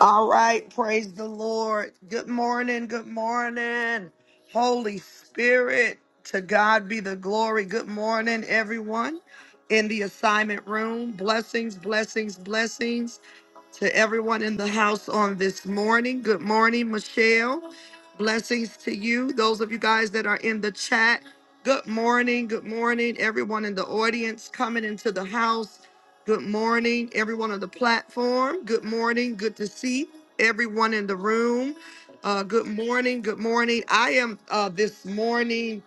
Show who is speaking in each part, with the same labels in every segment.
Speaker 1: All right, praise the Lord. Good morning, good morning. Holy Spirit, to God be the glory. Good morning, everyone in the assignment room. Blessings, blessings, blessings to everyone in the house on this morning. Good morning, Michelle. Blessings to you. Those of you guys that are in the chat, good morning, good morning. Everyone in the audience coming into the house. Good morning, everyone on the platform. Good morning. Good to see everyone in the room. Uh, good morning. Good morning. I am uh, this morning.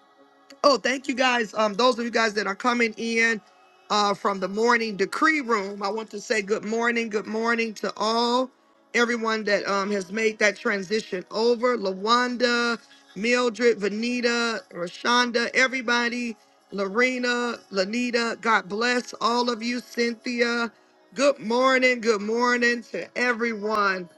Speaker 1: Oh, thank you guys. Um, those of you guys that are coming in uh, from the morning decree room, I want to say good morning, good morning to all everyone that um, has made that transition over. Lawanda, Mildred, Vanita, Rashonda, everybody, Lorena, Lanita, God bless all of you, Cynthia. Good morning, good morning to everyone.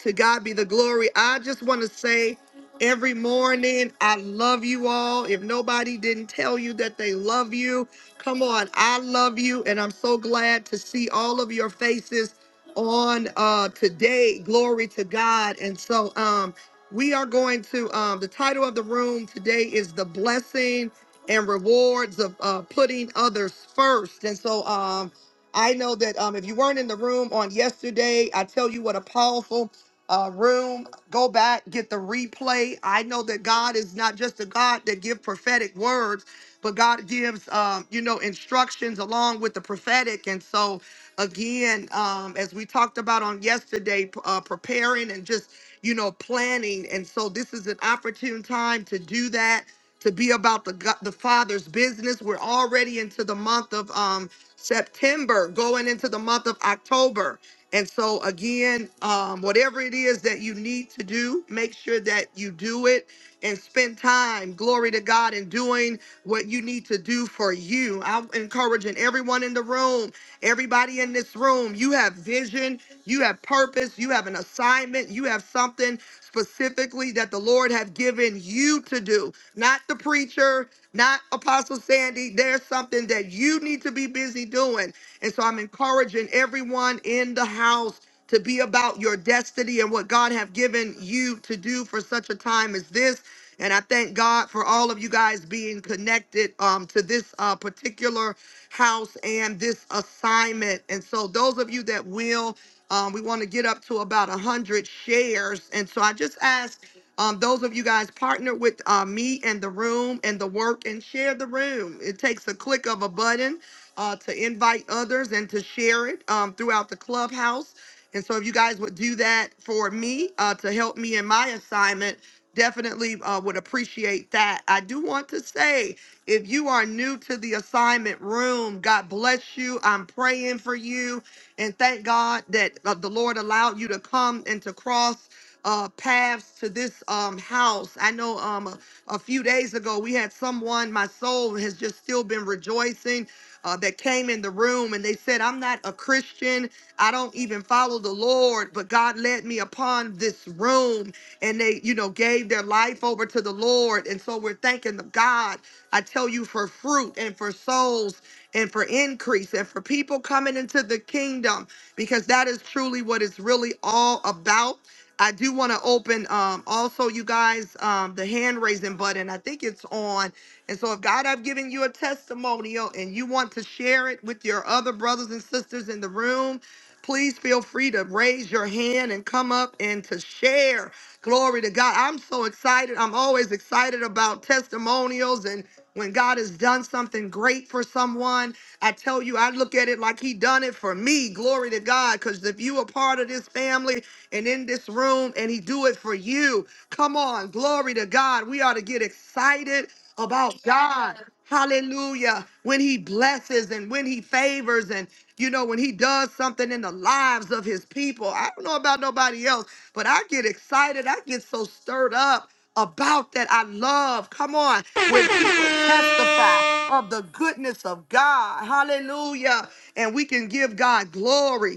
Speaker 1: To God be the glory. I just want to say every morning, I love you all. If nobody didn't tell you that they love you, come on. I love you. And I'm so glad to see all of your faces on uh today. Glory to God. And so um we are going to um the title of the room today is the blessing and rewards of uh putting others first. And so um I know that um, if you weren't in the room on yesterday, I tell you what a powerful uh, room. Go back, get the replay. I know that God is not just a God that give prophetic words, but God gives, um, you know, instructions along with the prophetic. And so, again, um, as we talked about on yesterday, p- uh, preparing and just, you know, planning. And so, this is an opportune time to do that. To be about the go- the Father's business. We're already into the month of um, September, going into the month of October. And so, again, um, whatever it is that you need to do, make sure that you do it and spend time, glory to God, in doing what you need to do for you. I'm encouraging everyone in the room, everybody in this room, you have vision, you have purpose, you have an assignment, you have something specifically that the Lord have given you to do, not the preacher, not Apostle Sandy. There's something that you need to be busy doing. And so I'm encouraging everyone in the house to be about your destiny and what God have given you to do for such a time as this. And I thank God for all of you guys being connected um, to this uh, particular house and this assignment. And so, those of you that will, um, we want to get up to about 100 shares. And so, I just ask um, those of you guys partner with uh, me and the room and the work and share the room. It takes a click of a button uh, to invite others and to share it um, throughout the clubhouse. And so, if you guys would do that for me uh, to help me in my assignment, definitely uh, would appreciate that. I do want to say if you are new to the assignment room, God bless you. I'm praying for you. And thank God that uh, the Lord allowed you to come and to cross. Uh, paths to this um, house. I know um, a, a few days ago we had someone, my soul has just still been rejoicing uh, that came in the room and they said, I'm not a Christian. I don't even follow the Lord, but God led me upon this room and they, you know, gave their life over to the Lord. And so we're thanking the God, I tell you, for fruit and for souls and for increase and for people coming into the kingdom because that is truly what it's really all about. I do want to open um, also, you guys, um, the hand raising button. I think it's on. And so, if God, I've given you a testimonial and you want to share it with your other brothers and sisters in the room, please feel free to raise your hand and come up and to share. Glory to God. I'm so excited. I'm always excited about testimonials and when God has done something great for someone. I tell you, I look at it like He done it for me. Glory to God. Because if you are part of this family and in this room and He do it for you, Come on, glory to God. We ought to get excited about God. Hallelujah. When he blesses and when he favors and you know when he does something in the lives of his people. I don't know about nobody else, but I get excited. I get so stirred up about that. I love. Come on, when people testify of the goodness of God. Hallelujah. And we can give God glory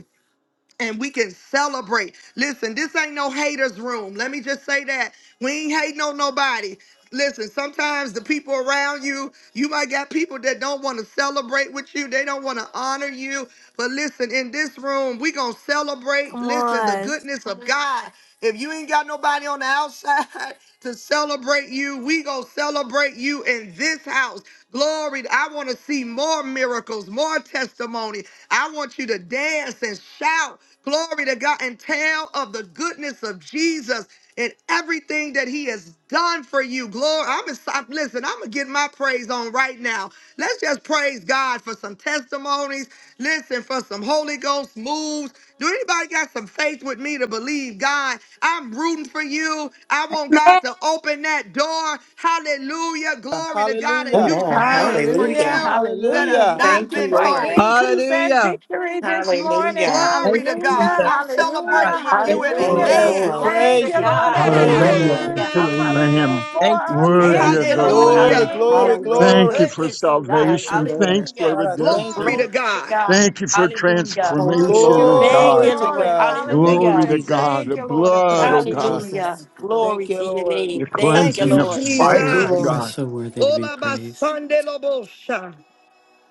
Speaker 1: and we can celebrate. Listen, this ain't no haters room. Let me just say that. We ain't hating on nobody. Listen, sometimes the people around you, you might got people that don't want to celebrate with you. They don't want to honor you. But listen, in this room, we going to celebrate, listen, the goodness of God. If you ain't got nobody on the outside to celebrate you, we gonna celebrate you in this house. Glory. I want to see more miracles, more testimony. I want you to dance and shout. Glory to God and tell of the goodness of Jesus and everything that he has done for you. Glory. I'm excited. Listen, I'm gonna get my praise on right now. Let's just praise God for some testimonies. Listen, for some Holy Ghost moves. Do anybody got some faith with me to believe God? I'm rooting for you. I
Speaker 2: Amen.
Speaker 1: want God
Speaker 2: That
Speaker 1: to open that door. Hallelujah. Glory to God and do
Speaker 3: Hallelujah.
Speaker 4: Amen.
Speaker 1: some things for
Speaker 5: Hallelujah,
Speaker 4: Hallelujah.
Speaker 1: you that have
Speaker 5: hallelujah.
Speaker 3: Hallelujah.
Speaker 1: not
Speaker 5: Thank
Speaker 4: Thank
Speaker 5: you
Speaker 4: you,
Speaker 1: been
Speaker 5: for
Speaker 4: Lord.
Speaker 1: told.
Speaker 5: increase and
Speaker 6: Hallelujah.
Speaker 5: victory this morning.
Speaker 4: Hallelujah.
Speaker 1: Glory
Speaker 6: Thank
Speaker 1: to
Speaker 6: you,
Speaker 1: God.
Speaker 5: Hallelujah,
Speaker 6: Jesus.
Speaker 1: I'm
Speaker 6: Yes,
Speaker 5: hallelujah,
Speaker 6: God.
Speaker 1: celebrating with you
Speaker 6: Thank
Speaker 1: in
Speaker 6: you,
Speaker 4: Thank
Speaker 5: hallelujah.
Speaker 6: Lord.
Speaker 4: you,
Speaker 7: Hallelujah.
Speaker 3: Yes, we
Speaker 4: Lord.
Speaker 1: advance.
Speaker 7: Glory
Speaker 5: Thank
Speaker 7: to
Speaker 3: praise
Speaker 5: you,
Speaker 3: you.
Speaker 5: Lord,
Speaker 3: We
Speaker 5: of
Speaker 7: God.
Speaker 5: the
Speaker 4: Thank you,
Speaker 3: praise
Speaker 6: Glory.
Speaker 3: you.
Speaker 8: Hallelujah
Speaker 4: Lord.
Speaker 8: to
Speaker 5: breakthrough
Speaker 7: Hallelujah.
Speaker 5: for
Speaker 8: the
Speaker 5: coming
Speaker 7: Hallelujah.
Speaker 5: through
Speaker 8: Lamb.
Speaker 5: for
Speaker 6: Thank you,
Speaker 5: us. We
Speaker 8: Worthy
Speaker 6: Jesus.
Speaker 7: Thank
Speaker 8: of
Speaker 7: you,
Speaker 8: the
Speaker 5: bless
Speaker 7: Lord.
Speaker 5: your
Speaker 3: Glory,
Speaker 8: Lamb.
Speaker 1: Hallelujah.
Speaker 5: name
Speaker 3: glory,
Speaker 5: this
Speaker 7: Hallelujah. For your
Speaker 5: morning.
Speaker 4: Hallelujah.
Speaker 8: Thank you
Speaker 3: glory.
Speaker 8: for
Speaker 7: goodness, oh God.
Speaker 4: Thank you,
Speaker 8: salvation.
Speaker 4: Lord.
Speaker 8: Thanks for
Speaker 7: Hallelujah.
Speaker 3: God, I thank
Speaker 1: Glory
Speaker 8: redemption.
Speaker 1: to
Speaker 3: you.
Speaker 7: Glory to
Speaker 1: God.
Speaker 7: God.
Speaker 8: Thank you for
Speaker 7: Hallelujah.
Speaker 4: Thank you,
Speaker 5: Glory,
Speaker 8: transformation,
Speaker 4: Lord.
Speaker 8: oh
Speaker 5: glory,
Speaker 7: Thank
Speaker 3: Glory
Speaker 8: God.
Speaker 7: you,
Speaker 3: to
Speaker 7: Lord.
Speaker 5: glory.
Speaker 3: God.
Speaker 6: Thank you,
Speaker 8: Glory
Speaker 7: Hallelujah.
Speaker 8: to
Speaker 5: Hallelujah.
Speaker 6: Jesus.
Speaker 8: God.
Speaker 5: Thank
Speaker 8: The
Speaker 5: you, Lord, of the
Speaker 8: blood, oh
Speaker 4: Thank you,
Speaker 5: breakthrough.
Speaker 8: God.
Speaker 5: We
Speaker 7: Hallelujah.
Speaker 4: Jesus.
Speaker 5: thank you, Lord.
Speaker 7: Glory
Speaker 3: Thank you,
Speaker 7: to your
Speaker 3: Lord.
Speaker 7: name.
Speaker 8: Your
Speaker 7: Thank
Speaker 9: Thank
Speaker 7: you,
Speaker 1: Thank
Speaker 9: you,
Speaker 8: cleansing,
Speaker 1: you,
Speaker 8: your
Speaker 7: Lord.
Speaker 9: Father.
Speaker 4: Thank you,
Speaker 8: fire, oh
Speaker 9: You are
Speaker 1: Jesus.
Speaker 4: Lord.
Speaker 8: God.
Speaker 9: so worthy to be
Speaker 1: Ola
Speaker 9: praised.
Speaker 1: basande lobosha.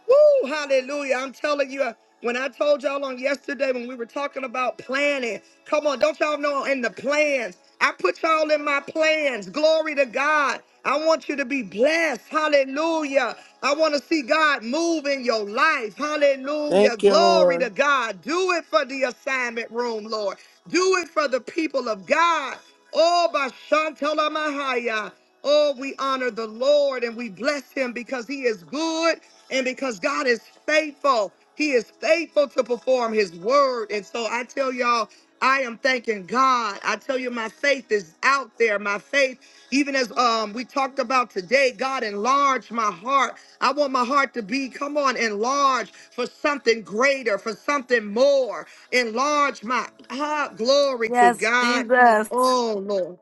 Speaker 1: Woo, hallelujah. I'm telling you, uh, when I told y'all on yesterday when we were talking about planning, come on, don't y'all know in the plans? I put y'all in my plans. Glory to God. I want you to be blessed. Hallelujah. I want to see God move in your life. Hallelujah.
Speaker 3: Thank you,
Speaker 1: Glory to
Speaker 3: Lord.
Speaker 1: God. Do it for the assignment room, Lord. Do it for the people of God. Oh, by Shantala Mahaya. Oh, we honor the Lord and we bless him because he is good and because God is faithful, He is faithful to perform His word. And so I tell y'all, I am thanking God. I tell you, my faith is out there. My faith, even as um, we talked about today, God enlarged my heart. I want my heart to be, come on, enlarged for something greater, for something more. Enlarge my heart. Glory to
Speaker 10: Yes,
Speaker 1: God.
Speaker 10: Jesus.
Speaker 1: Oh, Lord.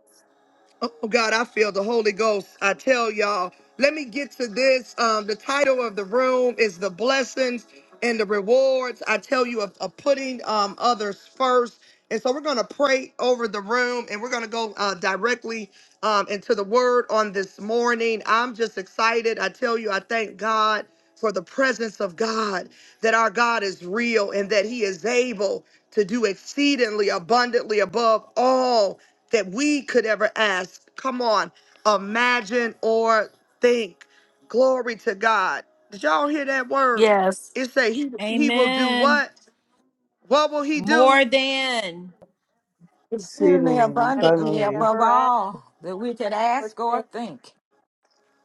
Speaker 1: Oh oh, God, I feel the Holy Ghost. I tell y'all. Let me get to this. Um, the title of the room is the blessings and the rewards. I tell you of, of putting um, others first. And so we're gonna pray over the room, and we're gonna go uh, directly um, into the Word on this morning. I'm just excited. I tell you, I thank God for the presence of God. That our God is real and that He is able to do exceedingly abundantly above all that we could ever ask. Come on, imagine or think. Glory to God. Did y'all hear that word?
Speaker 10: Yes,
Speaker 1: It say he he will do
Speaker 11: Amen.
Speaker 1: what? What will he do?
Speaker 11: More than.
Speaker 5: Exceedingly
Speaker 3: Exceedingly and
Speaker 2: we should
Speaker 5: abundantly
Speaker 3: abundantly.
Speaker 5: above
Speaker 2: Never ask
Speaker 5: all that we could
Speaker 2: or
Speaker 5: ask or
Speaker 2: think.
Speaker 5: think.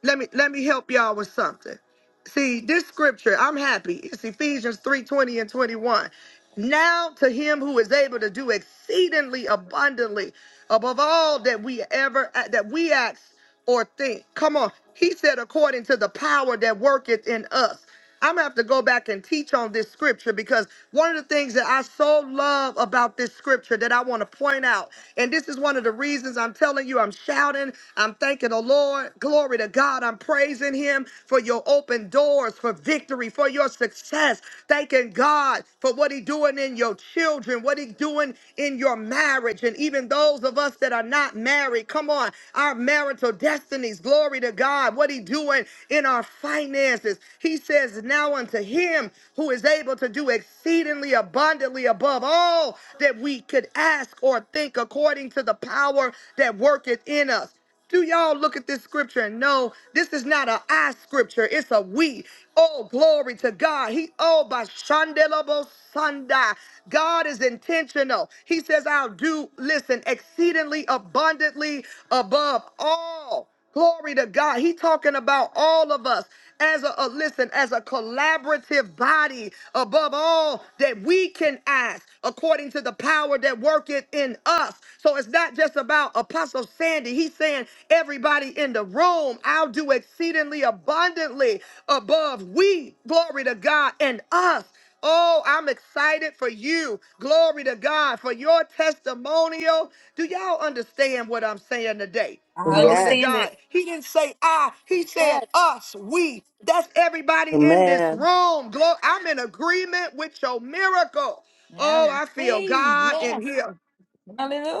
Speaker 1: let me let me help y'all with something. See, this scripture, I'm happy. It's Ephesians 3:20 and 21. Now to him who is able to do exceedingly abundantly above all that we ever uh, that we ask or think. Come on. He said according to the power that worketh in us. I'm gonna have to go back and teach on this scripture because one of the things that I so love about this scripture that I want to point out, and this is one of the reasons I'm telling you, I'm shouting, I'm thanking the Lord, glory to God, I'm praising Him for your open doors, for victory, for your success, thanking God for what He doing in your children, what He doing in your marriage, and even those of us that are not married. Come on. Our marital destinies. Glory to God. What he doing in our finances. He says, now unto him who is able to do exceedingly abundantly above all that we could ask or think according to the power that worketh in us. Do y'all look at this scripture and know this is not a I scripture, it's a we. Oh, glory to God. He oh by Shandelabo Sunday. God is intentional. He says, I'll do, listen, exceedingly abundantly above all. Glory to God. He talking about all of us as a, a- listen, as a collaborative body above all that we can ask according to the power that worketh in us. So it's not just about Apostle Sandy. He's saying everybody in the room, I'll do exceedingly abundantly above we, glory to God, and us. Oh, I'm excited for you. Glory to God for your testimonial. Do y'all understand what I'm saying today?
Speaker 11: I
Speaker 1: Glory to
Speaker 4: Yes.
Speaker 11: understand it.
Speaker 1: God. He didn't say I, he said
Speaker 2: Yes.
Speaker 1: us, we. That's everybody in this
Speaker 3: Amen.
Speaker 1: room. Glory, I'm in agreement with your miracle.
Speaker 5: And
Speaker 1: Oh,
Speaker 5: I
Speaker 1: I feel
Speaker 5: receive,
Speaker 1: God in
Speaker 5: yes.
Speaker 1: here.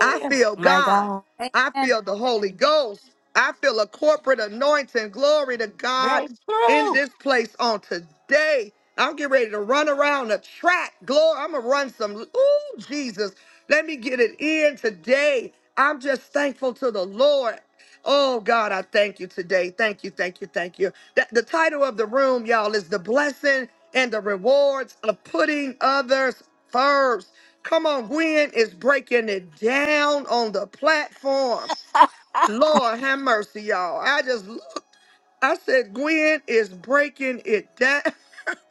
Speaker 1: I feel
Speaker 10: my
Speaker 1: God.
Speaker 10: God.
Speaker 1: I
Speaker 2: Amen.
Speaker 1: feel the Holy
Speaker 2: Amen.
Speaker 1: Ghost. I feel a corporate anointing. Glory to God in
Speaker 5: Breakthrough.
Speaker 1: this place on today. I'm getting ready to run around the track. Glory. I'm going to run some. Ooh, Jesus. Let me get it in today. I'm just thankful to the Lord. Oh, God, I thank you today. Thank you, thank you, thank you. That, the title of the room, y'all, is The Blessing and the Rewards of Putting Others First. Come on, Gwen is breaking it down on the platform. Lord have mercy, y'all. I just looked. I said, Gwen is breaking it down.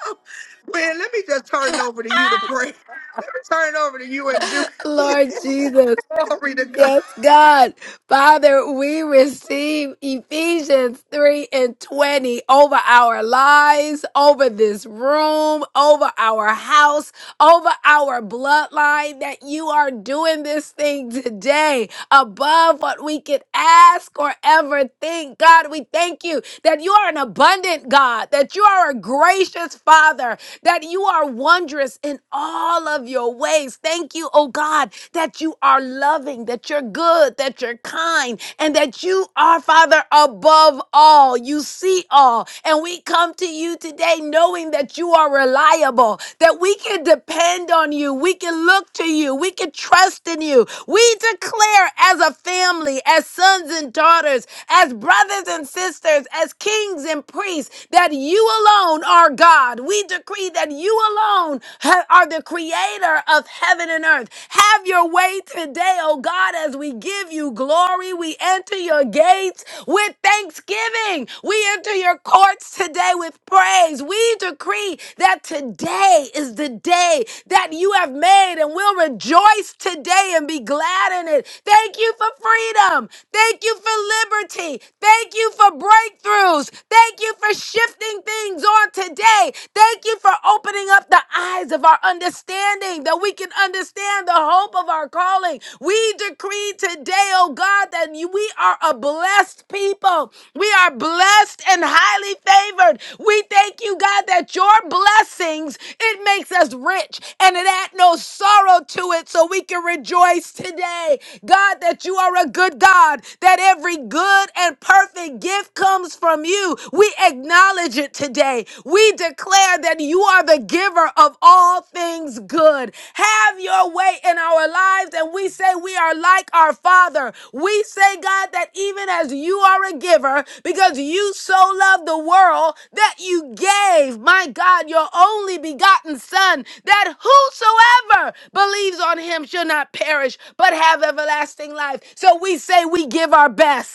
Speaker 1: Gwen, let me just turn it over to you to pray. Let me turn it over to you and Judy.
Speaker 10: Lord Jesus.
Speaker 1: Glory to God.
Speaker 10: Yes, God. Father, we receive Ephesians 3 and 20 over our lives, over this room, over our house, over our bloodline, that you are doing this thing today above what we could ask or ever think. God, we thank you that you are an abundant God, that you are a gracious Father, that you are wondrous in all of your ways. Thank you, oh God, that you are loving, that you're good, that you're kind, and that you are, Father, above all. You see all. And we come to you today knowing that you are reliable, that we can depend on you, we can look to you, we can trust in you. We declare as a family, as sons and daughters, as brothers and sisters, as kings and priests, that you alone alone are God. We decree that you alone ha- are the creator of heaven and earth. Have your way today, oh God, as we give you glory. We enter your gates with thanksgiving. We enter your courts today with praise. We decree that today is the day that you have made and we'll rejoice today and be glad in it. Thank you for freedom. Thank you for liberty. Thank you for breakthroughs. Thank you you for shifting things on today. Thank you for opening up the eyes of our understanding that we can understand the hope of our calling. We decree today, oh God, that you- we are a blessed people. We are blessed and highly favored. We thank you, God, that your blessings, it makes us rich and it add no sorrow to it so we can rejoice today. God, that you are a good God, that every good and perfect gift gift comes from you. We acknowledge it today. We declare that you are the giver of all things good. Have your way in our lives. And we say we are like our Father. We say, God, that even as you are a giver, because you so loved the world that you gave, my God, your only begotten Son, that whosoever believes on him shall not perish, but have everlasting life. So we say we give our best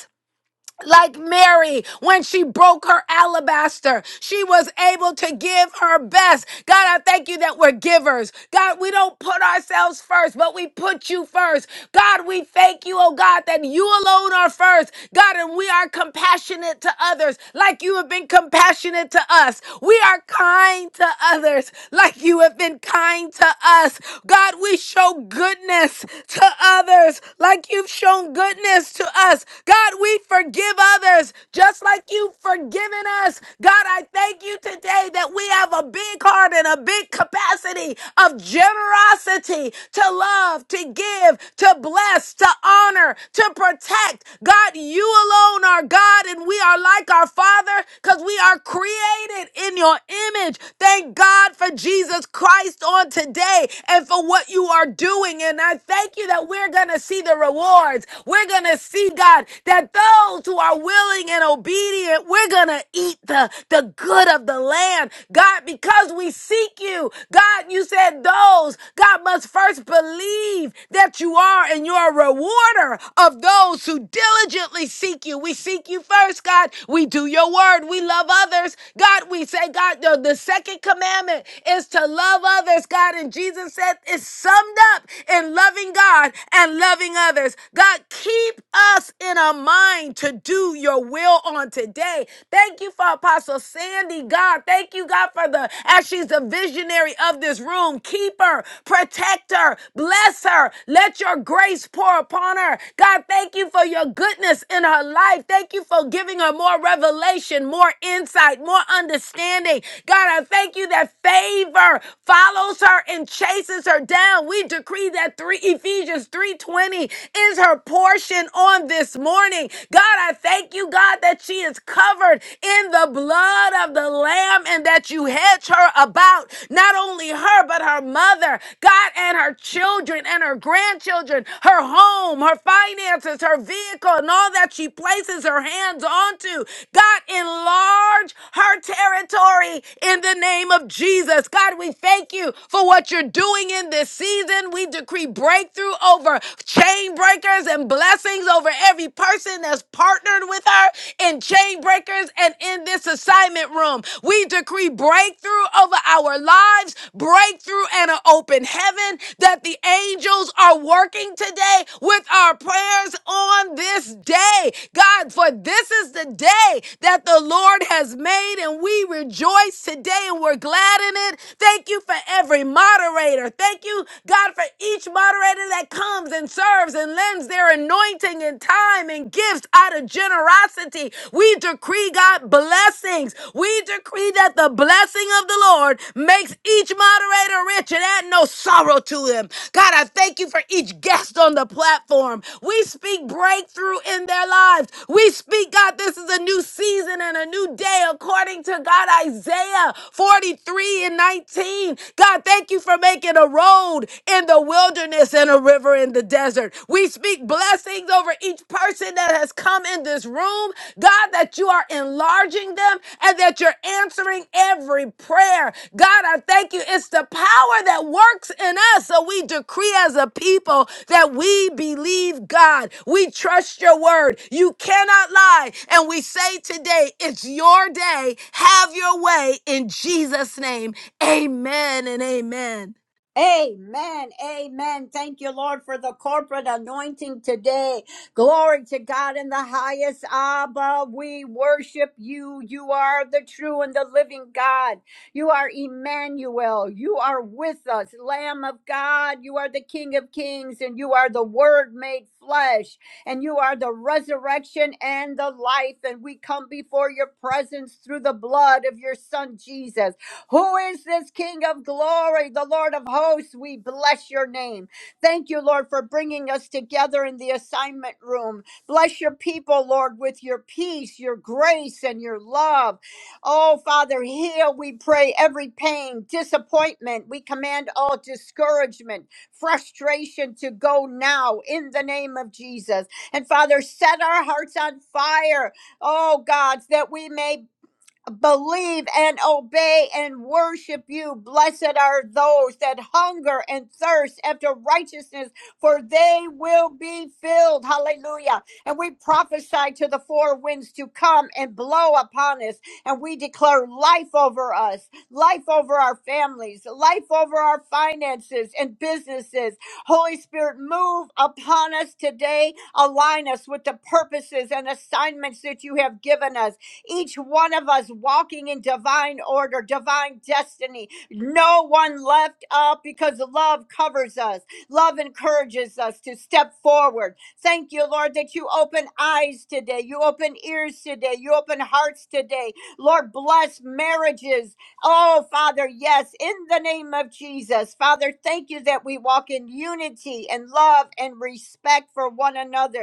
Speaker 10: like Mary when she broke her alabaster. She was able to give her best. God, I thank you that we're givers. God, we don't put ourselves first, but we put you first. God, we thank you, oh God, that you alone are first. God, and we are compassionate to others like you have been compassionate to us. We are kind to others like you have been kind to us. God, we show goodness to others like you've shown goodness to us. God, we forgive others just like you've forgiven us. God, I thank you today that we have a big heart and a big capacity of generosity to love, to give, to bless, to honor, to protect. God, you alone are God and we are like our Father because we are created in your image. Thank God for Jesus Christ on today and for what you are doing. And I thank you that we're going to see the rewards. We're going to see, God, that those who are willing and obedient, we're going to eat the, the good of the land. God, because we seek you, God, you said those, God, must first believe that you are and you're a rewarder of those who diligently seek you. We seek you first, God. We do your word. We love others. God, we say, God, the, the second commandment is to love others, God. And Jesus said it's summed up in loving God and loving helping others. God, keep us in our mind to do your will on today. Thank you for Apostle Sandy, God. Thank you, God, for the, as she's the visionary of this room, keep her, protect her, bless her. Let your grace pour upon her. God, thank you for your goodness in her life. Thank you for giving her more revelation, more insight, more understanding. God, I thank you that favor follows her and chases her down. We decree that three Ephesians 3:20 is her portion on this morning. God, I thank you, God, that she is covered in the blood of the Lamb and that you hedge her about, not only her, but her mother, God, and her children and her grandchildren, her home, her finances, her vehicle, and all that she places her hands onto. God, enlarge her territory in the name of Jesus. God, we thank you for what you're doing in this season season. We decree breakthrough over chain breakers and blessings over every person that's partnered with her in chain breakers and in this assignment room. We decree breakthrough over our lives, breakthrough and an open heaven that the angels are working today with our prayers on this day. God, for this is the day that the Lord has made and we rejoice today and we're glad in it. Thank you for every moderator moderator. Thank you, God, for each moderator that comes and serves and lends their anointing and time and gifts out of generosity. We decree, God, blessings. We decree that the blessing of the Lord makes each moderator rich and add no sorrow to them. God, I thank you for each guest on the platform. We speak breakthrough in their lives. We speak, God, this is a new season and a new day according to God, Isaiah 43 and 19. God, thank you for making a road in the wilderness and a river in the desert. We speak blessings over each person that has come in this room. God, that you are enlarging them and that you're answering every prayer. God, I thank you. It's the power that works in us. So we decree as a people that we believe God. We trust your word. You cannot lie. And we say today, it's your day. Have your way in Jesus' name. Amen and amen.
Speaker 2: Amen. Amen. Thank you, Lord, for the corporate anointing today. Glory to God in the highest. Abba, we worship you. You are the true and the living God. You are Emmanuel. You are with us, Lamb of God. You are the King of Kings, and you are the Word made flesh, and you are the resurrection and the life. And we come before your presence through the blood of your Son, Jesus. Who is this King of glory, the Lord of hosts? We bless your name. Thank you, Lord, for bringing us together in the assignment room. Bless your people, Lord, with your peace, your grace, and your love. Oh, Father, heal, we pray, every pain, disappointment. We command all discouragement, frustration to go now in the name of Jesus. And Father, set our hearts on fire, oh God, that we may believe and obey and worship you. Blessed are those that hunger and thirst after righteousness, for they will be filled. Hallelujah. And we prophesy to the four winds to come and blow upon us, and we declare life over us, life over our families, life over our finances and businesses. Holy Spirit, move upon us today. Align us with the purposes and assignments that you have given us each one of us walking in divine order, divine destiny. No one left out because love covers us. Love encourages us to step forward. Thank you, Lord, that you open eyes today. You open ears today. You open hearts today. Lord, bless marriages. Oh, Father, yes, in the name of Jesus. Father, thank you that we walk in unity and love and respect for one another.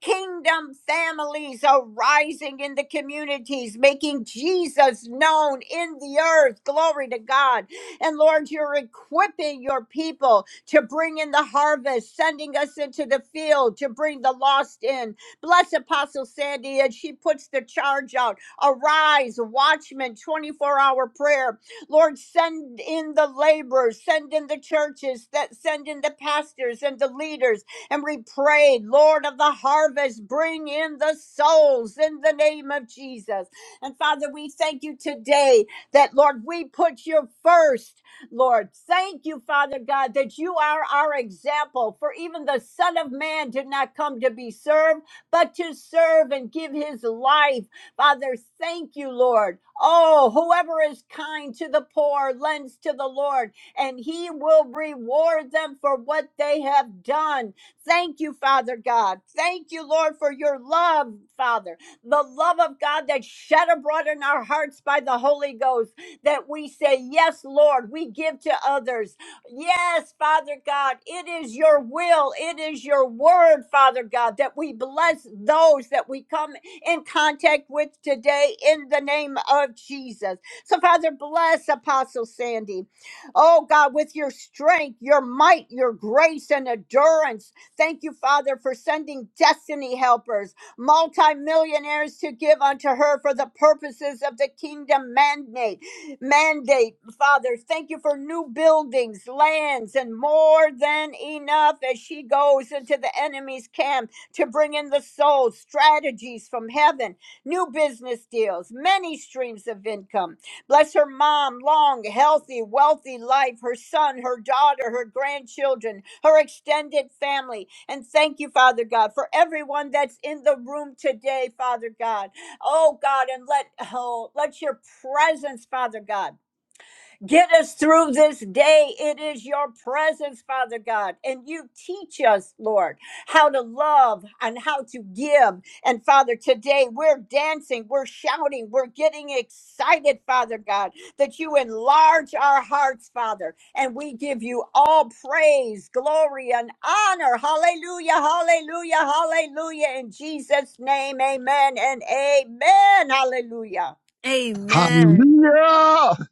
Speaker 2: Kingdom families are rising in the communities, making Jesus known in the earth. Glory to God. And Lord, you're equipping your people to bring in the harvest, sending us into the field to bring the lost in. Bless Apostle Sandy as she puts the charge out. Arise, watchman, 24 hour prayer. Lord, send in the laborers, send in the churches, that send in the pastors and the leaders and we prayed, Lord of the harvest, bring in the souls in the name of Jesus. And Father, we thank you today that, Lord, we put you first. Lord, thank you, Father God, that you are our example. For even the Son of Man did not come to be served, but to serve and give his life. Father, thank you, Lord. Oh, whoever is kind to the poor lends to the Lord, and he will reward them for what they have done. Thank you, Father God. Thank you, Lord, for your love, Father. The love of God that's shed abroad in our hearts by the Holy Ghost that we say, Yes, Lord, we give to others. Yes, Father God, it is your will, it is your word, Father God, that we bless those that we come in contact with today in the name of Jesus. So, Father, bless Apostle Sandy. Oh God, with your strength, your might, your grace, and endurance. Thank you, Father, for sending destiny helpers, multimillionaires to give unto her for the purposes of the kingdom mandate. Mandate, Father, thank you for new buildings, lands, and more than enough as she goes into the enemy's camp to bring in the souls, strategies from heaven, new business deals, many streams of income. Bless her mom, long, healthy, wealthy life, her son, her daughter, her grandchildren, her extended family. And thank you, Father God, for everyone that's in the room today, Father God. Oh God, and let oh, let your presence, Father God. Get us through this day. It is your presence, Father God. And you teach us, Lord, how to love and how to give. And Father, today we're dancing, we're shouting, we're getting excited, Father God, that you enlarge our hearts, Father. And we give you all praise, glory, and honor. Hallelujah, hallelujah, hallelujah. In Jesus' name, amen and amen. Hallelujah.
Speaker 10: Amen.
Speaker 8: Hallelujah.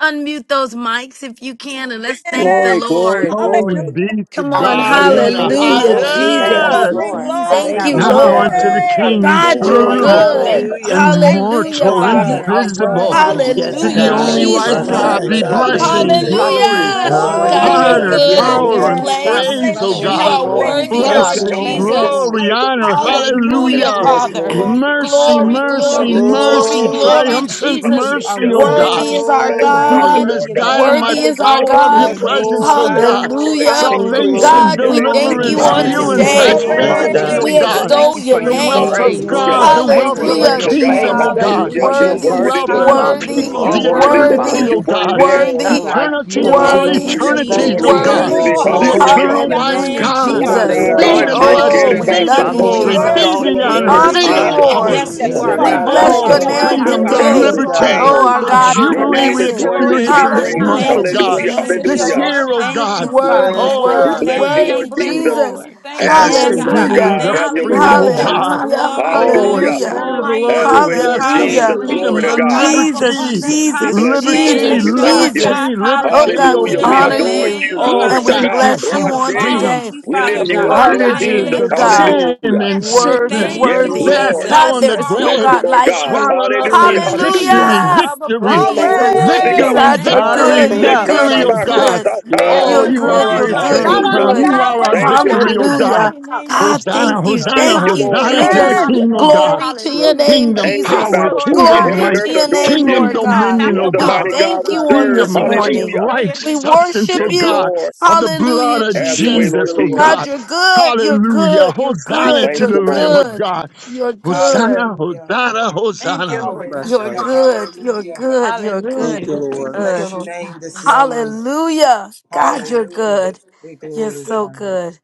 Speaker 10: Unmute those mics if you can and let's thank the
Speaker 2: Yes,
Speaker 3: Glory, glory,
Speaker 10: Lord.
Speaker 8: Glory
Speaker 3: glory.
Speaker 8: be to
Speaker 10: Come on.
Speaker 8: God
Speaker 4: Hallelujah.
Speaker 8: in
Speaker 3: Yes,
Speaker 8: the
Speaker 4: Thank you,
Speaker 3: Lord.
Speaker 10: Hallelujah,
Speaker 4: Lord.
Speaker 11: Hallelujah.
Speaker 4: Thank
Speaker 3: Hallelujah.
Speaker 11: Thank
Speaker 4: you,
Speaker 10: Jesus.
Speaker 11: you,
Speaker 8: highest.
Speaker 2: Glory,
Speaker 12: Hallelujah.
Speaker 4: Lord.
Speaker 11: Jesus.
Speaker 2: glory,
Speaker 10: Thank
Speaker 3: Thank
Speaker 11: God,
Speaker 10: you,
Speaker 11: we
Speaker 3: you,
Speaker 11: give you
Speaker 8: Now
Speaker 11: the
Speaker 4: Hallelujah.
Speaker 10: Lord.
Speaker 8: unto
Speaker 3: Jesus.
Speaker 8: the
Speaker 11: glory. Father,
Speaker 12: Yes,
Speaker 2: glory.
Speaker 8: King
Speaker 11: we
Speaker 10: God,
Speaker 11: give
Speaker 12: Lord.
Speaker 11: you
Speaker 10: you're
Speaker 11: the
Speaker 3: Glory,
Speaker 4: Thank
Speaker 8: eternal.
Speaker 4: you,
Speaker 11: honor.
Speaker 12: Hallelujah. We
Speaker 10: good.
Speaker 3: glory.
Speaker 4: Lord.
Speaker 11: Thank you,
Speaker 12: bless you,
Speaker 6: Hallelujah.
Speaker 8: and
Speaker 11: Lord.
Speaker 2: Thank
Speaker 12: Jesus. Yes,
Speaker 2: you,
Speaker 6: Thank you,
Speaker 10: Hallelujah,
Speaker 3: Bless
Speaker 8: mortal,
Speaker 2: Father.
Speaker 11: You
Speaker 3: God.
Speaker 6: Jesus.
Speaker 10: Father.
Speaker 11: are
Speaker 2: Thank
Speaker 3: Bless
Speaker 2: you,
Speaker 3: God.
Speaker 8: invisible,
Speaker 2: Lord
Speaker 11: worthy,
Speaker 3: Yes,
Speaker 9: Yes,
Speaker 11: Lord.
Speaker 6: Yes,
Speaker 3: Lord.
Speaker 8: to
Speaker 2: God.
Speaker 9: Lord.
Speaker 4: Hallelujah.
Speaker 8: the
Speaker 10: Hallelujah,
Speaker 11: Thank
Speaker 6: God.
Speaker 12: God.
Speaker 8: only
Speaker 11: you,
Speaker 8: wise
Speaker 12: Yes,
Speaker 4: Hallelujah.
Speaker 6: Father,
Speaker 10: Jesus.
Speaker 12: God.
Speaker 6: we
Speaker 8: God
Speaker 3: My
Speaker 12: We
Speaker 8: be
Speaker 11: Jesus.
Speaker 6: bless
Speaker 12: thank
Speaker 3: God.
Speaker 6: your
Speaker 4: Hallelujah.
Speaker 12: you this
Speaker 3: Thank
Speaker 9: Yes,
Speaker 3: you,
Speaker 6: name.
Speaker 8: blessing,
Speaker 11: Hallelujah,
Speaker 9: Lord.
Speaker 12: morning.
Speaker 11: Father.
Speaker 3: Jesus.
Speaker 11: We
Speaker 8: glory,
Speaker 4: Thank
Speaker 10: Hallelujah.
Speaker 4: you,
Speaker 11: bless your
Speaker 4: Lord.
Speaker 12: Hallelujah.
Speaker 10: God,
Speaker 12: We
Speaker 10: you're
Speaker 2: Oh,
Speaker 6: Hallelujah.
Speaker 11: name.
Speaker 2: your
Speaker 8: honor,
Speaker 12: thank you,
Speaker 10: good
Speaker 3: Yes,
Speaker 10: in
Speaker 9: Hallelujah.
Speaker 12: Lord.
Speaker 2: love,
Speaker 10: this
Speaker 8: power,
Speaker 2: Lord.
Speaker 3: Lord.
Speaker 4: Thank
Speaker 8: and
Speaker 11: Yes,
Speaker 4: you,
Speaker 11: God,
Speaker 4: Lord.
Speaker 10: place.
Speaker 11: we
Speaker 8: praise,
Speaker 2: Hallelujah,
Speaker 8: oh
Speaker 11: bless your
Speaker 4: Thank
Speaker 10: You
Speaker 9: Thank you,
Speaker 4: you,
Speaker 8: God.
Speaker 10: are
Speaker 11: name.
Speaker 9: Father.
Speaker 4: Lord.
Speaker 11: Thank you,
Speaker 10: worthy,
Speaker 2: hallelujah,
Speaker 12: Glory
Speaker 4: Thank
Speaker 3: Thank
Speaker 10: Lord
Speaker 12: to
Speaker 3: you,
Speaker 4: you,
Speaker 11: Father.
Speaker 8: Blessing,
Speaker 12: God. We
Speaker 11: Thank you,
Speaker 4: Lord.
Speaker 10: Jesus.
Speaker 3: Jesus.
Speaker 12: worship
Speaker 11: Lord.
Speaker 8: glory,
Speaker 12: you,
Speaker 2: hallelujah,
Speaker 12: Lord. We
Speaker 8: honor,
Speaker 12: thank
Speaker 11: Glory,
Speaker 12: you. We
Speaker 11: glory,
Speaker 12: bless
Speaker 10: Hallelujah,
Speaker 8: hallelujah.
Speaker 12: you.
Speaker 3: Yes,
Speaker 11: glory,
Speaker 10: Father.
Speaker 3: Lord.
Speaker 11: glory.
Speaker 8: Mercy,
Speaker 10: Glory,
Speaker 11: Hallelujah,
Speaker 8: mercy,
Speaker 10: glory,
Speaker 12: Hallelujah. We
Speaker 11: Jesus.
Speaker 10: glory,
Speaker 8: mercy,
Speaker 12: bless
Speaker 11: Thank you,
Speaker 12: you,
Speaker 3: Glory.
Speaker 10: glory,
Speaker 11: Father.
Speaker 12: Jesus.
Speaker 8: triumphant
Speaker 4: Hallelujah,
Speaker 10: Jesus.
Speaker 11: You are
Speaker 8: mercy,
Speaker 12: Hallelujah.
Speaker 4: Jesus.
Speaker 8: oh
Speaker 11: worthy to
Speaker 8: God.
Speaker 10: Worthy
Speaker 11: be
Speaker 10: is
Speaker 12: We
Speaker 10: our
Speaker 8: The
Speaker 11: praised. You
Speaker 12: magnify
Speaker 11: are
Speaker 12: you,
Speaker 10: God.
Speaker 3: Glory.
Speaker 12: Lord
Speaker 11: worthy
Speaker 8: dunamis,
Speaker 11: of the
Speaker 12: God.
Speaker 8: dynamite
Speaker 10: Worthy
Speaker 11: honor.
Speaker 10: is our
Speaker 12: Hallelujah.
Speaker 11: Glory
Speaker 8: power of
Speaker 11: to
Speaker 8: your
Speaker 11: your
Speaker 10: God.
Speaker 3: Yes,
Speaker 11: name,
Speaker 8: presence,
Speaker 11: O
Speaker 3: Lord.
Speaker 8: oh
Speaker 12: Glory
Speaker 3: Yes,
Speaker 11: God.
Speaker 8: God.
Speaker 12: to your
Speaker 3: Lord.
Speaker 12: name,
Speaker 10: Hallelujah.
Speaker 4: Thank
Speaker 12: Jesus.
Speaker 4: you,
Speaker 3: Glory.
Speaker 12: Glory
Speaker 4: Lord.
Speaker 8: Salvation,
Speaker 12: to
Speaker 10: God,
Speaker 12: your
Speaker 10: we
Speaker 11: Hallelujah.
Speaker 12: name,
Speaker 10: thank
Speaker 6: Thank
Speaker 10: you
Speaker 8: deliverance,
Speaker 6: you,
Speaker 12: Jesus.
Speaker 4: Hallelujah,
Speaker 10: on
Speaker 11: Bless
Speaker 6: Jesus.
Speaker 8: healing,
Speaker 13: Hallelujah.
Speaker 2: hallelujah.
Speaker 11: your
Speaker 10: today.
Speaker 4: hallelujah,
Speaker 13: Thank
Speaker 3: Yes,
Speaker 13: you,
Speaker 12: Glory
Speaker 11: name,
Speaker 6: Yes,
Speaker 12: to
Speaker 3: God.
Speaker 12: your
Speaker 13: Father.
Speaker 12: name,
Speaker 8: prosperity,
Speaker 4: hallelujah.
Speaker 6: God.
Speaker 2: Glory.
Speaker 8: oh
Speaker 10: We
Speaker 11: Jesus.
Speaker 12: Jesus.
Speaker 3: Hallelujah.
Speaker 8: God.
Speaker 13: Thank
Speaker 10: extol
Speaker 13: you
Speaker 11: Bless
Speaker 10: your
Speaker 13: for
Speaker 11: your
Speaker 8: The
Speaker 13: your
Speaker 11: name,
Speaker 8: wealth
Speaker 4: Thank
Speaker 10: name.
Speaker 4: you,
Speaker 8: of
Speaker 11: Jesus.
Speaker 13: grace,
Speaker 12: Hallelujah.
Speaker 4: Lord.
Speaker 8: God,
Speaker 13: Lord.
Speaker 8: the
Speaker 3: Yes,
Speaker 11: Glory
Speaker 13: Thank
Speaker 8: wealth
Speaker 11: to
Speaker 13: you
Speaker 3: Lord.
Speaker 8: of
Speaker 13: for
Speaker 11: your
Speaker 8: the
Speaker 12: Glory
Speaker 10: Hallelujah,
Speaker 12: to
Speaker 13: your
Speaker 11: name.
Speaker 12: God.
Speaker 8: kingdom,
Speaker 13: favor.
Speaker 10: Jesus.
Speaker 8: oh
Speaker 13: Thank
Speaker 8: God.
Speaker 13: you
Speaker 4: Thank you,
Speaker 12: Hallelujah.
Speaker 13: for your
Speaker 11: Hallelujah.
Speaker 12: You're
Speaker 8: The
Speaker 10: Worthy,
Speaker 12: worthy,
Speaker 4: Jesus.
Speaker 8: wealth
Speaker 13: mercy,
Speaker 8: of
Speaker 12: Lord.
Speaker 8: your
Speaker 3: Thank
Speaker 13: Father.
Speaker 3: you,
Speaker 10: worthy,
Speaker 13: You
Speaker 8: people,
Speaker 12: You're
Speaker 3: Lord
Speaker 11: Hallelujah.
Speaker 13: are
Speaker 8: the
Speaker 12: worthy,
Speaker 13: worthy,
Speaker 3: Jesus.
Speaker 10: worthy,
Speaker 12: Lord.
Speaker 8: eternity,
Speaker 13: Father.
Speaker 11: Hallelujah,
Speaker 8: oh
Speaker 12: You're
Speaker 11: Father.
Speaker 12: worthy,
Speaker 8: God
Speaker 13: There is
Speaker 11: Thank
Speaker 12: Lord.
Speaker 11: you,
Speaker 13: none
Speaker 10: worthy,
Speaker 11: God.
Speaker 13: like
Speaker 8: eternity
Speaker 13: you,
Speaker 8: of
Speaker 4: Thank you,
Speaker 8: all
Speaker 13: Father.
Speaker 12: Oh,
Speaker 11: Thank
Speaker 10: worthy,
Speaker 11: you,
Speaker 4: Lord.
Speaker 12: yes,
Speaker 3: Oh,
Speaker 8: eternities,
Speaker 12: Lord,
Speaker 13: Thank
Speaker 8: oh
Speaker 11: Jesus.
Speaker 12: you are
Speaker 3: glory,
Speaker 13: you.
Speaker 8: God,
Speaker 11: Thank
Speaker 10: worthy.
Speaker 11: you,
Speaker 12: worthy.
Speaker 2: Oh,
Speaker 3: glory.
Speaker 8: the
Speaker 4: Thank you,
Speaker 11: Jesus.
Speaker 13: Glory.
Speaker 4: Lord.
Speaker 12: Hallelujah.
Speaker 2: hallelujah.
Speaker 8: eternal
Speaker 2: hallelujah.
Speaker 8: wise
Speaker 10: Hallelujah,
Speaker 13: Hallelujah.
Speaker 11: Thank you,
Speaker 8: God.
Speaker 12: Oh,
Speaker 4: Thank
Speaker 11: Father.
Speaker 4: you,
Speaker 13: We
Speaker 10: Jesus.
Speaker 11: We
Speaker 12: Rabbi
Speaker 8: Be
Speaker 4: Lord.
Speaker 11: give
Speaker 8: the
Speaker 11: you the
Speaker 13: glorify you
Speaker 10: Oh,
Speaker 11: glory.
Speaker 8: blessing,
Speaker 3: Yeyalamashana.
Speaker 10: we
Speaker 11: We
Speaker 12: Shekinah
Speaker 13: today,
Speaker 8: be the
Speaker 11: give
Speaker 10: love
Speaker 11: you
Speaker 13: Father.
Speaker 10: you,
Speaker 11: the
Speaker 2: We
Speaker 4: Thank
Speaker 13: We
Speaker 4: you,
Speaker 12: Soto.
Speaker 8: glory, be
Speaker 11: honor,
Speaker 4: Lord.
Speaker 10: Jesus.
Speaker 13: exalt
Speaker 12: You
Speaker 11: Lord.
Speaker 2: worship
Speaker 8: the
Speaker 11: You
Speaker 12: are
Speaker 2: you
Speaker 11: are
Speaker 10: We
Speaker 13: you.
Speaker 8: honor,
Speaker 13: We
Speaker 12: worthy,
Speaker 3: Yes,
Speaker 10: honor
Speaker 2: today,
Speaker 8: be
Speaker 11: worthy.
Speaker 8: the
Speaker 10: you,
Speaker 2: Lord.
Speaker 3: God.
Speaker 13: honor
Speaker 12: Jesus.
Speaker 8: power,
Speaker 10: Lord.
Speaker 13: you
Speaker 11: Yes,
Speaker 2: that
Speaker 11: you
Speaker 13: in
Speaker 12: From
Speaker 4: Thank
Speaker 12: the
Speaker 13: the
Speaker 11: are
Speaker 3: Hallelujah.
Speaker 2: You are
Speaker 10: We
Speaker 4: you,
Speaker 12: rise
Speaker 11: God.
Speaker 12: of the
Speaker 11: You
Speaker 10: bless
Speaker 8: all
Speaker 11: are
Speaker 10: your
Speaker 2: worthy
Speaker 12: sun
Speaker 2: of
Speaker 12: to
Speaker 5: Hallelujah,
Speaker 12: the
Speaker 2: all
Speaker 10: name
Speaker 11: worthy,
Speaker 8: freedom,
Speaker 12: going
Speaker 8: the
Speaker 11: Father.
Speaker 2: praise
Speaker 12: down of
Speaker 5: hallelujah,
Speaker 3: Yes,
Speaker 10: today.
Speaker 12: the
Speaker 11: You
Speaker 5: Lord
Speaker 11: are
Speaker 2: and glory
Speaker 8: liberty,
Speaker 5: of
Speaker 3: God.
Speaker 5: the
Speaker 10: Oh,
Speaker 12: same.
Speaker 10: our
Speaker 11: worthy,
Speaker 8: the
Speaker 2: and
Speaker 11: Lord.
Speaker 10: God
Speaker 5: harvest.
Speaker 11: We
Speaker 5: We
Speaker 10: is
Speaker 12: Your
Speaker 2: honor.
Speaker 8: jubilee
Speaker 12: name
Speaker 8: we
Speaker 11: bless
Speaker 12: is
Speaker 5: thank you,
Speaker 10: amazing.
Speaker 11: your
Speaker 12: worthy
Speaker 5: Lord
Speaker 12: to
Speaker 8: experience
Speaker 12: be
Speaker 2: In
Speaker 11: name.
Speaker 8: in
Speaker 2: the
Speaker 5: God.
Speaker 8: this
Speaker 2: name
Speaker 12: praised.
Speaker 8: month,
Speaker 2: of
Speaker 10: Hallelujah
Speaker 8: oh
Speaker 3: Yeah.
Speaker 11: Thank
Speaker 10: to
Speaker 11: you,
Speaker 10: your
Speaker 8: God,
Speaker 5: Hallelujah,
Speaker 12: Hallelujah.
Speaker 2: Jesus.
Speaker 10: name,
Speaker 2: In
Speaker 5: thank you,
Speaker 11: Jesus.
Speaker 8: this
Speaker 2: the
Speaker 12: Hallelujah.
Speaker 2: name.
Speaker 5: Lord.
Speaker 8: year,
Speaker 10: Jesus.
Speaker 8: oh
Speaker 11: Thank you,
Speaker 8: God.
Speaker 5: Hallelujah,
Speaker 10: Worthy,
Speaker 3: Yes,
Speaker 11: Father.
Speaker 5: blessing
Speaker 8: Oh,
Speaker 12: We
Speaker 5: us
Speaker 10: worthy,
Speaker 3: God.
Speaker 5: to
Speaker 12: bless you,
Speaker 5: be a
Speaker 12: Lord
Speaker 10: worthy,
Speaker 11: Thank you,
Speaker 5: blessing.
Speaker 12: Jesus.
Speaker 10: Jesus.
Speaker 5: We
Speaker 11: Lord.
Speaker 5: thank
Speaker 12: Have
Speaker 5: you,
Speaker 12: your
Speaker 8: Yes,
Speaker 12: way,
Speaker 5: Lord
Speaker 8: the
Speaker 11: Yes,
Speaker 5: God.
Speaker 12: Lord
Speaker 11: God.
Speaker 10: Hallelujah.
Speaker 8: jubilee,
Speaker 12: God.
Speaker 8: the
Speaker 12: Have
Speaker 11: Thank
Speaker 12: your
Speaker 11: you,
Speaker 12: way,
Speaker 4: Thank
Speaker 8: freedom,
Speaker 11: Father
Speaker 8: oh
Speaker 4: you,
Speaker 12: Lord.
Speaker 5: Hallelujah,
Speaker 4: Jesus.
Speaker 11: God.
Speaker 8: God.
Speaker 10: Hallelujah,
Speaker 11: Glory,
Speaker 5: hallelujah.
Speaker 8: Oh, and
Speaker 3: Thank
Speaker 8: the
Speaker 11: glory,
Speaker 5: There
Speaker 12: Hallelujah.
Speaker 5: is
Speaker 3: you,
Speaker 10: hallelujah,
Speaker 5: none
Speaker 8: Spirit of the
Speaker 3: Lord.
Speaker 5: like you.
Speaker 8: Lord
Speaker 12: Have
Speaker 11: glory.
Speaker 12: your
Speaker 8: is
Speaker 12: way, Lord
Speaker 8: yes, the
Speaker 5: We
Speaker 3: Thank
Speaker 12: Jesus.
Speaker 10: hallelujah.
Speaker 3: you,
Speaker 5: thank
Speaker 12: Glory
Speaker 8: freedom,
Speaker 3: Lord.
Speaker 5: you,
Speaker 12: to
Speaker 8: the
Speaker 5: a
Speaker 11: Hallelujah.
Speaker 12: God.
Speaker 5: God
Speaker 11: Thank
Speaker 5: of
Speaker 11: you,
Speaker 10: Jesus,
Speaker 8: liberty,
Speaker 5: abundance.
Speaker 11: Jesus.
Speaker 12: We
Speaker 10: Jesus,
Speaker 12: bless you,
Speaker 5: Hallelujah.
Speaker 11: Thank
Speaker 12: Lord.
Speaker 8: liberty,
Speaker 10: Jesus,
Speaker 12: We
Speaker 11: you,
Speaker 5: Thank you,
Speaker 12: thank
Speaker 5: Lord
Speaker 12: you.
Speaker 11: Father.
Speaker 10: Jesus.
Speaker 5: God.
Speaker 8: liberty,
Speaker 10: Oh
Speaker 8: liberty,
Speaker 5: Hallelujah.
Speaker 10: God,
Speaker 8: oh
Speaker 10: we
Speaker 12: Hallelujah.
Speaker 5: We're
Speaker 12: We
Speaker 11: Hallelujah.
Speaker 10: honor
Speaker 8: God.
Speaker 5: able to
Speaker 12: adore
Speaker 3: Yes,
Speaker 10: you
Speaker 11: Thank
Speaker 12: you.
Speaker 11: you,
Speaker 5: give,
Speaker 8: Oh,
Speaker 3: God.
Speaker 12: Glory
Speaker 11: Father
Speaker 10: and
Speaker 5: lend,
Speaker 10: we
Speaker 12: to
Speaker 5: and
Speaker 8: thank
Speaker 11: God.
Speaker 8: you
Speaker 12: God.
Speaker 5: not
Speaker 10: bless
Speaker 8: from
Speaker 5: have
Speaker 10: you
Speaker 8: the
Speaker 5: to
Speaker 10: on
Speaker 12: Rashi.
Speaker 5: borrow.
Speaker 11: Thank
Speaker 8: freedom,
Speaker 10: today.
Speaker 11: you,
Speaker 12: We
Speaker 4: Thank
Speaker 11: Father
Speaker 4: you,
Speaker 8: the
Speaker 12: lift
Speaker 5: Thank
Speaker 12: you
Speaker 5: you,
Speaker 12: up,
Speaker 4: Lord.
Speaker 11: God.
Speaker 5: Lord
Speaker 12: Lord
Speaker 5: God.
Speaker 8: bondages
Speaker 12: Jesus.
Speaker 10: Hallelujah,
Speaker 8: of
Speaker 11: Thank
Speaker 5: Blessed to
Speaker 11: you,
Speaker 10: God.
Speaker 5: be a
Speaker 4: Hallelujah,
Speaker 8: sin
Speaker 11: Lord.
Speaker 12: Hallelujah.
Speaker 8: and
Speaker 5: blessing. We
Speaker 10: Worthy,
Speaker 8: sickness,
Speaker 4: hallelujah,
Speaker 5: thank
Speaker 11: Thank
Speaker 5: you
Speaker 12: Yes,
Speaker 11: you,
Speaker 5: for
Speaker 10: worthy.
Speaker 4: hallelujah,
Speaker 8: death,
Speaker 5: this
Speaker 12: Lord.
Speaker 5: day.
Speaker 10: God,
Speaker 8: hell, and
Speaker 4: hallelujah.
Speaker 5: You
Speaker 10: there
Speaker 8: the
Speaker 11: Jesus.
Speaker 10: is
Speaker 5: are
Speaker 10: no
Speaker 12: Bless
Speaker 8: grave,
Speaker 12: you,
Speaker 10: God
Speaker 5: worthy,
Speaker 12: Lord
Speaker 10: like
Speaker 12: God.
Speaker 10: you.
Speaker 5: worthy,
Speaker 8: swallowed up
Speaker 5: worthy.
Speaker 12: Hallelujah.
Speaker 8: in
Speaker 4: Thank you,
Speaker 5: A
Speaker 12: Hallelujah.
Speaker 8: victory,
Speaker 5: God
Speaker 10: Hallelujah.
Speaker 4: Jesus.
Speaker 5: of
Speaker 12: You
Speaker 8: victory,
Speaker 5: abundance.
Speaker 12: alone
Speaker 4: Thank
Speaker 12: are
Speaker 5: We
Speaker 4: you,
Speaker 10: Jesus.
Speaker 12: worthy,
Speaker 5: praise your
Speaker 2: Glory.
Speaker 8: victory,
Speaker 12: God.
Speaker 10: God,
Speaker 4: Jesus.
Speaker 10: you're
Speaker 5: name
Speaker 12: Ah,
Speaker 5: this
Speaker 8: victory,
Speaker 10: good. You're
Speaker 4: Thank
Speaker 6: Hallelujah.
Speaker 5: morning.
Speaker 4: you,
Speaker 10: good.
Speaker 8: victory,
Speaker 10: You're
Speaker 8: oh
Speaker 5: Hallelujah.
Speaker 4: Jesus.
Speaker 8: God.
Speaker 10: good.
Speaker 5: There
Speaker 12: reshetarabakosata.
Speaker 8: Oh,
Speaker 10: You're
Speaker 5: is
Speaker 3: Yes,
Speaker 8: you
Speaker 6: Thank
Speaker 8: are
Speaker 10: good.
Speaker 6: you,
Speaker 5: none
Speaker 10: You're
Speaker 8: our
Speaker 5: like
Speaker 6: Jesus.
Speaker 10: good.
Speaker 8: eternal
Speaker 10: You're
Speaker 2: Shout
Speaker 5: you.
Speaker 4: Thank
Speaker 12: Hallelujah.
Speaker 4: you,
Speaker 5: We
Speaker 8: crown.
Speaker 2: unto
Speaker 10: good.
Speaker 8: You
Speaker 4: Lord.
Speaker 2: God
Speaker 5: thank
Speaker 8: are
Speaker 2: with
Speaker 5: you,
Speaker 8: our
Speaker 12: Thank
Speaker 5: Lord
Speaker 12: you,
Speaker 8: victory,
Speaker 5: God,
Speaker 8: oh
Speaker 5: in the
Speaker 12: Jesus.
Speaker 8: God.
Speaker 10: Hallelujah.
Speaker 5: mighty
Speaker 2: them.
Speaker 5: name of
Speaker 10: God,
Speaker 5: Jesus.
Speaker 10: thank
Speaker 8: Hosanna,
Speaker 3: Yes,
Speaker 10: you.
Speaker 3: God.
Speaker 12: Thank
Speaker 8: Hosanna,
Speaker 10: Thank
Speaker 12: you,
Speaker 10: you,
Speaker 12: Lord.
Speaker 8: Hosanna to
Speaker 5: Hallelujah,
Speaker 8: the
Speaker 10: Jesus.
Speaker 2: Yes,
Speaker 12: Hallelujah.
Speaker 8: King, oh
Speaker 2: Lord.
Speaker 5: hallelujah,
Speaker 8: God
Speaker 10: Glory to your
Speaker 3: Yes,
Speaker 5: hallelujah.
Speaker 10: name,
Speaker 3: Lord.
Speaker 8: kingdom
Speaker 12: Angels
Speaker 5: Thank
Speaker 10: Jesus.
Speaker 12: bow
Speaker 5: you,
Speaker 8: power,
Speaker 5: Lord
Speaker 12: before you.
Speaker 5: God,
Speaker 8: kingdom
Speaker 12: Heaven
Speaker 10: Glory
Speaker 12: and
Speaker 5: able
Speaker 10: to
Speaker 8: might,
Speaker 12: earth
Speaker 5: to
Speaker 10: your
Speaker 5: give
Speaker 12: adore
Speaker 10: name,
Speaker 5: in
Speaker 8: kingdom
Speaker 12: you.
Speaker 10: Lord
Speaker 5: and not
Speaker 10: God.
Speaker 5: have
Speaker 12: You
Speaker 8: dominion,
Speaker 12: are
Speaker 5: to
Speaker 8: oh
Speaker 12: the
Speaker 10: We
Speaker 12: mighty
Speaker 5: borrow.
Speaker 8: God,
Speaker 12: God
Speaker 10: thank
Speaker 12: we
Speaker 5: We
Speaker 10: you on
Speaker 5: thank
Speaker 3: Ikiyaramanasha.
Speaker 12: serve.
Speaker 5: you
Speaker 8: kingdom
Speaker 10: this
Speaker 5: for
Speaker 8: light,
Speaker 5: this
Speaker 10: morning.
Speaker 12: Hallelujah.
Speaker 5: day.
Speaker 8: life,
Speaker 5: In
Speaker 10: We
Speaker 5: the-
Speaker 8: substance,
Speaker 10: worship
Speaker 8: oh
Speaker 12: Yes,
Speaker 10: you.
Speaker 8: God,
Speaker 12: Lord.
Speaker 8: of the blood
Speaker 10: Hallelujah,
Speaker 8: of
Speaker 12: Have your
Speaker 10: Jesus.
Speaker 12: way,
Speaker 3: Thank
Speaker 12: Lord
Speaker 8: Jesus,
Speaker 3: you,
Speaker 8: oh
Speaker 3: Lord.
Speaker 12: Jesus.
Speaker 10: God,
Speaker 8: God.
Speaker 10: you're good. You're
Speaker 8: Hallelujah.
Speaker 10: good. You're
Speaker 12: We
Speaker 8: Hosanna
Speaker 10: good.
Speaker 12: thank
Speaker 8: to
Speaker 10: You're
Speaker 8: the
Speaker 12: you, Lord.
Speaker 8: Lamb of
Speaker 10: good.
Speaker 8: God.
Speaker 10: You're good.
Speaker 8: Hosanna,
Speaker 14: Hallelujah.
Speaker 8: Hosanna,
Speaker 5: thank you,
Speaker 8: Hosanna.
Speaker 5: Lord God.
Speaker 10: You're
Speaker 14: Hallelujah.
Speaker 3: Nabashaya.
Speaker 10: good. You're
Speaker 14: Hallelujah.
Speaker 10: good. You're
Speaker 3: Thank
Speaker 10: good.
Speaker 3: you,
Speaker 5: Hallelujah.
Speaker 10: You're
Speaker 14: We
Speaker 5: Thank
Speaker 3: Lord.
Speaker 5: you,
Speaker 10: good.
Speaker 14: bless your
Speaker 5: Lord God.
Speaker 14: name this morning.
Speaker 10: Hallelujah. God, you're
Speaker 14: Hallelujah.
Speaker 10: good.
Speaker 14: We
Speaker 10: You're so
Speaker 14: glorify you.
Speaker 10: good.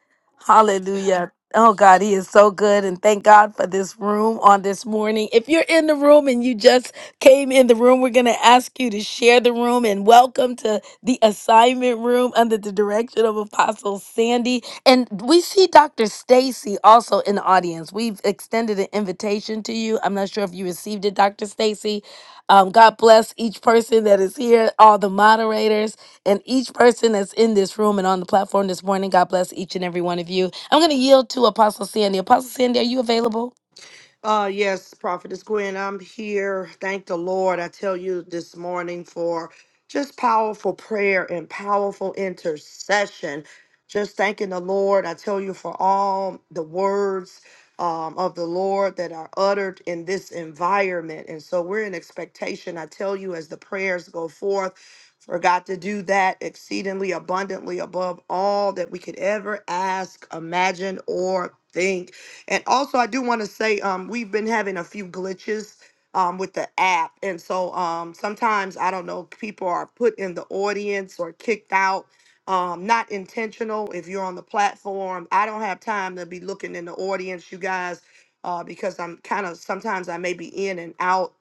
Speaker 10: Hallelujah. Oh God, he is so good. And thank God for this room on this morning. If you're in the room and you just came in the room, we're going to ask you to share the room and welcome to the assignment room under the direction of Apostle Sandy. And we see Dr. Stacy also in the audience. We've extended an invitation to you. I'm not sure if you received it, Dr. Stacy. Um, God bless each person that is here, all the moderators and each person that's in this room and on the platform this morning. God bless each and every one of you. I'm going to yield to Apostle Sandy. Apostle Sandy, are you available?
Speaker 1: Uh, yes, Prophetess Gwen, I'm here. Thank the Lord. I tell you this morning for just powerful prayer and powerful intercession. Just thanking the Lord. I tell you for all the words um, of the Lord that are uttered in this environment. And so we're in expectation. I tell you, as the prayers go forth, for God to do that exceedingly abundantly above all that we could ever ask, imagine, or think. And also, I do want to say um, we've been having a few glitches um, with the app. And so um, sometimes, I don't know, people are put in the audience or kicked out. Um, not intentional if you're on the platform. I don't have time to be looking in the audience, you guys, uh, because I'm kind of sometimes I may be in and out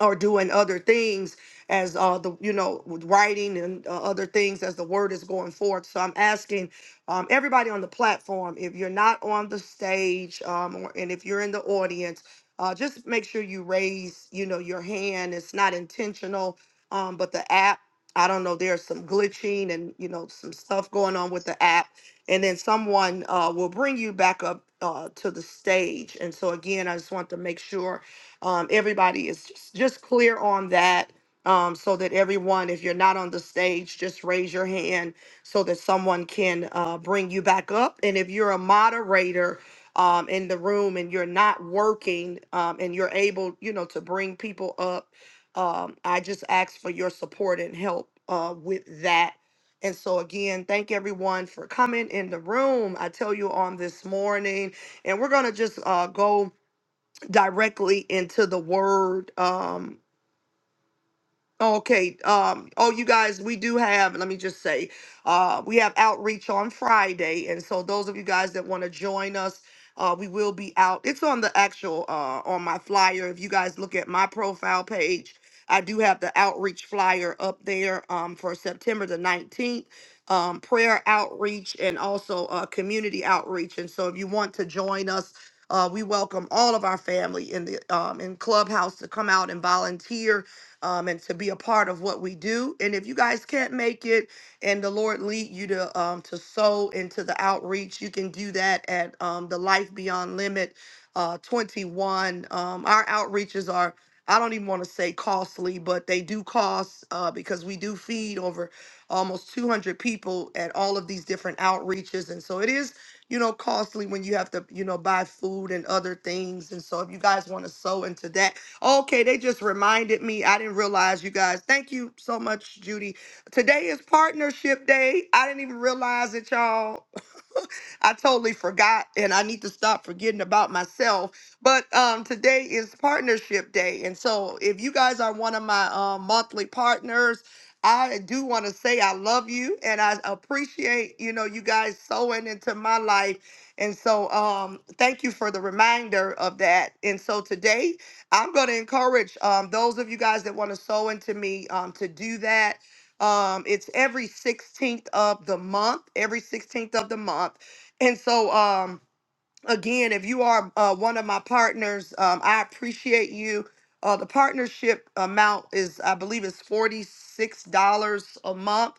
Speaker 1: or doing other things as uh the you know with writing and uh, other things as the word is going forth so i'm asking um everybody on the platform if you're not on the stage um or, and if you're in the audience uh just make sure you raise you know your hand it's not intentional um but the app i don't know there's some glitching and you know some stuff going on with the app and then someone uh will bring you back up uh to the stage and so again i just want to make sure um, everybody is just, just clear on that um, so that everyone, if you're not on the stage, just raise your hand so that someone can uh, bring you back up. And if you're a moderator um, in the room and you're not working um, and you're able, you know, to bring people up, um, I just ask for your support and help uh, with that. And so, again, thank everyone for coming in the room. I tell you on this morning, and we're going to just uh, go directly into the word. Um, Okay. Um, oh, you guys, we do have, let me just say, uh, we have outreach on Friday. And so those of you guys that want to join us, uh, we will be out. It's on the actual, uh, on my flyer. If you guys look at my profile page, I do have the outreach flyer up there um, for September the 19th, um, prayer outreach and also uh, community outreach. And so if you want to join us, uh, we welcome all of our family in the um, in Clubhouse to come out and volunteer um, and to be a part of what we do. And if you guys can't make it, and the Lord lead you to um, to sow into the outreach, you can do that at um, the Life Beyond Limit uh, 21. Um, our outreaches are I don't even want to say costly, but they do cost uh, because we do feed over almost 200 people at all of these different outreaches, and so it is you know costly when you have to you know buy food and other things. And so if you guys want to sow into that, Okay, they just reminded me. I didn't realize you guys. Thank you so much, Judy. Today is partnership day. I didn't even realize it, y'all. I totally forgot, and I need to stop forgetting about myself. But um, today is Partnership Day, and so if you guys are one of my um, monthly partners, I do want to say I love you, and I appreciate you know you guys sewing into my life. And so, um, thank you for the reminder of that. And so today, I'm going to encourage um, those of you guys that want to sow into me um, to do that um, it's every 16th of the month, every 16th of the month. And so um again, if you are uh, one of my partners, um, I appreciate you. Uh, the partnership amount is, I believe, is forty six dollars a month.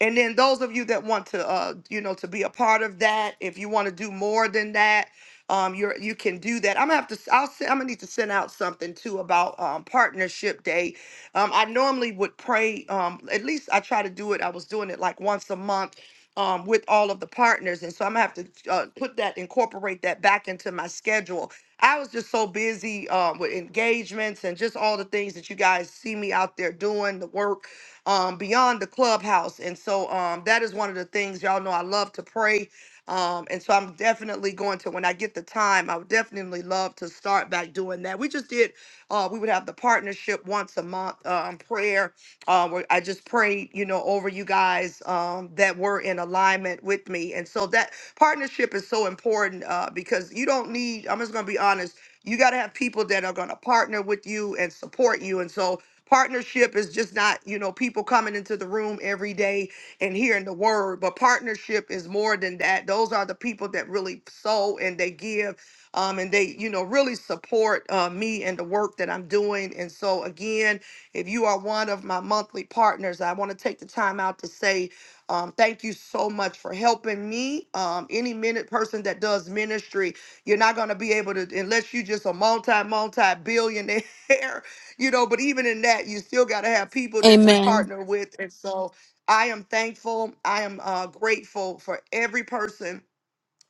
Speaker 1: And then those of you that want to, uh, you know, to be a part of that, if you want to do more than that, um, you're you can do that. I'm gonna have to. s- I'll. Send, I'm gonna need to send out something too about um, partnership day. Um, I normally would pray. Um, at least I try to do it. I was doing it like once a month um, with all of the partners. And so I'm gonna have to uh, put that, incorporate that back into my schedule. I was just so busy um, with engagements and just all the things that you guys see me out there doing, the work um, beyond the clubhouse. And so um, that is one of the things y'all know I love to pray. Um, and so I'm definitely going to, when I get the time, I would definitely love to start back doing that. We just did, uh, we would have the partnership once a month um, prayer uh, where I just prayed, you know, over you guys um, that were in alignment with me. And so that partnership is so important uh, because you don't need, I'm just going to be honest, you got to have people that are going to partner with you and support you. And so partnership is just not, you know, people coming into the room every day and hearing the word, but partnership is more than that. Those are the people that really sow and they give. Um, and they, you know, really support uh, me and the work that I'm doing. And so, again, if you are one of my monthly partners, I want to take the time out to say um, thank you so much for helping me. Um, any minute person that does ministry, you're not going to be able to, unless you just a multi, multi billionaire, you know, but even in that, you still got to have people that you
Speaker 10: Amen.
Speaker 1: partner with. And so I am thankful. I am uh, grateful for every person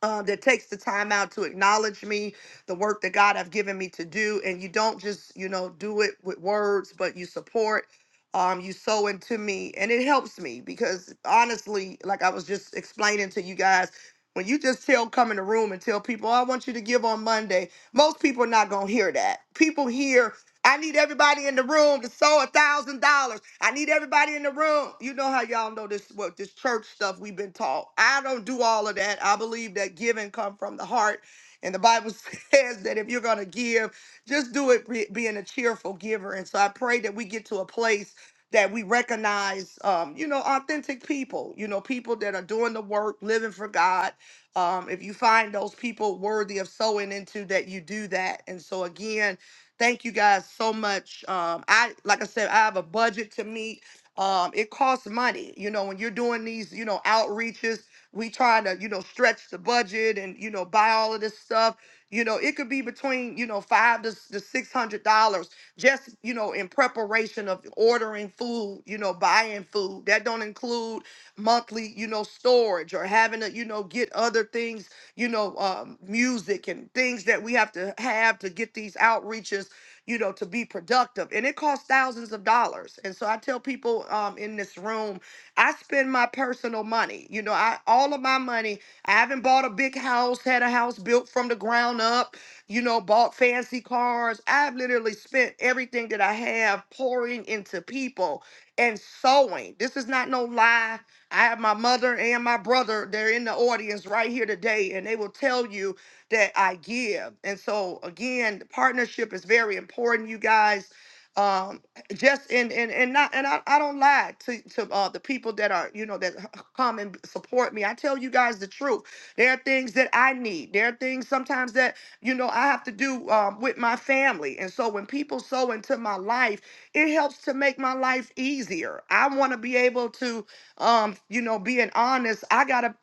Speaker 1: um, that takes the time out to acknowledge me, the work that God have given me to do, and you don't just you know do it with words, but you support, um, you sow into me, and it helps me because honestly, like I was just explaining to you guys, when you just tell come in the room and tell people, "Oh, I want you to give on Monday, most people are not gonna hear that. People hear I need everybody in the room to sow a thousand dollars. I need everybody in the room. You know how y'all know this what this church stuff we've been taught. I don't do all of that. I believe that giving come from the heart. And the Bible says that if you're going to give, just do it be- being a cheerful giver. And so I pray that we get to a place that we recognize, um, you know, authentic people, you know, people that are doing the work, living for God. Um, if you find those people worthy of sowing into that, you do that. And so again, Thank you guys so much. Um, I like I said, I have a budget to meet. Um, it costs money, you know, when you're doing these, you know, outreaches. We trying to, you know, stretch the budget and you know buy all of this stuff. You know, it could be between you know five to, to six hundred dollars just you know in preparation of ordering food, you know, buying food. That don't include monthly, you know, storage or having to, you know, get other things you know, um, music and things that we have to have to get these outreaches, you know, to be productive. And it costs thousands of dollars. And so I tell people um, in this room, I spend my personal money. You know, I all of my money. I haven't bought a big house, had a house built from the ground up. You know, bought fancy cars. I've literally spent everything that I have pouring into people and sewing. This is not no lie I have my mother and my brother, they're in the audience right here today, and they will tell you that I give. And so, again, partnership is very important, you guys. Um, just and and and not and I, I don't lie to to uh, the people that are you know that h- come and support me. I tell you guys the truth. There are things that I need. There are things sometimes that you know I have to do um, with my family. And so when people sow into my life, it helps to make my life easier. I want to be able to um, you know, being honest, I gotta,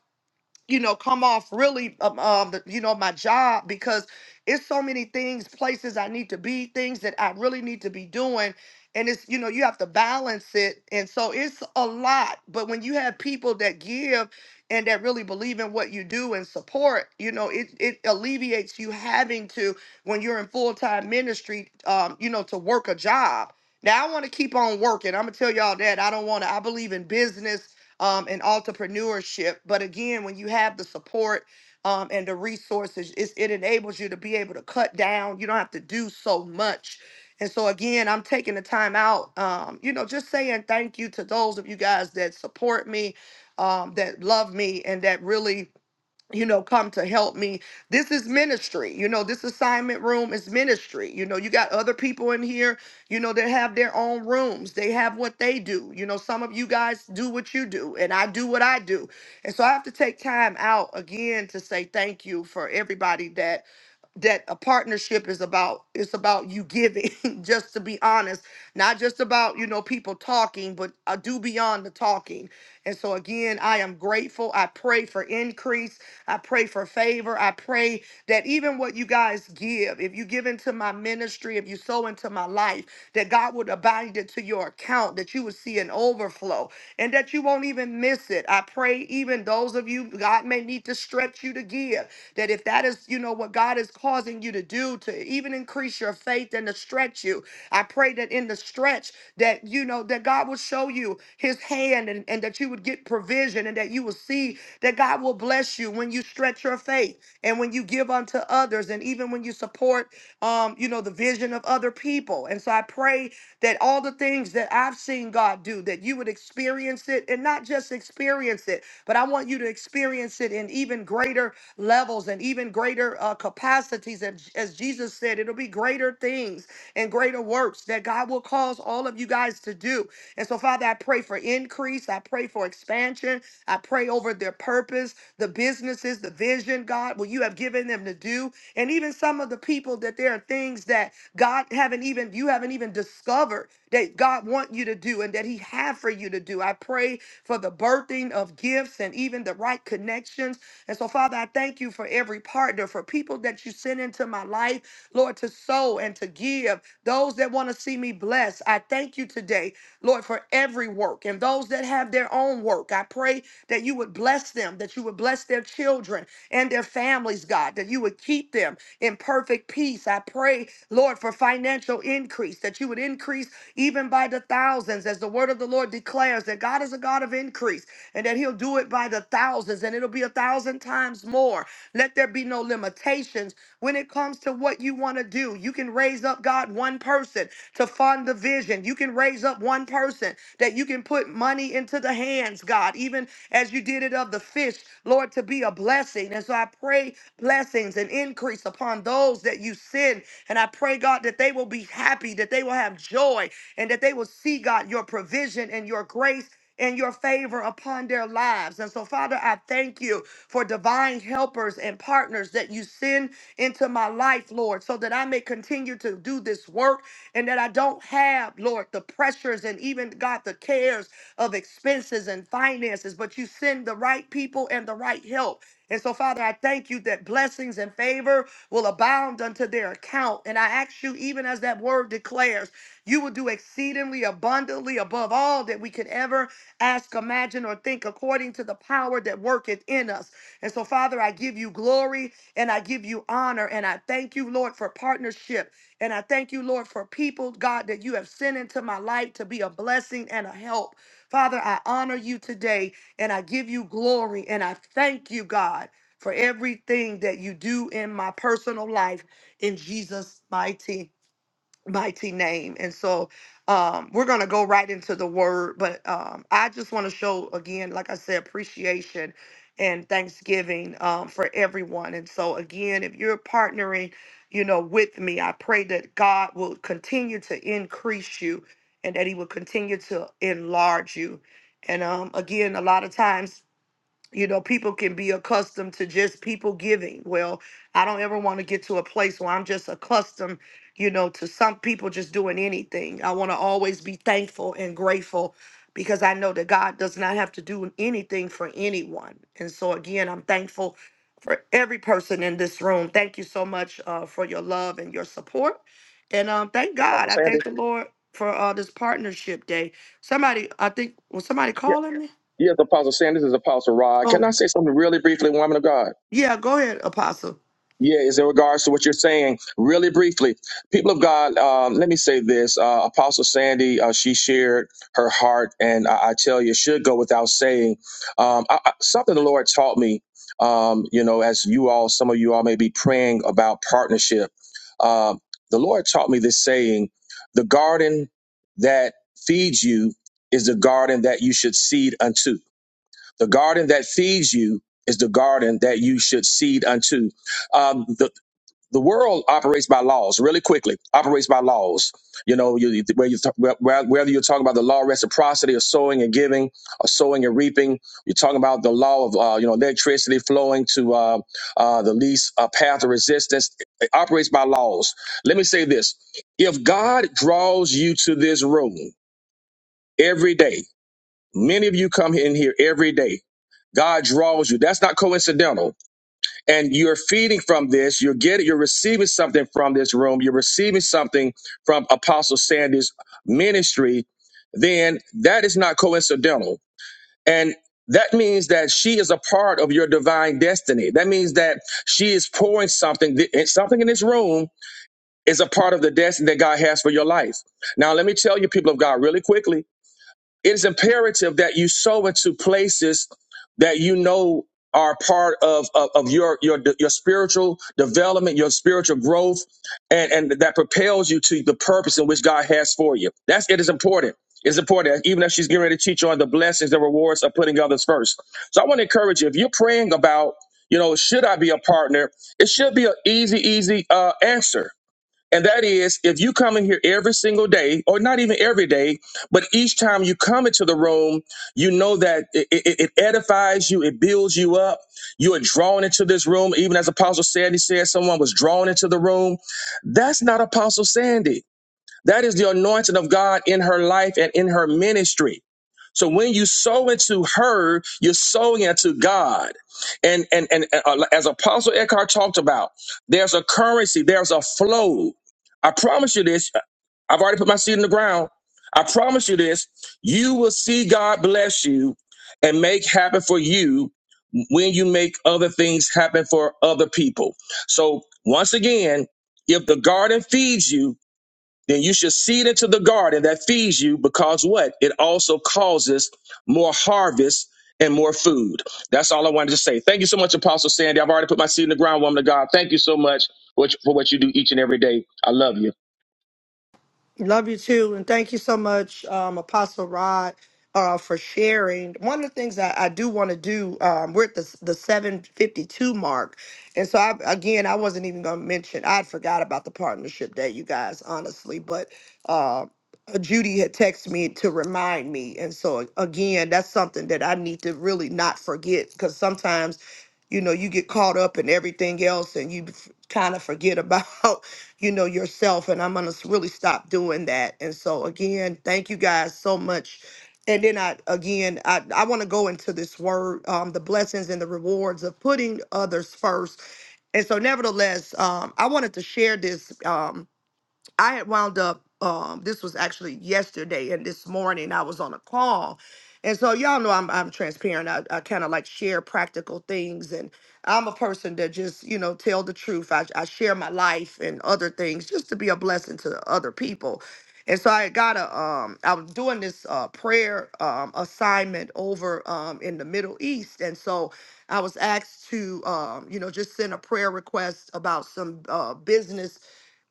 Speaker 1: you know, come off really, um, um, the- you know, my job because it's so many things, places I need to be, things that I really need to be doing, and it's, you know, you have to balance it, and so it's a lot. But when you have people that give and that really believe in what you do and support, you know, it it alleviates you having to when you're in full time ministry, um, you know, to work a job. Now I want to keep on working. I'm gonna tell y'all that I don't want to. I believe in business um, and entrepreneurship. But again, when you have the support um, and the resources, it's, it enables you to be able to cut down. You don't have to do so much. And so again, I'm taking the time out, um, you know, just saying thank you to those of you guys that support me, um, that love me, and that really you know, come to help me. This is ministry. You know, this assignment room is ministry. You know, you got other people in here, you know, that have their own rooms. They have what they do. You know, some of you guys do what you do, and I do what I do. And so I have to take time out again to say thank you for everybody that that a partnership is about it's about you giving just to be honest not just about you know people talking but i do beyond the talking and so again i am grateful i pray for increase I pray for favor. I pray that even what you guys give, if you give into my ministry, if you sow into my life, that God would abide it to your account, that you would see an overflow and that you won't even miss it. I pray even those of you, God may need to stretch you to give, that if that is, you know, what God is causing you to do to even increase your faith and to stretch you, I pray that in the stretch that you know that God will show you his hand and, and that you would get provision and that you will see that God will bless you when you stretch your faith and when you give unto others and even when you support um you know the vision of other people and so i pray that all the things that i've seen god do that you would experience it and not just experience it but i want you to experience it in even greater levels and even greater uh, capacities and as jesus said it'll be greater things and greater works that god will cause all of you guys to do and so father i pray pray for increase. I pray for expansion. I pray over their purpose, the businesses, the vision, God, what you have given them to do. And even some of the people that there are things that God haven't even, you haven't even discovered that God want you to do and that he have for you to do. I pray for the birthing of gifts and even the right connections. And so, Father, I thank you for every partner, for people that you send into my life, Lord, to sow and to give, those that want to see me blessed. I thank you today Lord, for every work and those that have their own work. I pray that you would bless them, that you would bless their children and their families, God, that you would keep them in perfect peace. I pray, Lord, for financial increase, that you would increase even by the thousands, as the word of the Lord declares that God is a God of increase and that He'll do it by the thousands and it'll be a thousand times more. Let there be no limitations when it comes to what you want to do. You can raise up, God, one person to fund the vision. You can raise up one person that you can put money into the hands, God, even as you did it of the fish, Lord, to be a blessing. And so I pray blessings and increase upon those that you send. And I pray, God, that they will be happy, that they will have joy, and that they will see, God, your provision and your grace and your favor upon their lives. And so, Father, I thank you for divine helpers and partners that you send into my life, Lord, so that I may continue to do this work and that I don't have, Lord, the pressures and even, God, the cares of expenses and finances, but you send the right people and the right help. And so, Father, I thank you that blessings and favor will abound unto their account. And I ask you, even as that word declares, you will do exceedingly abundantly above all that we could ever ask, imagine, or think, according to the power that worketh in us. And so, Father, I give you glory and I give you honor and I thank you, Lord, for partnership. And I thank you, Lord, for people, God, that you have sent into my life to be a blessing and a help. Father, I honor you today and I give you glory and I thank you, God, for everything that you do in my personal life in Jesus' mighty mighty name. And so um, we're going to go right into the word, but um, I just want to show again, like I said, appreciation and thanksgiving um, for everyone. And so again, if you're partnering, you know, with me, I pray that God will continue to increase you and that he will continue to enlarge you. And um, again, a lot of times you know people can be accustomed to just people giving well i don't ever want to get to a place where i'm just accustomed you know to some people just doing anything i want to always be thankful and grateful because i know that god does not have to do anything for anyone and so again i'm thankful for every person in this room thank you so much uh, for your love and your support and um, thank
Speaker 12: Apostle
Speaker 1: god i
Speaker 12: Sanders?
Speaker 1: thank the lord for uh, this partnership day somebody i think was somebody
Speaker 12: Yeah.
Speaker 1: calling me
Speaker 12: Yes, Apostle Sanders is Apostle Rod. Can I say something really briefly, woman of God?
Speaker 1: Yeah, go ahead, Apostle.
Speaker 12: Yeah, is in regards to what you're saying. Really briefly, people of God, um, let me say this. Uh, Apostle Sandy, uh, she shared her heart, and I, I tell you, it should go without saying. Um, I, I- something the Lord taught me, um, you know, as you all, some of you all may be praying about partnership. Um, the Lord taught me this saying the garden that feeds you is the garden that you should seed unto. The garden that feeds you is the garden that you should seed unto um, the, the world operates by laws really quickly operates by laws you know you, where you where- whether you're talking about the law of reciprocity of sowing and giving or sowing and reaping you're talking about the law of uh, you know electricity flowing to uh, uh, the least uh, path of resistance it operates by laws let me say this if god draws you to this room every day many of you come in here every day god draws you that's not coincidental and you're feeding from this you're getting you're receiving something from this room you're receiving something from apostle sanders ministry then that is not coincidental and that means that she is a part of your divine destiny that means that she is pouring something th- and something in this room is a part of the destiny that god has for your life now let me tell you people of god really quickly it's imperative that you sow into places that you know are part of, of, of your, your your spiritual development, your spiritual growth, and, and that propels you to the purpose in which God has for you. That's it is important. It's important, even if she's getting ready to teach you on the blessings, the rewards of putting others first. So I want to encourage you, if you're praying about, you know, should I be a partner, it should be an easy, easy uh, answer and that is if you come in here every single day, or not even every day, but each time you come into the room, you know that it, it, it edifies you, it builds you up. You are drawn into this room. Even as Apostle Sandy said, someone was drawn into the room. That's not Apostle Sandy. That is the anointing of God in her life and in her ministry. So when you sow into her, you're sowing into God. And and and uh, uh, as Apostle Eckhart talked about, there's a currency, there's a flow. I promise you this. uh, I've already put my seed in the ground. I promise you this. You will see God bless you and make happen for you when you make other things happen for other people. So once again, if the garden feeds you, then you shall seed into the garden that feeds you because what? It also causes more harvest and more food. That's all I wanted to say. Thank you so much, Apostle Sandy. I've already put my seed in the ground, woman of God. Thank you so much for what for what you do each and every day. I love you.
Speaker 1: Love you too. And thank you so much, um, Apostle Rod, uh, for sharing. One of the things that I do want to do, um, we're at the, the 752 mark. And so, I, again, I wasn't even going to mention, I'd forgot about the partnership day, you guys, honestly. But uh, Judy had texted me to remind me. And so, again, that's something that I need to really not forget because sometimes, you know, you get caught up in everything else and you kind of forget about. you know yourself and i'm gonna s- really stop doing that and so again thank you guys so much and then i again i, I want to go into this word um, the blessings and the rewards of putting others first and so nevertheless um, i wanted to share this Um, I had wound up, um, this was actually yesterday, and this morning I was on a call. And so y'all know I'm I'm transparent. I, I kind of like share practical things, and I'm a person that just you know tell the truth. I, I share my life and other things just to be a blessing to other people. And so I got a um I was doing this uh, prayer um, assignment over um, in the Middle East, and so I was asked to um, you know just send a prayer request about some uh, business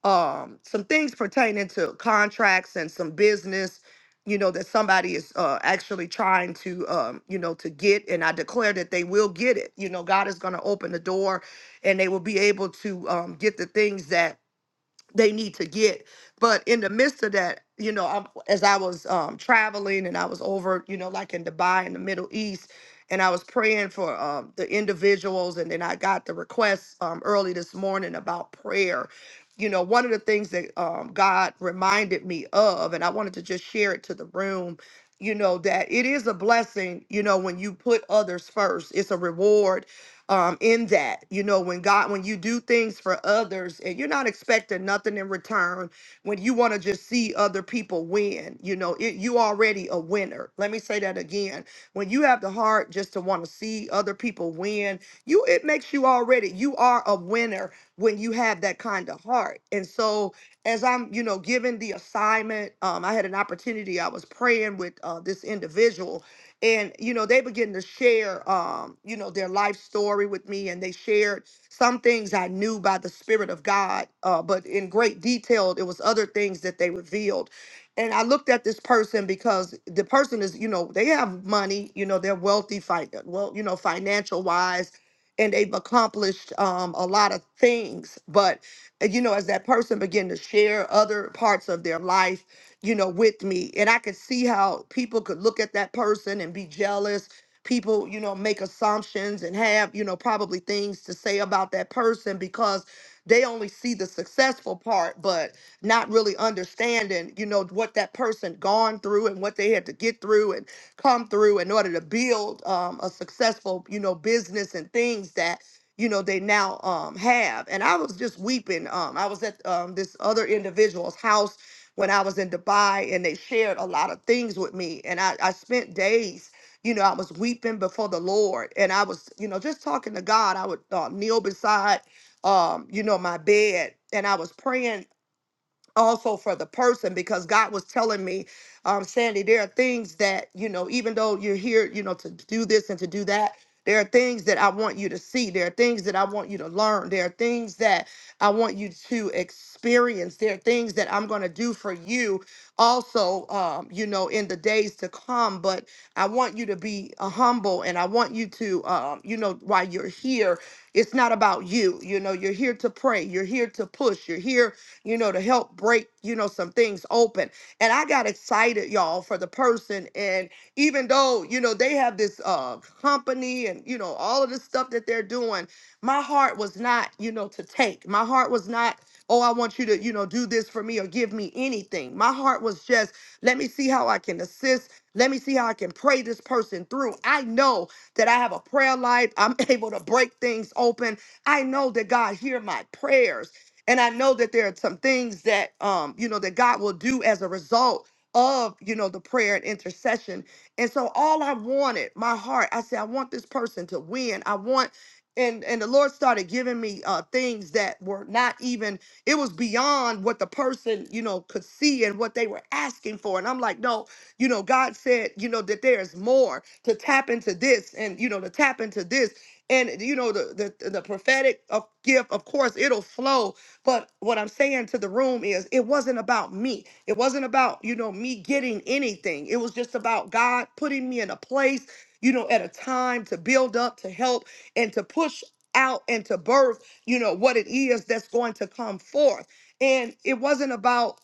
Speaker 1: um some things pertaining to contracts and some business you know that somebody is uh actually trying to um you know to get and i declare that they will get it you know god is going to open the door and they will be able to um get the things that they need to get. But in the midst of that, you know, i as I was um, traveling and I was over, you know, like in Dubai in the Middle East, and I was praying for um, the individuals, and then I got the request um, early this morning about prayer. You know, one of the things that um, God reminded me of, and I wanted to just share it to the room, you know, that it is a blessing, you know, when you put others first, it's a reward um, in that. You know, when God, when you do things for others and you're not expecting nothing in return, when you want to just see other people win, you know, it, you already a winner. Let me say that again. When you have the heart just to want to see other people win, you it makes you already you are a winner when you have that kind of heart. And so as I'm, you know, given the assignment, um, I had an opportunity. I was praying with uh, this individual and you know they began to share um you know their life story with me and they shared some things i knew by the spirit of god uh but in great detail it was other things that they revealed and i looked at this person because the person is you know they have money you know they're wealthy fi- well you know financial wise and they've accomplished um, a lot of things but uh, you know as that person began to share other parts of their life you know, with me. And I could see how people could look at that person and be jealous. People, you know, make assumptions and have, you know, probably things to say about that person because they only see the successful part, but not really understanding, you know, what that person gone through and what they had to get through and come through in order to build um, a successful, you know, business and things that you know they now um have and i was just weeping um i was at um this other individual's house when I was in Dubai and they shared a lot of things with me. And I, I spent days, you know, I was weeping before the Lord and I was, you know, just talking to God. I would uh, kneel beside, um, you know, my bed and I was praying also for the person because God was telling me, um, Sandy, there are things that, you know, even though you're here, you know, to do this and to do that, there are things that I want you to see. There are things that I want you to learn. There are things that I want you to experience. There are things that I'm going to do for you also, um, you know, in the days to come. But I want you to be uh, humble and I want you to, um, you know, while you're here, it's not about you. You know, you're here to pray, you're here to push, you're here you know, to help break, you know, some things open. And I got excited, y'all, for the person. And even though, you know, they have this uh company and, you know, all of this stuff that they're doing, my heart was not, you know, to take. My heart was not, oh, I want you to, you know, do this for me or give me anything. My heart was just, let me see how I can assist. Let me see how I can pray this person through. I know that I have a prayer life. I'm able to break things open. I know that God hear my prayers and i know that there are some things that um you know that god will do as a result of you know the prayer and intercession and so all i wanted my heart i said i want this person to win i want and and the lord started giving me uh things that were not even it was beyond what the person you know could see and what they were asking for and i'm like no you know god said you know that there's more to tap into this and you know to tap into this and you know the the, the prophetic of gift of course it'll flow but what I'm saying to the room is it wasn't about me. It wasn't about, you know, me getting anything. It was just about God putting me in a place, you know, at a time to build up, to help, and to push out and to birth, you know, what it is that's going to come forth. And it wasn't about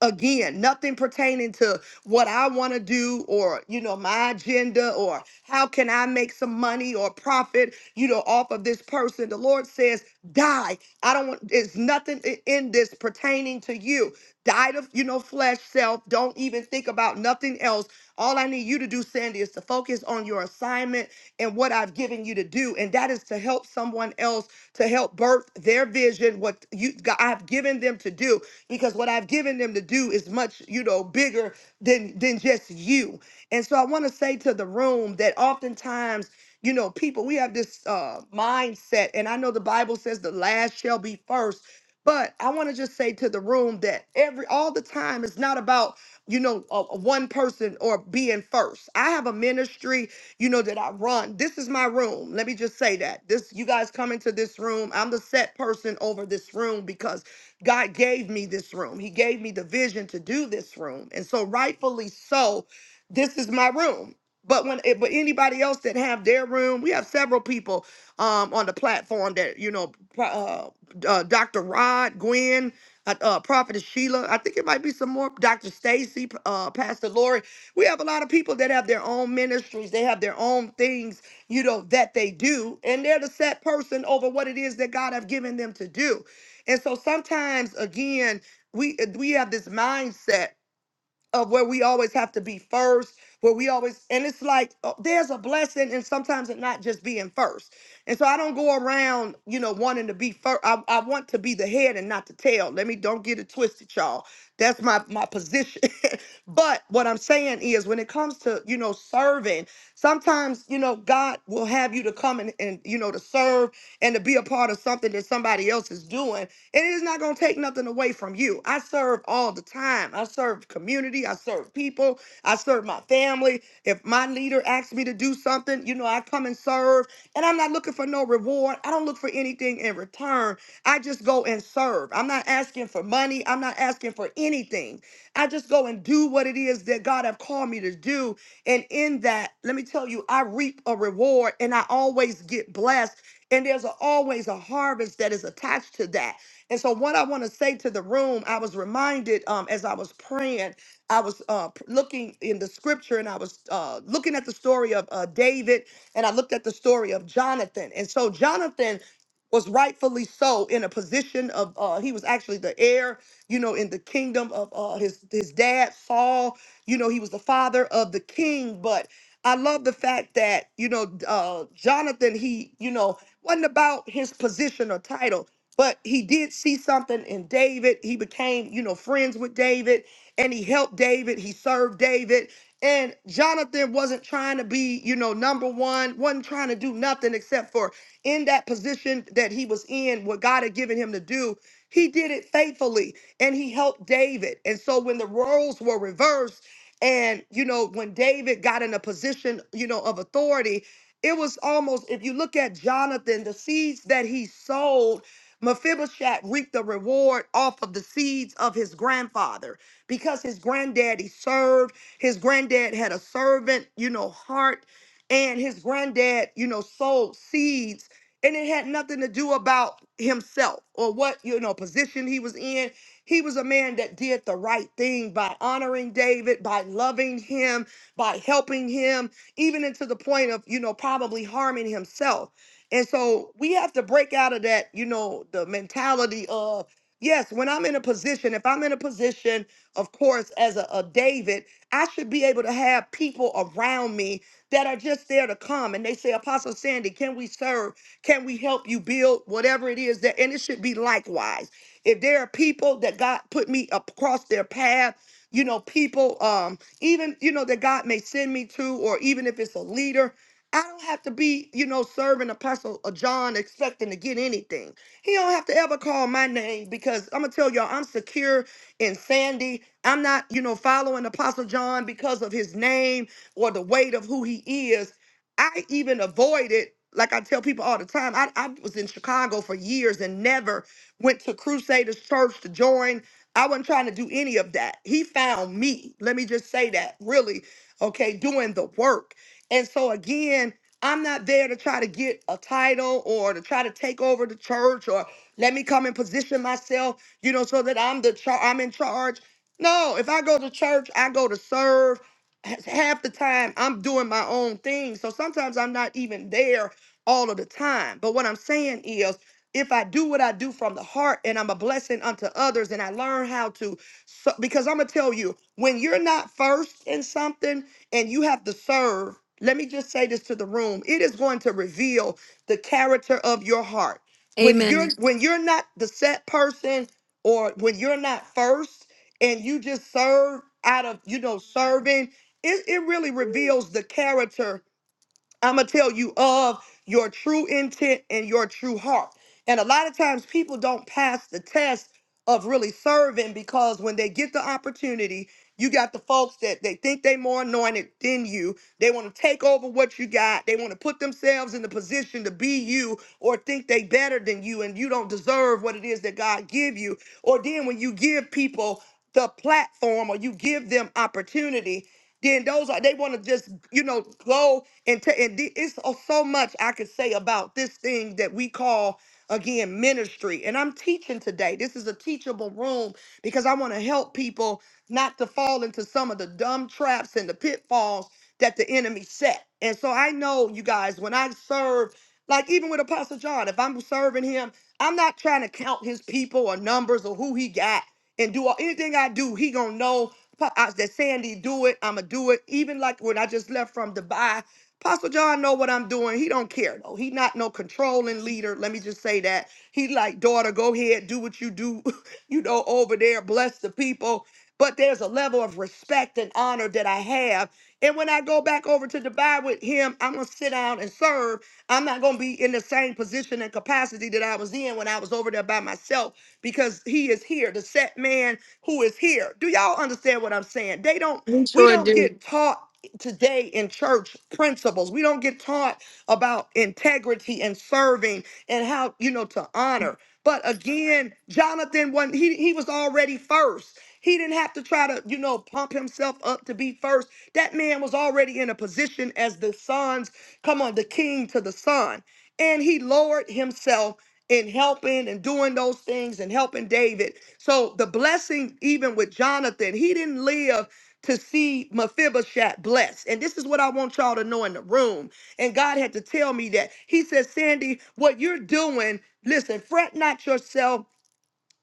Speaker 1: again nothing pertaining to what i want to do or you know my agenda or how can i make some money or profit you know off of this person the lord says die i don't want there's nothing i- in this pertaining to you die to you know flesh self don't even think about nothing else all i need you to do sandy is to focus on your assignment and what i've given you to do and that is to help someone else to help birth their vision what you i've given them to do because what I've given them to do is much, you know, bigger than than just you. And so I want to say to the room that oftentimes, you know, people we have this uh mindset and I know the Bible says the last shall be first, but I want to just say to the room that every all the time it's not about you know uh, one person or being first. I have a ministry, you know, that I run. This is my room. Let me just say that this you guys come into this room. I'm the set person over this room because God gave me this room. He gave me the vision to do this room. And so rightfully so, this is my room. But when it, but anybody else that have their room, we have several people um on the platform that you know pro- uh, uh Dr. Rod, Gwen, uh, uh Prophetess Sheila, I think it might be some more Dr. Stacy, uh Pastor Lori. We have a lot of people that have their own ministries, they have their own things, you know, that they do, and they're the set person over what it is that God have given them to do. And so sometimes again, we uh, we have this mindset of where we always have to be first, where we always and it's like oh, there's a blessing and sometimes it not just being first. And so I don't go around, you know, wanting to be first. I, I want to be the head and not the tail. Let me don't get it twisted, y'all. That's my my position. but what I'm saying is when it comes to, you know, serving, sometimes, you know, God will have you to come and, and you know to serve and to be a part of something that somebody else is doing and it is not going to take nothing away from you. I serve all the time. I serve community. I serve people. I serve my family. If my leader asks me to do something, you know, I come and serve. And I'm not looking for no reward. I don't look for anything in return. I just go and serve. I'm not asking for money. I'm not asking for anything. I just go and do what it is that God have called me to do. And in that, let me tell you, I reap a reward and I always get blessed. And there's a, always a harvest that is attached to that. And so, what I want to say to the room, I was reminded um, as I was praying, I was uh, p- looking in the scripture and I was uh, looking at the story of uh, David and I looked at the story of Jonathan. And so, Jonathan was rightfully so in a position of uh he was actually the heir you know in the kingdom of uh his his dad Saul you know he was the father of the king but I love the fact that you know uh Jonathan he you know wasn't about his position or title but he did see something in David. He became, you know, friends with David and he helped David. He served David. And Jonathan wasn't trying to be, you know, number one, wasn't trying to do nothing except for in that position that he was in, what God had given him to do. He did it faithfully and he helped David. And so when the roles were reversed, and you know, when David got in a position, you know, of authority, it was almost if you look at Jonathan, the seeds that he sowed Mephibosheth reaped the reward off of the seeds of his grandfather because his granddaddy served. His granddad had a servant, you know, heart, and his granddad, you know, sowed seeds. And it had nothing to do about himself or what, you know, position he was in. He was a man that did the right thing by honoring David, by loving him, by helping him, even into the point of, you know, probably harming himself. And so we have to break out of that, you know, the mentality of, yes, when I'm in a position, if I'm in a position, of course, as a, a David, I should be able to have people around me that are just there to come. And they say, Apostle Sandy, can we serve? Can we help you build whatever it is that? And it should be likewise. If there are people that God put me up across their path, you know, people, um, even, you know, that God may send me to, or even if it's a leader I don't have to be, you know, serving Apostle uh, John expecting to get anything. He don't have to ever call my name because I'm gonna tell y'all I'm secure in Sandy. I'm not, you know, following Apostle John because of his name or the weight of who he is. I even avoided, like I tell people all the time, I, I was in Chicago for years and never went to Crusaders Church to join. I wasn't trying to do any of that. He found me. Let me just say that, really. Okay, doing the work. And so again, I'm not there to try to get a title or to try to take over the church or let me come and position myself, you know, so that I'm the char- I'm in charge. No, if I go to church, I go to serve. Ha- Half the time I'm doing my own thing. So sometimes I'm not even there all of the time. But what I'm saying is if I do what I do from the heart and I'm a blessing unto others and I learn how to so, because I'm gonna tell you, when you're not first in something, and you have to serve, let me just say this to the room. It is going to reveal the character of your heart. When
Speaker 10: Amen.
Speaker 1: you're when you're not the set person or when you're not first and you just serve out of, you know, serving, it, it really reveals the character I'm gonna tell you of your true intent and your true heart. And a lot of times people don't pass the test of really serving because when they get the opportunity, you got the folks that they think they more anointed than you. They want to take over what you got. They want to put themselves in the position to be you or think they better than you and you don't deserve what it is that God give you. Or then when you give people the platform or you give them opportunity then those are they want to just you know go and ta- and the- it's so so much I could say about this thing that we call again ministry. And I'm teaching today. This is a teachable room because I want to help people not to fall into some of the dumb traps and the pitfalls that the enemy set. And so I know you guys when I serve like even with Apostle John, if I'm serving him, I'm not trying to count his people or numbers or who he got and do all, anything I do, he gonna know Pa- I- They're saying he do it. I'ma do it. Even like when I just left from Dubai, Pastor John know what I'm doing. He don't care though. He not no controlling leader. Let me just say that. He like, daughter, go ahead, do what you do, you know, over there, bless the people. But there's a level of respect and honor that I have. And when I go back over to Dubai with him, I'm gonna sit down and serve. I'm not gonna be in the same position and capacity that I was in when I was over there by myself because he is here, the set man who is here. Do y'all understand what I'm saying? They don't, we don't get taught today in church principles. We don't get taught about integrity and serving and how, you know, to honor. But again, Jonathan wasn't, he, he was already first. He didn't have to try to, you know, pump himself up to be first. That man was already in a position as the son's, come on, the king to the son. And he lowered himself in helping and doing those things and helping David. So the blessing, even with Jonathan, he didn't live to see Mephibosheth blessed. And this is what I want y'all to know in the room. And God had to tell me that. He said, Sandy, what you're doing, listen, fret not yourself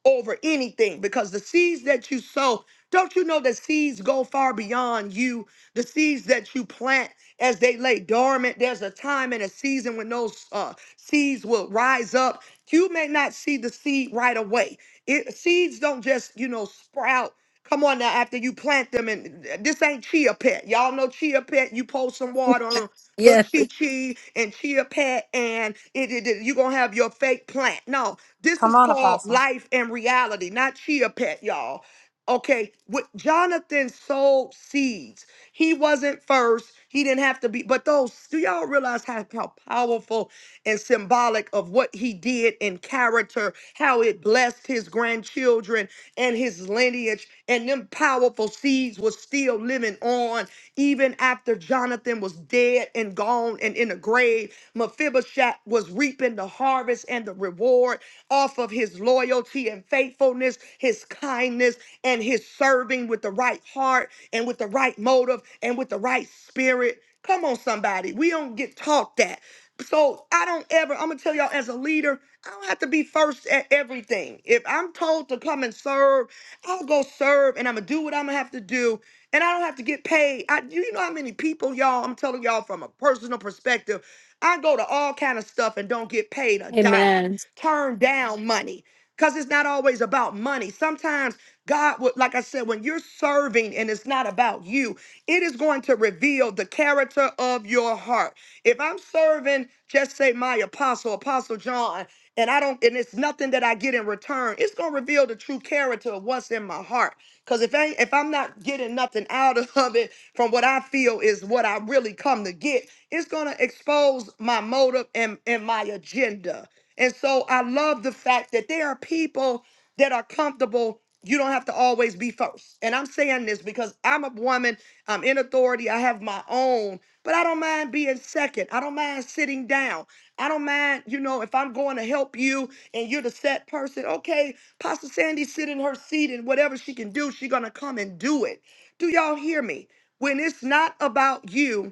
Speaker 1: over anything because the seeds that you sow, don't you know that seeds go far beyond you? The seeds that you plant as they lay dormant, there's a time and a season when those uh, seeds will rise up. You may not see the seed right away. It, seeds don't just, you know, sprout. Come on now, after you plant them, and this ain't chia pet. Y'all know chia pet. You pour some water on little
Speaker 10: Yes,
Speaker 1: chi chi and chia pet, and it, it, it- you gonna have your fake plant. No, this
Speaker 11: Come
Speaker 1: is
Speaker 11: on,
Speaker 1: called
Speaker 11: Apostle.
Speaker 1: life and reality, not chia pet, y'all. Okay, with Jonathan sowed seeds. He wasn't first. He didn't have to be. But those, do y'all realize how, how powerful and symbolic of what he did in character, how it blessed his grandchildren and his lineage, and them powerful seeds was still living on even after Jonathan was dead and gone and in a grave. Mephibosheth was reaping the harvest and the reward off of his loyalty and faithfulness, his kindness, and his serving with the right heart and with the right motive and with the right spirit. Come on, somebody. We don't get taught that. So I don't ever, I'm gonna tell y'all as a leader, I don't have to be first at everything. If I'm told to come and serve, I'll go serve and I'm gonna do what I'm gonna have to do. And I don't have to get paid. I you know how many people, y'all, I'm telling y'all from a personal perspective, I go to all kind of stuff and don't get paid a dime turn down money because it's not always about money. Sometimes God would, like I said, when you're serving and it's not about you, it is going to reveal the character of your heart. If I'm serving, just say my apostle, Apostle John, and I don't, and it's nothing that I get in return, it's going to reveal the true character of what's in my heart. Because if I if I'm not getting nothing out of it from what I feel is what I really come to get, it's gonna expose my motive and, and my agenda. And so I love the fact that there are people that are comfortable. You don't have to always be first. And I'm saying this because I'm a woman, I'm in authority, I have my own, but I don't mind being second. I don't mind sitting down. I don't mind, you know, if I'm going to help you and you're the set person, okay, Pastor Sandy sit in her seat and whatever she can do, she's going to come and do it. Do y'all hear me? When it's not about you,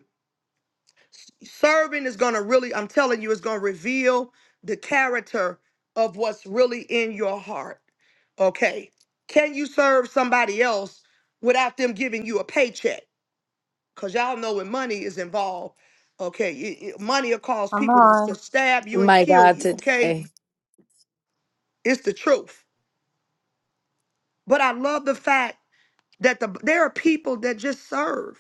Speaker 1: serving is going to really i'm telling you it's going to reveal the character of what's really in your heart okay can you serve somebody else without them giving you a paycheck because y'all know when money is involved okay it- it- money will cause
Speaker 11: Come
Speaker 1: people to, to
Speaker 11: on.
Speaker 1: stab you and
Speaker 10: my
Speaker 1: kill
Speaker 10: God,
Speaker 1: you okay
Speaker 10: today.
Speaker 1: it's the truth but i love the fact that the, there are people that just serve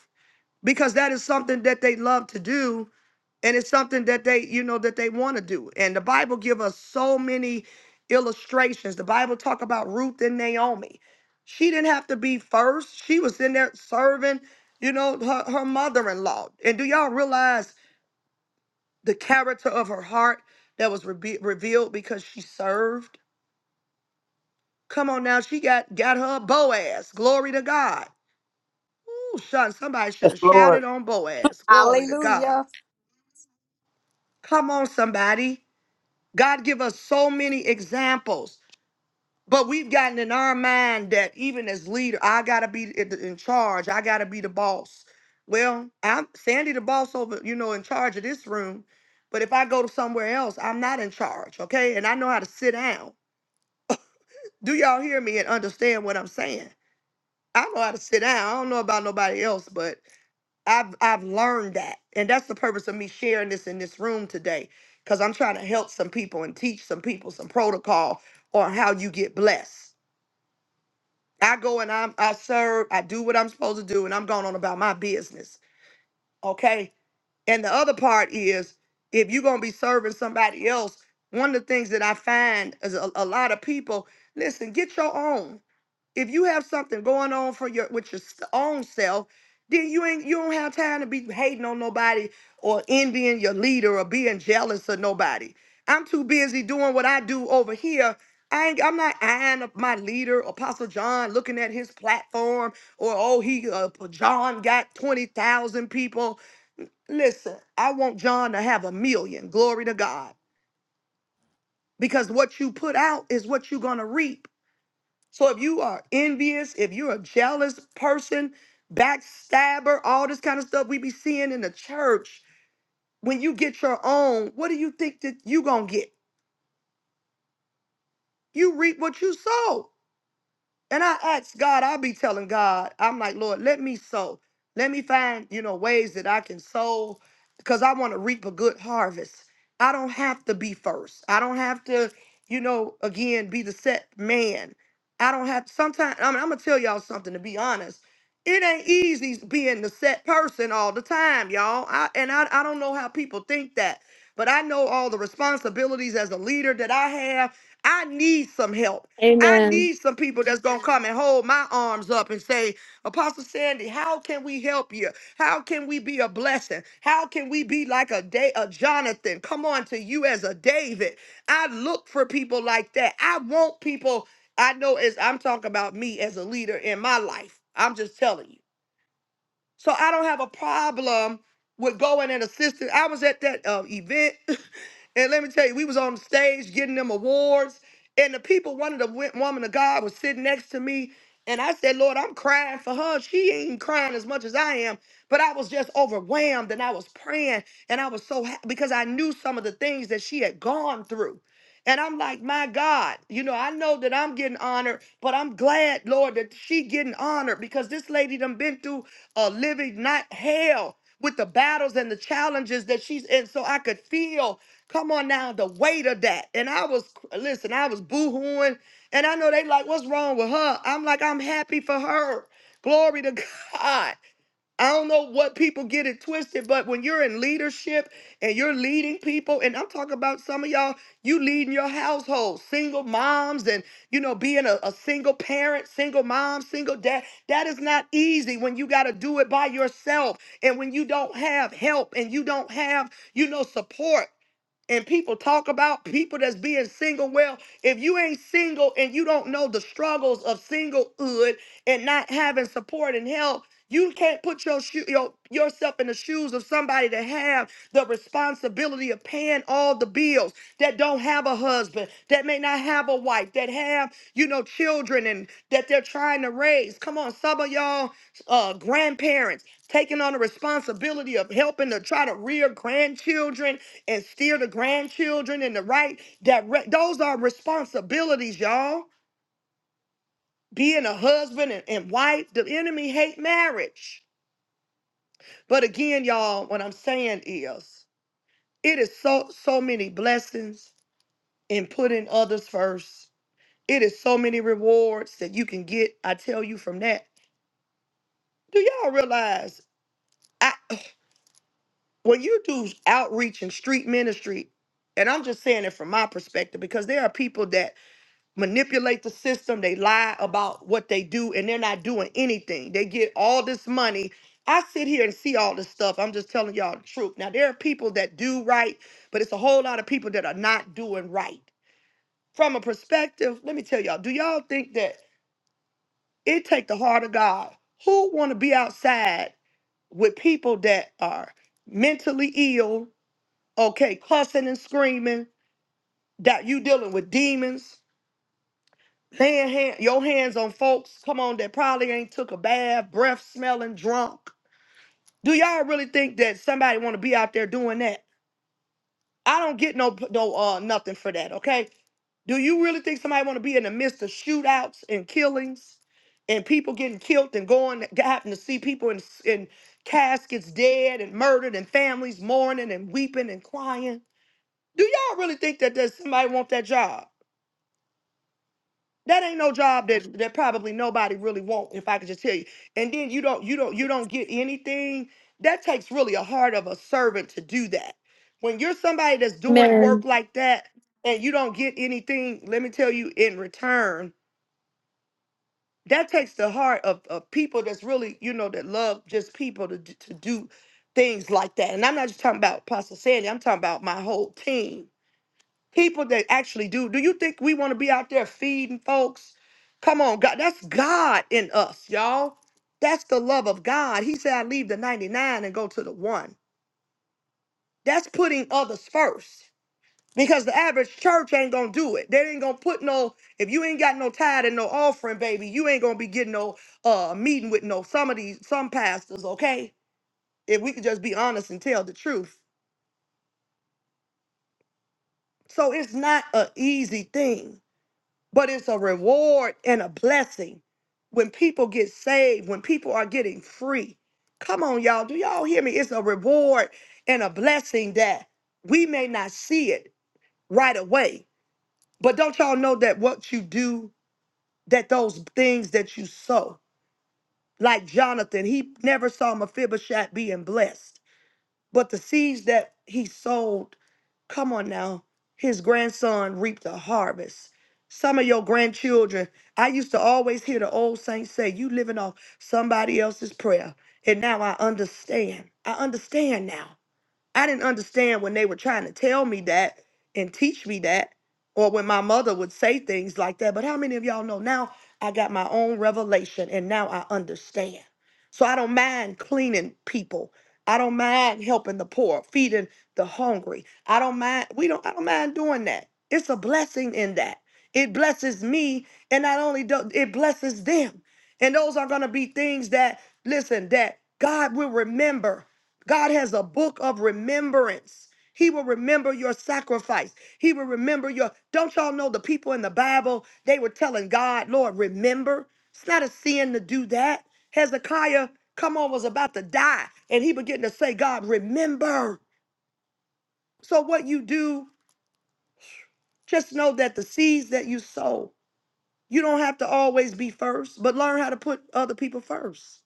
Speaker 1: because that is something that they love to do and it's something that they you know that they want to do and the bible give us so many illustrations the bible talk about ruth and naomi she didn't have to be first she was in there serving you know her, her mother-in-law and do y'all realize the character of her heart that was rebe revealed because she served come on now she got got her boaz glory to god Ooh, son somebody should
Speaker 3: Yes,
Speaker 1: have shouted
Speaker 3: Lord.
Speaker 1: on boaz glory to god
Speaker 2: Hallelujah.
Speaker 1: come on somebody God give us so many examples, but we've gotten in our mind that even as leader, I gotta be in in charge. I gotta be the boss. Well, I'm Sandy the boss over, you know, in charge of this room. But if I go to somewhere else, I'm not in charge, okay? And I know how to sit down. Do y'all hear me and understand what I'm saying? I know how to sit down. I don't know about nobody else, but I've I've learned that, and that's the purpose of me sharing this in this room today, because I'm trying to help some people and teach some people some protocol on how you get blessed. I go and I'm I serve, I do what I'm supposed to do, and I'm going on about my business. Okay. And the other part is, if you're gonna be serving somebody else, one of the things that I find is a, a lot of people listen. Get your own. If you have something going on for your with your s- own self, then you ain't you don't have time to be hating on nobody or envying your leader or being jealous of nobody. I'm too busy doing what I do over here. I ain't, I'm not eyeing up my leader, Apostle John, looking at his platform, or oh, he uh, John got twenty thousand people. Listen, I want John to have a million. Glory to God, because what you put out is what you're gonna reap. So if you are envious, if you're a jealous person, backstabber, all this kind of stuff we be seeing in the church, when you get your own, what do you think that you gonna get? You reap what you sow. And I ask God, I'll be telling God, I'm like, Lord, let me sow. Let me find, you know, ways that I can sow because I want to reap a good harvest. I don't have to be first. I don't have to, you know, again, be the set man. I don't have sometimes I mean, I'm gonna tell y'all something to be honest. It ain't easy being the set person all the time, y'all. I, and I, I don't know how people think that, but I know all the responsibilities as a leader that I have. I need some help. I
Speaker 10: Amen.
Speaker 1: need some people that's gonna come and hold my arms up and say, Apostle Sandy, how can we help you? How can we be a blessing? How can we be like a day a Jonathan? Come on to you as a David. I look for people like that. I want people. I know as I'm talking about me as a leader in my life. I'm just telling you. So I don't have a problem with going and assisting. I was at that uh, event, and let me tell you, we was on the stage getting them awards, and the people, one of the wo- woman of God was sitting next to me, and I said, Lord, I'm crying for her. She ain't crying as much as I am, but I was just overwhelmed, and I was praying, and I was so happy because I knew some of the things that she had gone through. And I'm like, my God, you know, I know that I'm getting honored, but I'm glad, Lord, that she getting honored because this lady done been through uh, living not hell with the battles and the challenges that she's in. So I could feel, come on now, the weight of that. And I was, listen, I was boohooing. And I know they like, what's wrong with her? I'm like, I'm happy for her. Glory to God. I don't know what people get it twisted, but when you're in leadership and you're leading people, and I'm talking about some of y'all, you leading your household, single moms, and you know, being a, a single parent, single mom, single dad. That is not easy when you got to do it by yourself and when you don't have help and you don't have, you know, support and people talk about people that's being single. Well, if you ain't single and you don't know the struggles of singlehood and not having support and help, you can't put your, shoe, your yourself in the shoes of somebody that have the responsibility of paying all the bills that don't have a husband, that may not have a wife, that have you know children and that they're trying to raise. Come on, some of y'all uh, grandparents taking on the responsibility of helping to try to rear grandchildren and steer the grandchildren in the right direct. Those are responsibilities, y'all. Being a husband and, and wife, the enemy hate marriage. But again, y'all, what I'm saying is, it is so so many blessings in putting others first. It is so many rewards that you can get. I tell you from that. Do y'all realize I, when you do outreach and street ministry? And I'm just saying it from my perspective because there are people that manipulate the system. They lie about what they do and they're not doing anything. They get all this money. I sit here and see all this stuff. I'm just telling y'all the truth. Now, there are people that do right, but it's a whole lot of people that are not doing right. From a perspective, let me tell y'all, do y'all think that it take the heart of God? Who want to be outside with people that are mentally ill, okay, cussing and screaming, that you dealing with demons, Laying hand, your hands on folks, come on, that probably ain't took a bath, breath smelling, drunk. Do y'all really think that somebody want to be out there doing that? I don't get no no uh nothing for that, okay? Do you really think somebody want to be in the midst of shootouts and killings and people getting killed and going, having to see people in, in caskets dead and murdered and families mourning and weeping and crying? Do y'all really think that there's somebody want that job? That ain't no job that that probably nobody really want, if I could just tell you. And then you don't you don't you don't get anything. That takes really a heart of a servant to do that. When you're somebody that's doing work
Speaker 10: Amen.
Speaker 1: like that and you don't get anything, let me tell you, in return, that takes the heart of, of people that's really, you know, that love just people to, d- to do things like that. And I'm not just talking about Pastor Sandy, I'm talking about my whole team people that actually do. Do you think we want to be out there feeding folks? Come on, God. That's God in us, y'all. That's the love of God. He said, I leave the 99 and go to the one. That's putting others first. Because the average church ain't gonna do it. They ain't gonna put no, if you ain't got no tithe and no offering, baby, you ain't gonna be getting no uh meeting with no some of these some pastors, okay? If we could just be honest and tell the truth. So it's not a easy thing but it's a reward and a blessing when people get saved, when people are getting free. Come on, y'all. Do y'all hear me? It's a reward and a blessing that we may not see it right away. But don't y'all know that what you do, that those things that you sow, like Jonathan, he never saw Mephibosheth being blessed. But the seeds that he sowed, come on now, his grandson reaped a harvest. Some of your grandchildren, I used to always hear the old saints say, You living off somebody else's prayer. And now I understand. I understand now. I didn't understand when they were trying to tell me that and teach me that, or when my mother would say things like that. But how many of y'all know now I got my own revelation and now I understand? So I don't mind cleaning people. I don't mind helping the poor, feeding the hungry. I don't mind, we don't, I don't mind doing that. It's a blessing in that. It blesses me, and not only do it blesses them. And those are gonna be things that, listen, that God will remember God has a book of remembrance. He will remember your sacrifice. He will remember your. Don't y'all know the people in the Bible? They were telling God, Lord, remember. It's not a sin to do that. Hezekiah, come on, was about to die. And he began to say, God, remember. So, what you do, just know that the seeds that you sow, you don't have to always be first, but learn how to put other people first.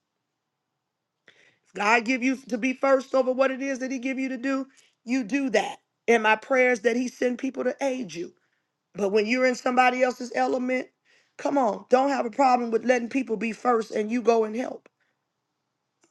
Speaker 1: God give you to be first over what it is that He give you to do, you do that. And my prayers that He send people to aid you. But when you're in somebody else's element, come on, don't have a problem with letting people be first and you go and help.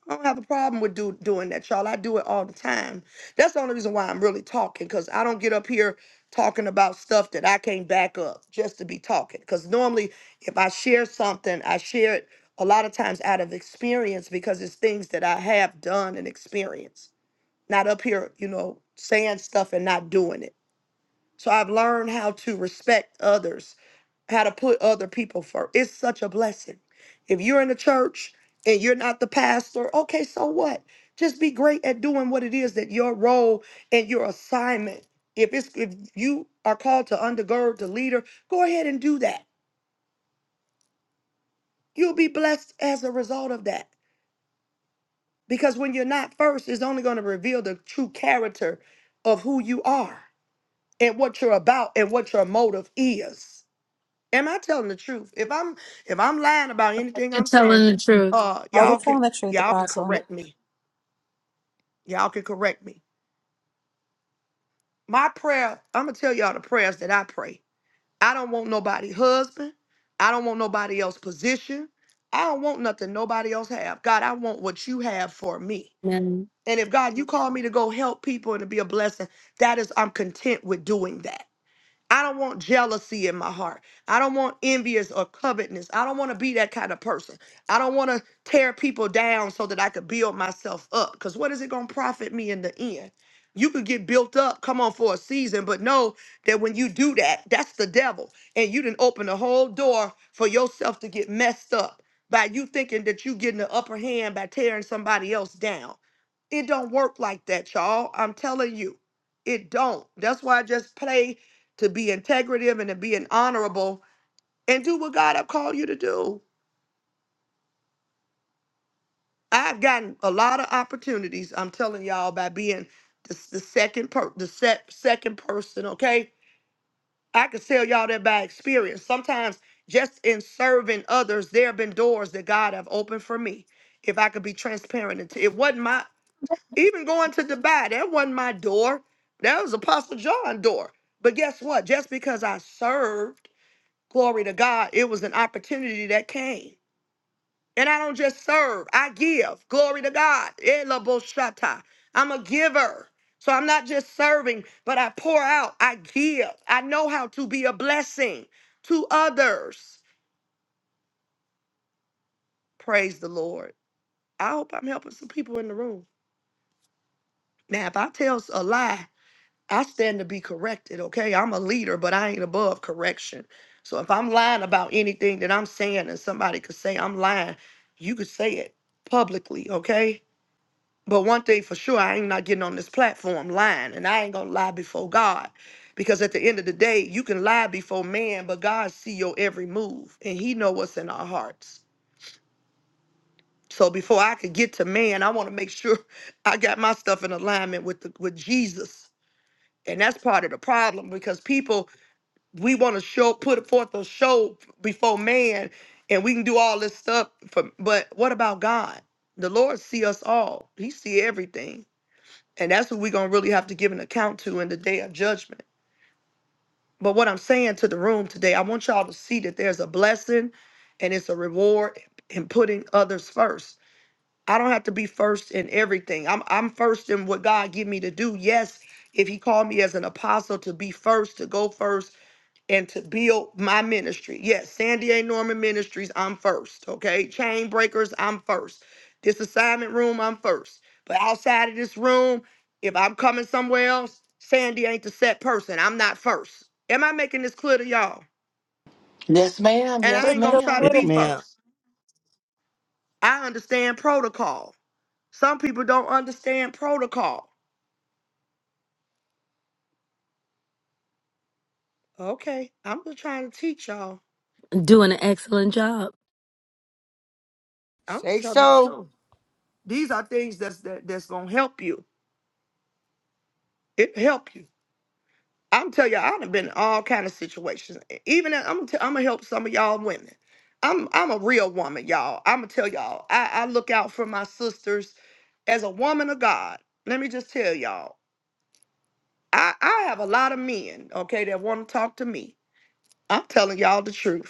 Speaker 1: I don't have a problem with do, doing that, y'all. I do it all the time. That's the only reason why I'm really talking, because I don't get up here talking about stuff that I can't back up just to be talking. Because normally, if I share something, I share it a lot of times out of experience because it's things that I have done and experienced. Not up here, you know, saying stuff and not doing it. So I've learned how to respect others, how to put other people first. It's such a blessing. If you're in the church and you're not the pastor, okay, so what? Just be great at doing what it is that your role and your assignment. If it's if you are called to undergird the leader, go ahead and do that. You'll be blessed as a result of that. Because when you're not first, it's only going to reveal the true character of who you are and what you're about and what your motive is. Am I telling the truth? If I'm if I'm lying about anything
Speaker 10: You're
Speaker 1: I'm
Speaker 10: telling
Speaker 1: saying,
Speaker 10: the truth.
Speaker 1: uh
Speaker 2: Now
Speaker 1: y'all
Speaker 2: that-
Speaker 1: can y'all can
Speaker 2: Yes,
Speaker 1: correct me. Y'all can correct me. My prayer, I'm gonna tell y'all the prayers that I pray. I don't want nobody husband. I don't want nobody else position. I don't want nothing nobody else have. God, I want what you have for me.
Speaker 10: Amen.
Speaker 1: And if God, you call me to go help people and to be a blessing, that is I'm content with doing that. I don't want jealousy in my heart. I don't want envious or covetousness. I don't want to be that kind of person. I don't want to tear people down so that I could build myself up. Because what is it going to profit me in the end? You could get built up, come on for a season, but know that when you do that, that's the devil. And you didn't open the whole door for yourself to get messed up by you thinking that you getting the upper hand by tearing somebody else down. It don't work like that, y'all. I'm telling you. It don't. That's why I just play to be integrative and to be an honorable and do what God have called you to do. I've gotten a lot of opportunities, I'm telling y'all, by being the, the second per the se second person, okay? I could tell y'all that by experience. Sometimes just in serving others, there have been doors that God have opened for me. If I could be transparent, and t- it wasn't my even going to Dubai, that wasn't my door. That was Apostle John door. But guess what? Just because I served Glory to God. It was an opportunity that came. And I don't just serve, I give. Glory to God. Elaboshata. I'm a giver. So I'm not just serving, but I pour out, I give. I know how to be a blessing to others. Praise the Lord. I hope I'm helping some people in the room. Now, if I tell a lie, I stand to be corrected, okay? I'm a leader, but I ain't above correction. So if I'm lying about anything that I'm saying and somebody could say I'm lying, you could say it publicly, okay? But one thing for sure, I ain't not getting on this platform lying, and I ain't gonna lie before God. Because at the end of the day, you can lie before man, but God see your every move and he know what's in our hearts. So before I could get to man, I want to make sure I got my stuff in alignment with the, with Jesus. And that's part of the problem because people we want to show put forth a show before man and we can do all this stuff for but what about god the lord see us all he see everything and that's who we're gonna really have to give an account to in the day of judgment but what i'm saying to the room today i want y'all to see that there's a blessing and it's a reward in putting others first i don't have to be first in everything i'm, I'm first in what god give me to do yes if he called me as an apostle to be first to go first and to build my ministry. Yes, Sandy A. Norman Ministries, I'm first. Okay. Chain Breakers, I'm first. This assignment room, I'm first. But outside of this room, if I'm coming somewhere else, Sandy ain't the set person. I'm not first. Am I making this clear to y'all?
Speaker 15: Yes, ma'am.
Speaker 1: And I
Speaker 15: Yes,
Speaker 1: ain't going to
Speaker 2: crystal
Speaker 15: ma'am.
Speaker 1: try to
Speaker 3: Yes,
Speaker 2: clear.
Speaker 1: be
Speaker 3: ma'am.
Speaker 1: first. I understand protocol. Some people don't understand protocol. Okay. I'm just trying to teach y'all.
Speaker 10: Doing an excellent job.
Speaker 1: I'm just
Speaker 16: Say
Speaker 1: telling the
Speaker 16: so.
Speaker 1: truth. These are things that's that, that's gonna help you. It help you. I'm tell you, i done been in all kind of situations. E, Even in- I'm gonna I'm gonna help some of y'all women. I'm I'm a real woman, y'all. I'm gonna tell y'all. I, I look out for my sisters as a woman of God. Let me just tell y'all. I I have a lot of men, okay, that want to talk to me. I'm telling y'all the truth.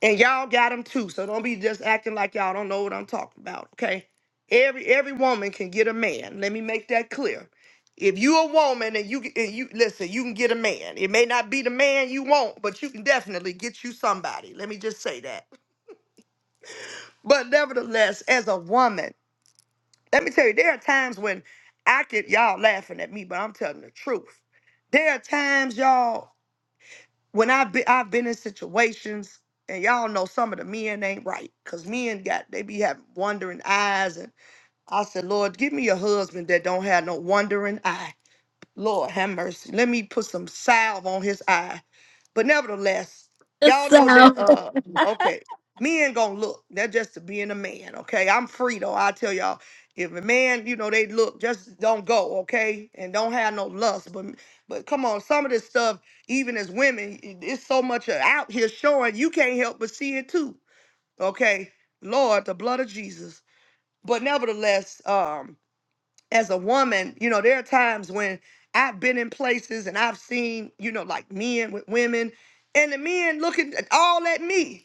Speaker 1: And y'all got them too. So don't be just acting like y'all don't know what I'm talking about, okay? Every every woman can get a man. Let me make that clear. If you a woman and you and you listen, you can get a man. It may not be the man you want, but you can definitely get you somebody. Let me just say that. But nevertheless, as a woman, let me tell you, there are times when I could y'all laughing at me, but I'm telling the truth. There are times, y'all. when I've been I've been in situations and y'all know some of the men ain't right because men got they be having wandering eyes and I said, Lord, give me a husband that don't have no wandering eye. Lord have mercy. Let me put some salve on his eye but nevertheless,
Speaker 10: It's
Speaker 1: y'all know
Speaker 10: So,
Speaker 1: that uh okay, men gonna look. That's just to being a man, okay? I'm free though. I tell y'all, if a man, you know, they look, just don't go, okay? And don't have no lust. But but come on, some of this stuff, even as women, it- it's so much uh, out here showing you can't help but see it too. Okay. Lord, the blood of Jesus. But nevertheless, um as a woman, you know, there are times when I've been in places and I've seen, you know, like men with women, and the men looking all at me.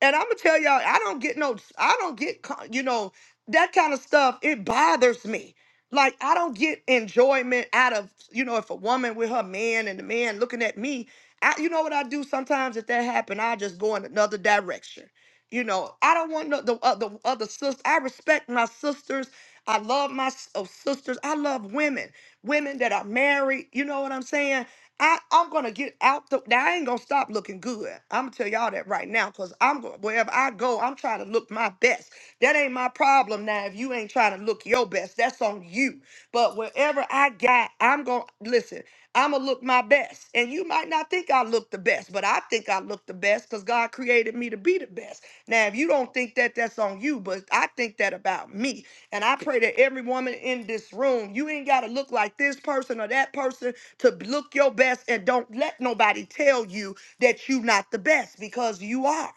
Speaker 1: And I'm gonna tell y'all, I don't get no, I don't get, co- you know, that kind of stuff. It bothers me. Like I don't get enjoyment out of, you know, if a woman with her man and the man looking at me, I, you know what I do sometimes if that happen, I just go in another direction. You know, I don't want no, the other other sister. I respect my sisters. I love my s- uh, sisters. I love women, women that are married. You know what I'm saying? I, I'm gonna get out the. Now I ain't gonna stop looking good. I'm gonna tell y'all that right now, cause I'm going wherever I go, I'm trying to look my best. That ain't my problem now. If you ain't trying to look your best, that's on you. But wherever I got, I'm gonna listen. I'm gonna look my best, and you might not think I look the best, but I think I look the best because God created me to be the best. Now, if you don't think that, that's on you, but I think that about me, and I pray that every woman in this room, you ain't gotta look like this person or that person to look your best and don't let nobody tell you that you're not the best because you are.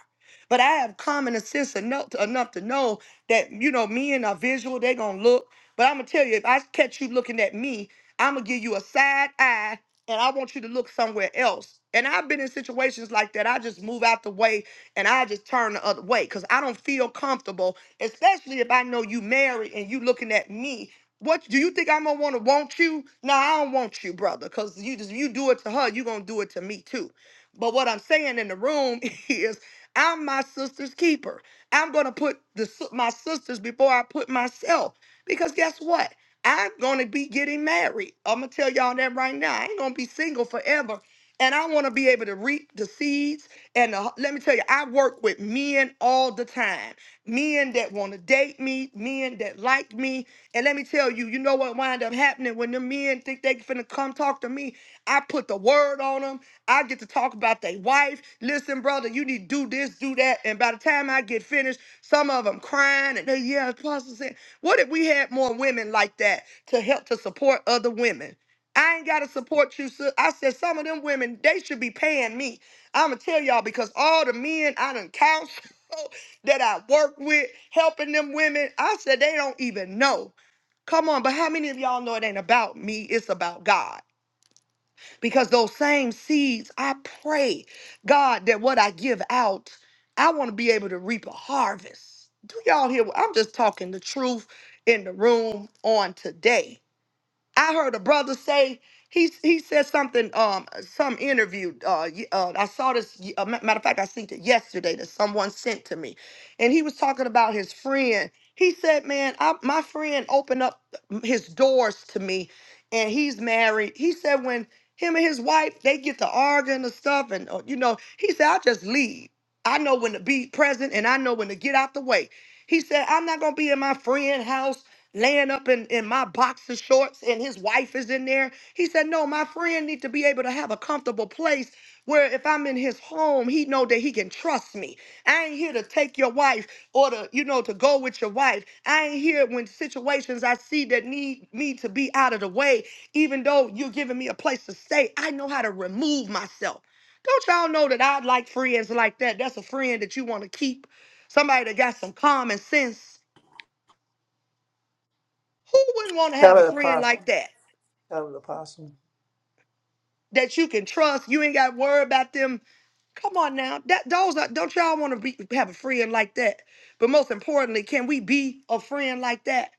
Speaker 1: But I have common sense enough to, enough to know that, you know, men are visual, they going to look. But I'm going to tell you, if I catch you looking at me, I'm going to give you a side eye and I want you to look somewhere else. And I've been in situations like that. I just move out the way and I just turn the other way because I don't feel comfortable, especially if I know you married and you looking at me what do you think I'm gonna want to want you? No, I don't want you, brother, because you just you do it to her, you gonna do it to me too. But what I'm saying in the room is, I'm my sister's keeper. I'm gonna put the, s- my sisters before I put myself, because guess what? I'm gonna be getting married. I'm gonna tell y'all that right now. I ain't gonna be single forever, and I want to be able to reap the seeds. And the, let me tell you, I work with men all the time. Men that want to date me, men that like me, and let me tell you, you know what wind up happening when the men think they finna come talk to me? I put the word on them. I get to talk about their wife. Listen, brother, you need to do this, do that. And by the time I get finished, some of them crying and they, yeah, Apostle said, what if we had more women like that to help to support other women? I ain't gotta support you, sis. I said some of them women, they should be paying me. I'ma tell y'all because all the men I done counsel that I work with, helping them women, I said they don't even know. Come on, but how many of y'all know it ain't about me? It's about God. Because those same seeds, I pray, God, that what I give out, I want to be able to reap a harvest. Do y'all hear what I'm just talking the truth in the room on today? I heard a brother say he he said something um some interview uh, y- uh I saw this y- uh, ma- matter of fact I seen it yesterday that someone sent to me, and he was talking about his friend. He said, "Man, I, my friend opened up his doors to me, and he's married." He said when him and his wife they get to arguing and stuff, and uh, you know he said I just leave. I know when to be present, and I know when to get out the way. He said, I'm not gonna be in my friend house laying up in, in my boxer shorts and his wife is in there. He said, no, my friend need to be able to have a comfortable place where if I'm in his home, he know that he can trust me. I ain't here to take your wife or to, you know, to go with your wife. I ain't here when situations I see that need me to be out of the way, even though you're giving me a place to stay. I know how to remove myself. Don't y'all know that I like friends like that? That's a friend that you want to keep. Somebody that got some common sense. Who wouldn't want to
Speaker 3: Tell
Speaker 1: have a
Speaker 3: the
Speaker 1: friend
Speaker 3: apostle.
Speaker 1: like that
Speaker 3: Tell the apostle.
Speaker 1: that you can trust? You ain't got to worry about them. Come on now, that those are, don't y'all want to be have a friend like that? But most importantly, can we be a friend like that?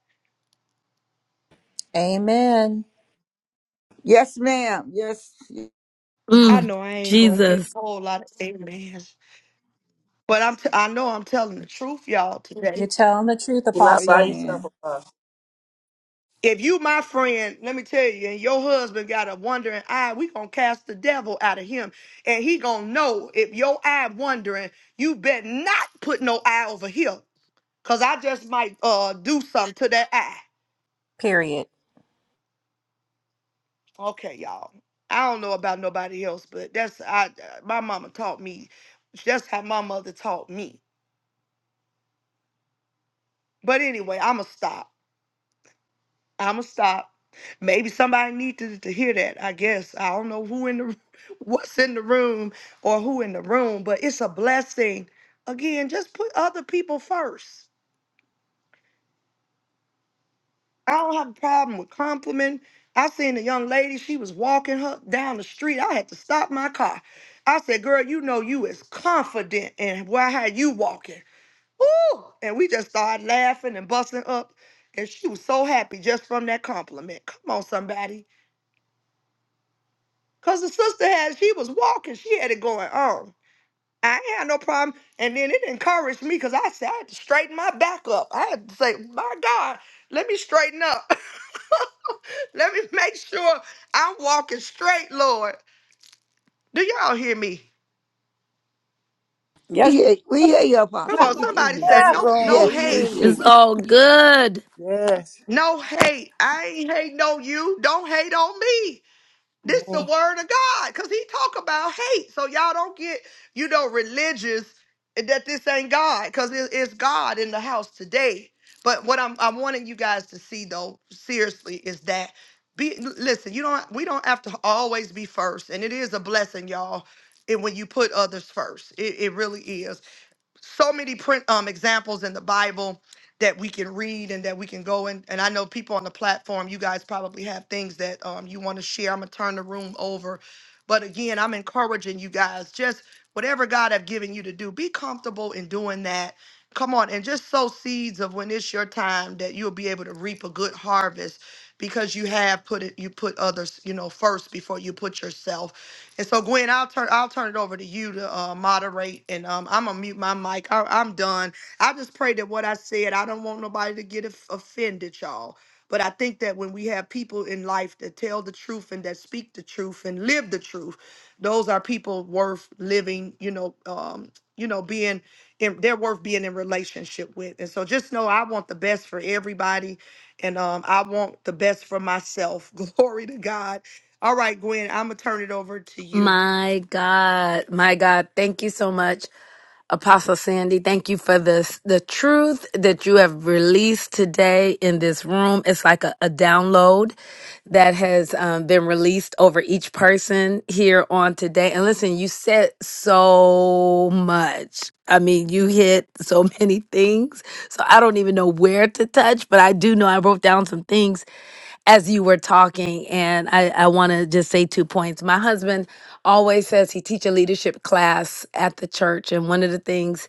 Speaker 11: Amen.
Speaker 16: Yes, ma'am. Yes.
Speaker 1: I
Speaker 10: mm,
Speaker 1: know I ain't gonna get
Speaker 10: Jesus,
Speaker 1: a whole lot of amens, but I'm t- I know I'm telling the truth, y'all
Speaker 11: You're
Speaker 1: today.
Speaker 11: telling the truth,
Speaker 3: You're not by
Speaker 11: Apostle.
Speaker 3: yourself,
Speaker 16: Amen.
Speaker 3: apostle.
Speaker 1: If you my friend, let me tell you, and your husband got a wandering eye, we gonna cast the devil out of him, and he gonna know if your eye wandering, you better not put no eye over here Cause I just might uh do something to that eye.
Speaker 11: Period.
Speaker 1: Okay, y'all. I don't know about nobody else, but that's I uh, my mama taught me. That's how my mother taught me. But anyway, I'ma stop. I'ma stop. Maybe somebody needed to, to hear that. I guess I don't know who in the what's in the room or who in the room, but it's a blessing. Again, just put other people first. I don't have a problem with compliment. I seen a young lady, she was walking her down the street. I had to stop my car. I said, girl, you know you is confident in why how you walking. Woo! And we just started laughing and busting up. And she was so happy just from that compliment. Come on, somebody. Cause the sister had, she was walking, she had it going on. I ain't had no problem. And then it encouraged me because I said I had to straighten my back up. I had to say, my God, let me straighten up. Let me make sure I'm walking straight, Lord. Do y'all hear me?
Speaker 16: We
Speaker 2: Yes,
Speaker 16: hear, we hear you,
Speaker 1: Come
Speaker 16: Apostle.
Speaker 1: on,
Speaker 16: We hear
Speaker 1: somebody
Speaker 16: you.
Speaker 1: said
Speaker 3: Yes,
Speaker 2: yes.
Speaker 1: no, no
Speaker 3: Lord.
Speaker 16: Yes,
Speaker 3: We
Speaker 16: we
Speaker 3: hear
Speaker 1: hate.
Speaker 16: hear
Speaker 3: you.
Speaker 10: it's
Speaker 16: you.
Speaker 10: all good.
Speaker 3: Yes.
Speaker 1: No hate. I ain't hating on you. Don't hate on me. This the
Speaker 3: Amen.
Speaker 1: word of God, because he talk about hate. So y'all don't get, you know, religious that this ain't God, because it, it's God in the house today. But what I'm I'm wanting you guys to see though, seriously, is that be listen, you don't we don't have to always be first. And it is a blessing, y'all, and when you put others first. It, it really is so many print um examples in the Bible that we can read and that we can go in. And I know people on the platform, you guys probably have things that um you want to share. I'm gonna turn the room over. But again, I'm encouraging you guys, just whatever God have given you to do, be comfortable in doing that. Come on, and just sow seeds of when it's your time that you'll be able to reap a good harvest because you have put it, you put others, you know, first before you put yourself. And so, Gwen, I'll turn I'll turn it over to you to uh, moderate, and um, I'm gonna mute my mic. I, I'm done. I just pray that what I said, I don't want nobody to get of- offended, y'all. But I think that when we have people in life that tell the truth and that speak the truth and live the truth, those are people worth living. You know, um, you know, being in, they're worth being in relationship with. And so, just know I want the best for everybody, and um, I want the best for myself. Glory to God all right, Gwen, I'm gonna turn it over to you.
Speaker 10: My God, my God, thank you so much. Apostle Sandy, thank you for this. The truth that you have released today in this room is like a, a download that has um, been released over each person here on today. And listen, you said so much. I mean, you hit so many things. So I don't even know where to touch, but I do know I wrote down some things as you were talking. And I, I want to just say two points. My husband always says he teach a leadership class at the church. And one of the things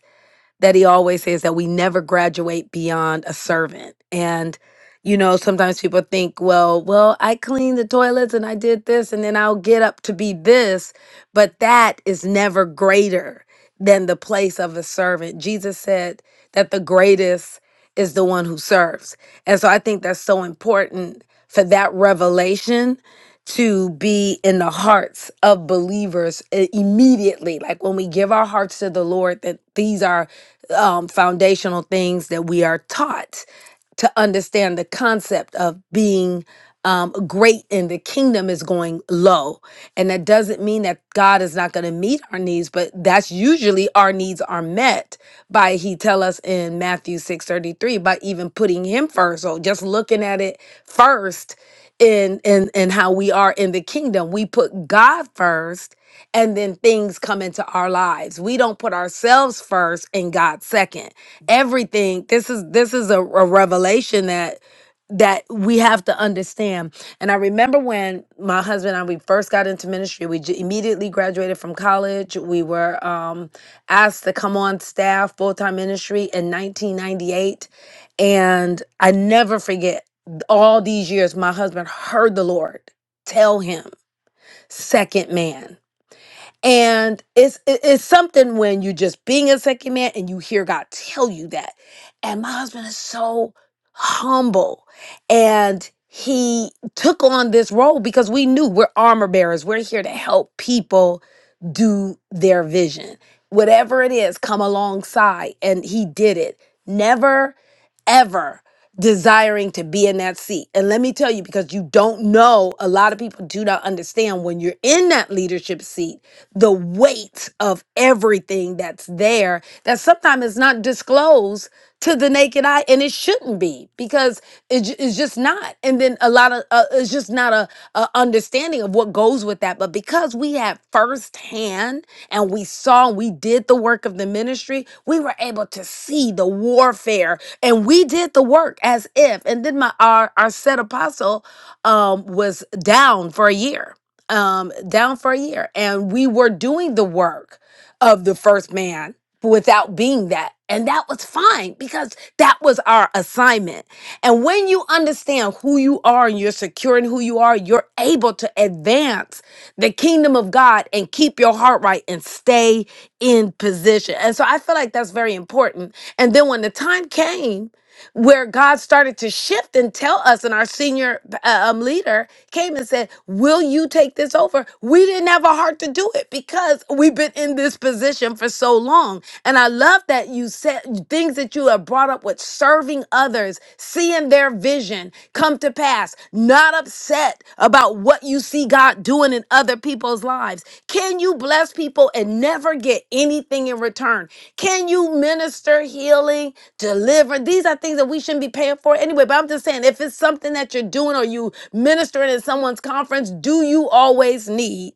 Speaker 10: that he always says that we never graduate beyond a servant. And you know, sometimes people think, well, well, I cleaned the toilets and I did this and then I'll get up to be this, but that is never greater than the place of a servant. Jesus said that the greatest is the one who serves. And so I think that's so important for that revelation to be in the hearts of believers i- immediately. Like when we give our hearts to the Lord, that these are um, foundational things that we are taught to understand the concept of being um, great in the kingdom is going low. And that doesn't mean that God is not going to meet our needs, but that's usually our needs are met by he tell us in Matthew 6:33 by even putting him first. So just looking at it first in in in how we are in the kingdom, we put God first and then things come into our lives. We don't put ourselves first and God second. Everything this is this is a, a revelation that that we have to understand. And I remember when my husband and I we first got into ministry, we j- immediately graduated from college. We were um asked to come on staff full-time ministry in 1998 and I never forget all these years my husband heard the Lord tell him second man and it's it- it's something when you're just being a second man and you hear God tell you that. And my husband is so humble and he took on this role because we knew we're armor bearers. We're here to help people do their vision. Whatever it is, come alongside and he did it. Never ever desiring to be in that seat. And let me tell you because you don't know, a lot of people do not understand when you're in that leadership seat the weight of everything that's there that sometimes is not disclosed to the naked eye and it shouldn't be because it, ju- it's just not and then a lot of uh, it's just not a, a understanding of what goes with that but because we had firsthand and we saw and we did the work of the ministry we were able to see the warfare and we did the work as if and then my our, our said apostle um was down for a year um, down for a year. And we were doing the work of the first man without being that. And that was fine because that was our assignment. And when you understand who you are and you're secure in who you are, you're able to advance the kingdom of God and keep your heart right and stay in position. And so I feel like that's very important. And then when the time came, where God started to shift and tell us, and our senior uh, um, leader came and said, Will you take this over? We didn't have a heart to do it because we've been in this position for so long. And I love that you said things that you have brought up with serving others, seeing their vision come to pass, not upset about what you see God doing in other people's lives. Can you bless people and never get anything in return? Can you minister healing? deliver. These are things that we shouldn't be paying for anyway. But I'm just saying, if it's something that you're doing or you ministering at someone's conference, do you always need?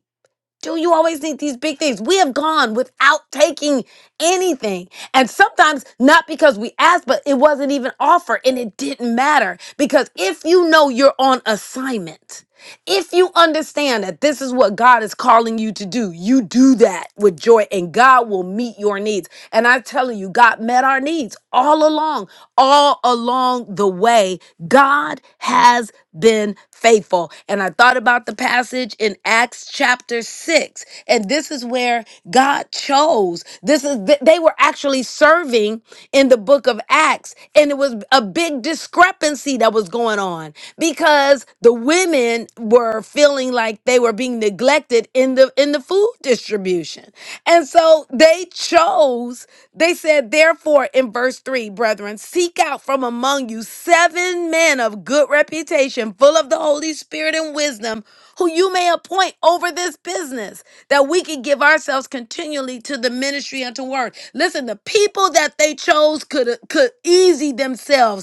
Speaker 10: Do you always need these big things? We have gone without taking anything. And sometimes not because we asked, but it wasn't even offered and it didn't matter. Because if you know you're on assignment, if you understand that this is what God is calling you to do, you do that with joy and God will meet your needs. And I'm telling you, God met our needs all along, all along the way. God has been faithful. And I thought about the passage in Acts chapter 6. And this is where God chose. This is th- they were actually serving in the book of Acts and it was a big discrepancy that was going on because the women were feeling like they were being neglected in the in the food distribution. And so they chose, they said, therefore, in verse 3, brethren, seek out from among you seven men of good reputation, full of the Holy Spirit and wisdom, who you may appoint over this business, that we can give ourselves continually to the ministry and to work. Listen, the people that they chose could could easy themselves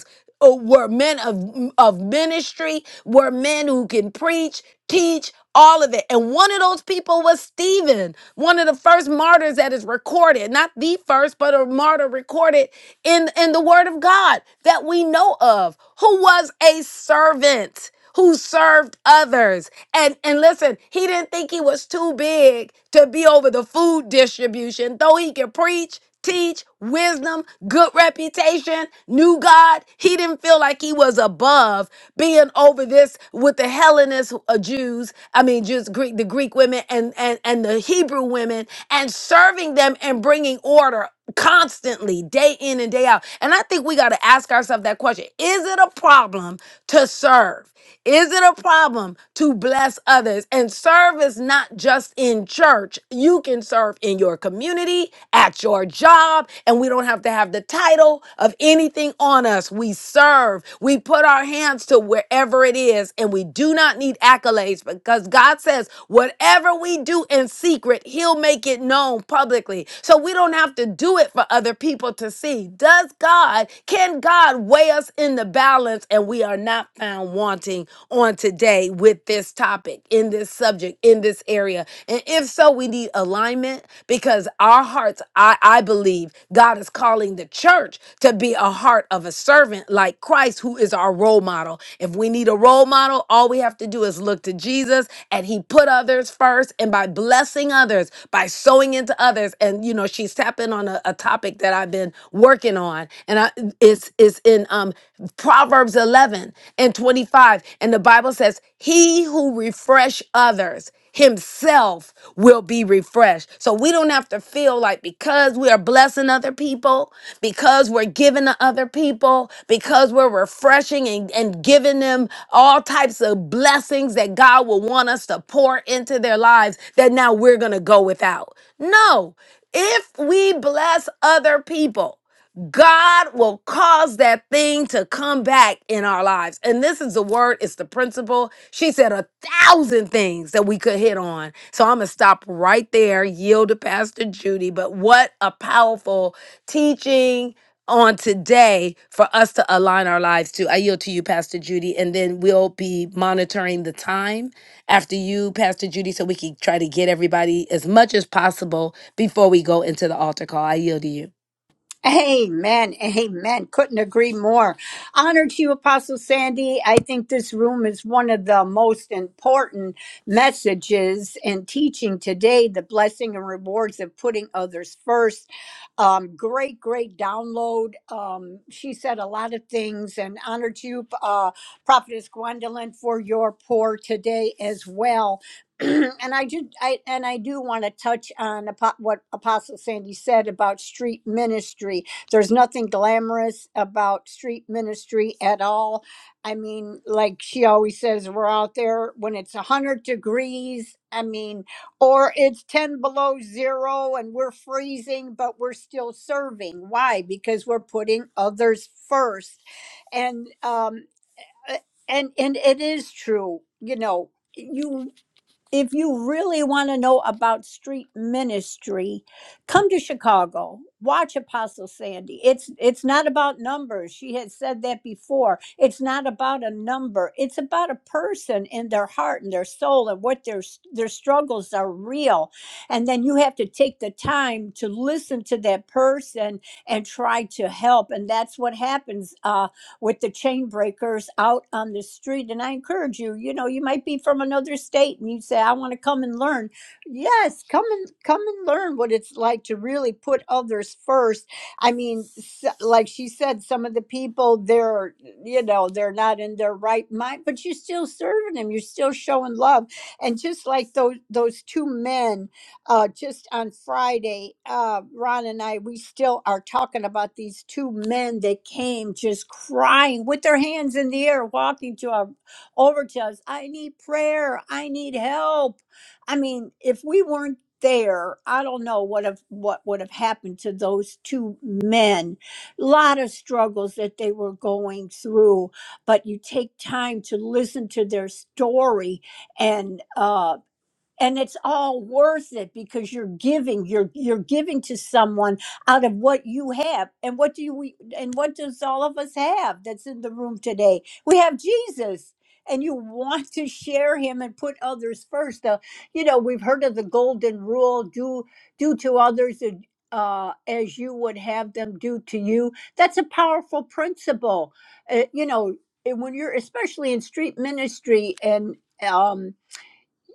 Speaker 10: uh, were men of of ministry, were men who can preach, teach, all of it. And one of those people was Stephen, one of the first martyrs that is recorded, not the first, but a martyr recorded in in the Word of God that we know of, who was a servant who served others. And and listen, he didn't think he was too big to be over the food distribution, though he could preach, teach, wisdom, good reputation, knew God. He didn't feel like he was above being over this with the Hellenist uh, Jews, I mean just Greek the Greek women and and and the Hebrew women and serving them and bringing order constantly day in and day out. And I think we got to ask ourselves that question. Is it a problem to serve? Is it a problem to bless others? And serve is not just in church. You can serve in your community, at your job, and we don't have to have the title of anything on us. We serve. We put our hands to wherever it is, and we do not need accolades because God says, whatever we do in secret, He'll make it known publicly. So we don't have to do it for other people to see. Does God, can God weigh us in the balance? and we are not found wanting on today with this topic, in this subject, in this area. And if so, we need alignment because our hearts, I, I believe, God is calling the church to be a heart of a servant like Christ, who is our role model. If we need a role model, all we have to do is look to Jesus and he put others first. And by blessing others, by sowing into others, and you know, she's tapping on a, a topic that I've been working on. And I, it's it's is in um Proverbs 11 and 25 and the Bible says he who refresh others himself will be refreshed. So we don't have to feel like because we are blessing other people, because we're giving to other people, because we're refreshing and, and giving them all types of blessings that God will want us to pour into their lives, that now we're going to go without. No, if we bless other people, God will cause that thing to come back in our lives. And this is the word, it's the principle. She said a thousand things that we could hit on. So I'm going to stop right there, yield to Pastor Judy. But what a powerful teaching on today for us to align our lives to. I yield to you, Pastor Judy, and then we'll be monitoring the time after you, Pastor Judy, so we can try to get everybody as much as possible before we go into the altar call. I yield to you.
Speaker 2: Amen. Amen. Couldn't agree more. Honor to you, Apostle Sandy. I think this room is one of the most important messages and teaching today the blessing and rewards of putting others first. Um, great, great download. Um, she said a lot of things, and honor to you, uh, Prophetess Gwendolyn, for your pour today as well. and I do, I and I do want to touch on apo- what Apostle Sandy said about street ministry. There's nothing glamorous about street ministry at all. I mean, like she always says, we're out there when it's a hundred degrees. I mean, or it's ten below zero and we're freezing, but we're still serving. Why? Because we're putting others first, and um, uh, and and it is true. You know, you if you really want to know about street ministry, come to Chicago. Watch Apostle Sandy. It's it's not about numbers. She had said that before. It's not about a number. It's about a person in their heart and their soul and what their s- their struggles are real. And then you have to take the time to listen to that person and try to help. And that's what happens. Uh, with the chain breakers out on the street. And I encourage you, you know, you might be from another state and you say, I want to come and learn. Yes, come and come and learn what it's like to really put others first. I mean, s- like she said, some of the people they're, you know, they're not in their right mind, but you're still serving them. You're still showing love. And just like those those two men uh, just on Friday, uh, Ron and I, we still are talking about these two men that came just crying with their hands in the air, walking to our, over to us. I need prayer. I need help. I mean, if we weren't there, I don't know what have what would have happened to those two men. A lot of struggles that they were going through, but you take time to listen to their story and. uh and it's all worth it because you're giving you're you're giving to someone out of what you have and what do you we and what does all of us have that's in the room today we have jesus and you want to share him and put others first uh, you know we've heard of the golden rule do do to others and uh, as you would have them do to you that's a powerful principle uh, you know and when you're especially in street ministry and um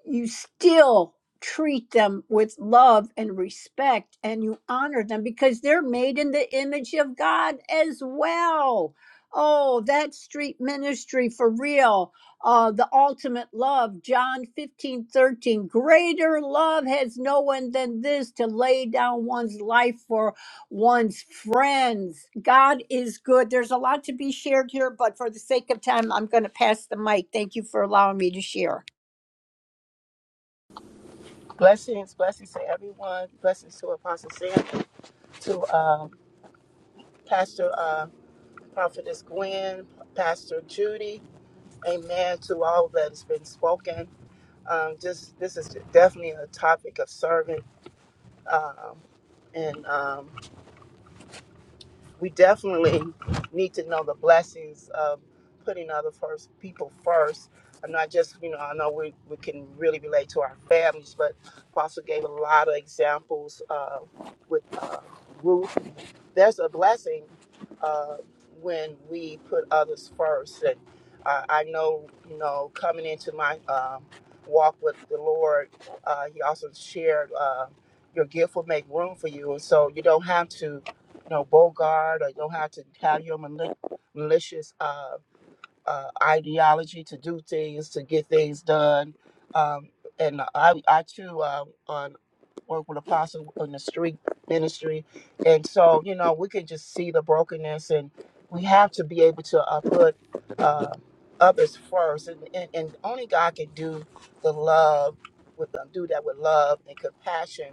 Speaker 2: you still treat them with love and respect and you honor them because they're made in the image of God as well. Oh, that street ministry for real. Uh, the ultimate love, John 15 13. Greater love has no one than this to lay down one's life for one's friends. God is good. There's a lot to be shared here, but for the sake of time, I'm going to pass the mic. Thank you for allowing me to share.
Speaker 3: Blessings, blessings to everyone. Blessings to Apostle Sam, to um, Pastor uh, Prophetess Gwen, Pastor Judy. Amen to all that has been spoken. um, just this is definitely a topic of serving, um, and um, we definitely need to know the blessings of putting other first people first. I'm not just you know I know we, we can really relate to our families, but Apostle gave a lot of examples uh, with uh, Ruth there's a blessing uh, when we put others first. And uh, I know, you know, coming into my um, walk with the Lord, uh, He also shared uh, your gift will make room for you, and so you don't have to, you know, bogart or you don't have to have your mali- malicious uh, uh, ideology to do things to get things done. Um, and I, I too, uh, on work with Apostle in the street ministry. And so, you know, we can just see the brokenness and we have to be able to uh, put uh, others first. And, and, and only God can do the love, with uh, do that with love and compassion.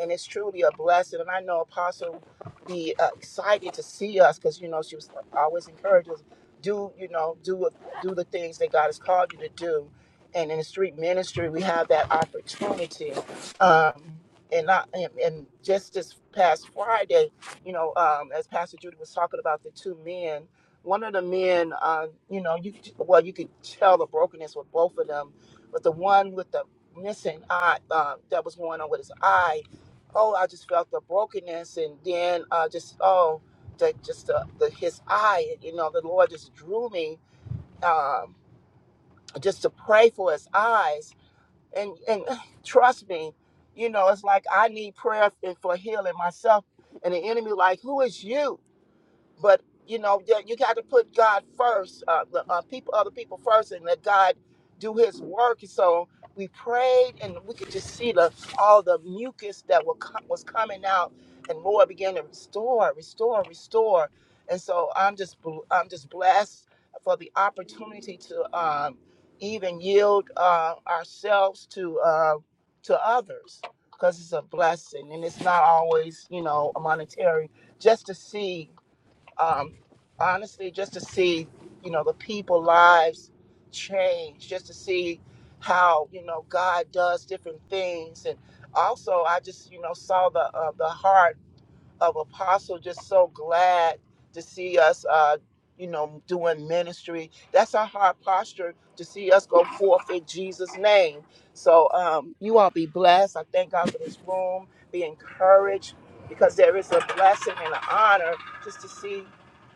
Speaker 3: And it's truly a blessing. And I know Apostle be uh, excited to see us because, you know, she was always encouraging us, do, you know, do, what do the things that God has called you to do and in the street ministry we have that opportunity um, and I and, and just this past Friday, you know, um, as Pastor Judy was talking about the two men, one of the men, uh, you know, you could- well, you could tell the brokenness with both of them, but the one with the missing eye uh, that was going on with his eye, oh, I just felt the brokenness, and then uh, just oh, the, just the, the his eye, you know, the Lord just drew me um, just to pray for his eyes and and trust me, you know, it's like I need prayer f- for healing myself, and the enemy like, who is you? but you know you, you got to put god first uh, the, uh, people other people first and let god do his work so we prayed and we could just see the all the mucus that were, co- was coming out and lord began to restore restore restore and so i'm just bl- i'm just blessed for the opportunity to um, even yield uh, ourselves to uh, to others because it's a blessing and it's not always you know monetary just to see um, honestly, just to see, you know, the people lives change, how you know God doing things, and also I just, you know, uh, the heart of Apostle, just so glad to see us, uh, you know, doing ministry. That's our heart posture to see us go forth in Jesus' name. So um, you all be blessed. I thank God for this room. Be encouraged because there is a blessing and an honor just to see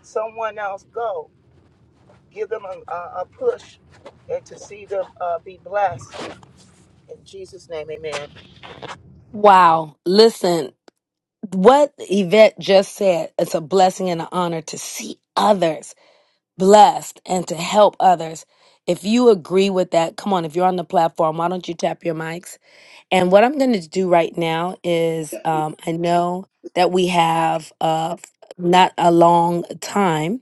Speaker 3: someone else go. give them a, a, push and to see them uh, be blessed. In Jesus' name, amen.
Speaker 10: Wow. Listen, what Yvette just said, it's a blessing and an honor to see others blessed and to help others. If you agree with that, come on, if you're on the platform, why don't you tap your mics? And what I'm going to do right now is um, I know that we have uh, not a long time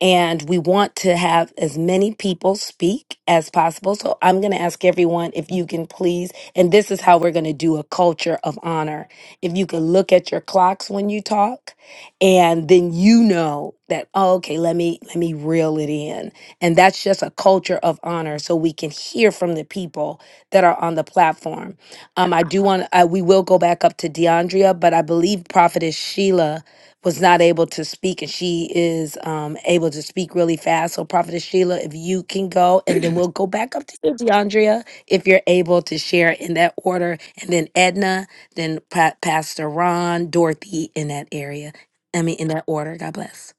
Speaker 10: and we want to have as many people speak as possible. So I'm going to ask everyone if you can please, and this is how we're going to do a culture of honor. If you can look at your clocks when you talk, and then you know that oh, okay, let me let me reel it in, and that's just a culture of honor, so we can hear from the people that are on the platform. Um, I do want I, we will go back up to DeAndrea, but I believe Prophetess Sheila was not able to speak and she is um, able to speak really fast. So, Prophetess Sheila, if you can go, and then we'll go back up to you, DeAndrea, if you're able to share in that order. And then Edna, then pa- Pastor Ron, Dorothy in that area. I mean, in that order. God bless.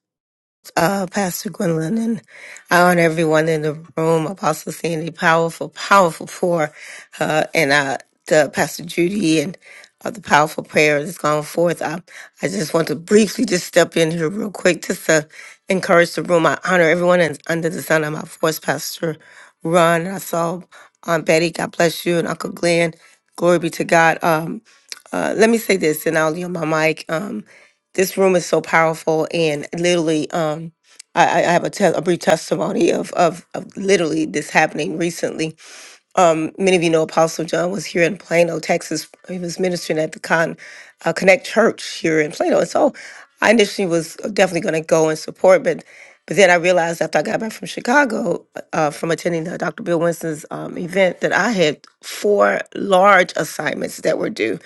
Speaker 17: uh, Pastor Gwendolyn, and I honor everyone in the room. Apostle Sandy, powerful, powerful pour, uh, and uh, the Pastor Judy and uh, the powerful prayer that's gone forth. I, I just want to briefly just step in here real quick just to encourage the room. I honor everyone in, under the sound of my voice, Pastor Ron. And I saw Aunt Betty, God bless you, and Uncle Glenn. Glory be to God. Um, uh, let me say this, and I'll yield my mic. Um, this room is so powerful, and literally, um, I, I I have a, te- a brief testimony of, of of literally this happening recently. Um, many of you know Apostle John was here in Plano, Texas. He was ministering at the Con uh, Connect Church here in Plano, and so I initially was definitely going to go and support, but but then I realized after I got back from Chicago uh, from attending uh, Dr. Bill Winston's um, event that I had four large assignments that were due.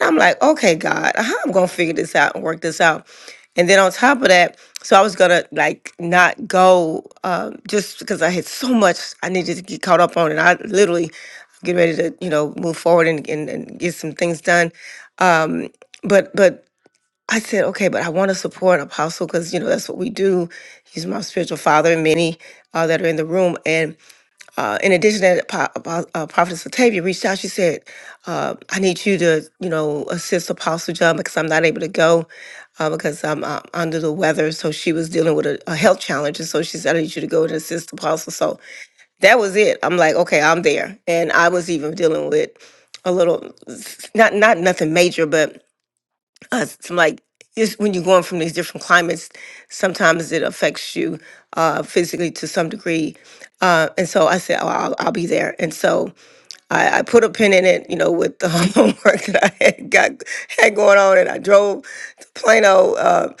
Speaker 17: And I'm like, okay, God, how I'm gonna figure this out and work this out. And then on top of that, so I was gonna like not go um, just because I had so much I needed to get caught up on, and I literally get ready to you know move forward and, and, and get some things done um but but i said okay but i want to support apostle because you know that's what we do he's my spiritual father and many uh, that are in the room and uh, in addition to that po- Apo- uh, prophetess Latavia reached out she said uh, i need you to you know assist apostle john because i'm not able to go uh, because i'm uh, under the weather so she was dealing with a, a health challenge and so she said i need you to go and assist apostle so that was it. I'm like, okay, I'm there. And I was even dealing with a little, not not nothing major, but uh, some like it's when you're going from these different climates, sometimes it affects you uh, physically to some degree. Uh, and so I said, oh, I'll, I'll be there. And so I, I put a pin in it, you know, with the homework that I had got had going on, and I drove to Plano, uh,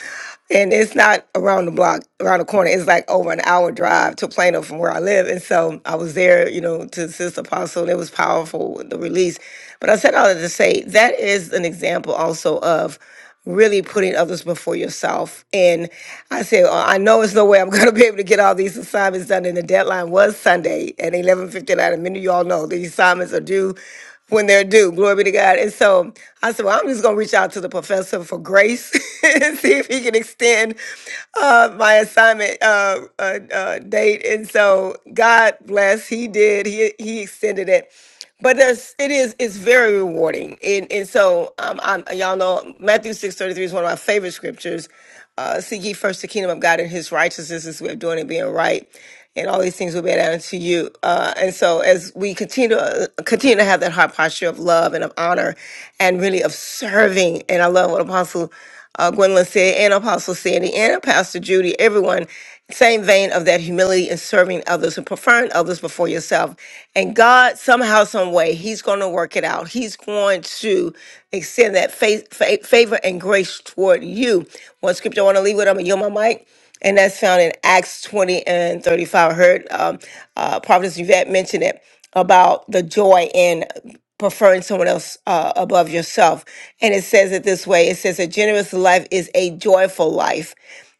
Speaker 17: and it's not around the block, around the corner. It's like over an hour drive to Plano from where I live, and so I was there, you know, to assist Apostle. And it was powerful the release, but I said all that to say that is an example also of really putting others before yourself. And I said, "Oh, I know it's no way I'm going to be able to get all these assignments done. And the deadline was Sunday at 11:59. And many of you all know these assignments are due when they're due. Glory be to God. And so I said, well, I'm just going to reach out to the professor for grace and see if he can extend uh, my assignment uh, uh, uh, date. And so God bless, he did. He he extended it but there's it is it's very rewarding and and so um I'm, y'all know matthew six thirty three is one of my favorite scriptures uh seek ye first the kingdom of god and his righteousness is way of doing it being right and all these things will be added unto you uh and so as we continue to continue to have that heart posture of love and of honor and really of serving and i love what apostle uh, Gwendolyn said, and Apostle Sandy, and Pastor Judy, everyone, same vein of that humility and serving others and preferring others before yourself. And God, somehow, some way, He's going to work it out. He's going to extend that fa- fa- favor and grace toward you. One scripture I want to leave with, I'm going to yield my mic. And that's found in Acts 20 and 35. I heard um, uh, Prophetess Yvette mention it about the joy in preferring someone else uh, above yourself. And it says it this way it says, A generous life is a joyful life.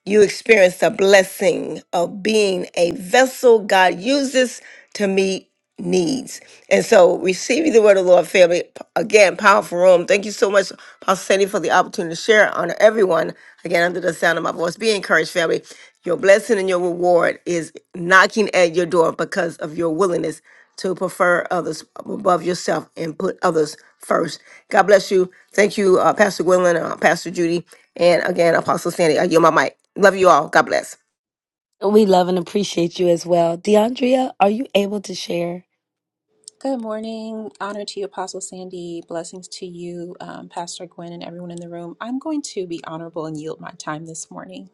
Speaker 17: You experience the blessing of being a vessel God uses to meet needs. And so, receiving the word of the Lord, family, p- again, powerful room. Thank you so much, Pastor Sandy, for the opportunity to share. Honor everyone, again, under the sound of my voice. Be encouraged, family. Your blessing and your reward is knocking at your door because of your willingness to prefer others above yourself and put others first. God bless you. Thank you, uh, Pastor Gwendolyn, uh, Pastor Judy, and again, Apostle Sandy. I yield my mic. Love you all. God bless.
Speaker 10: We love and appreciate you as well. DeAndrea, are you able to share?
Speaker 11: Good morning. Honor to you, Apostle Sandy. Blessings to you, um, Pastor Gwen, and everyone in the room. I'm going to be honorable and yield my time this morning.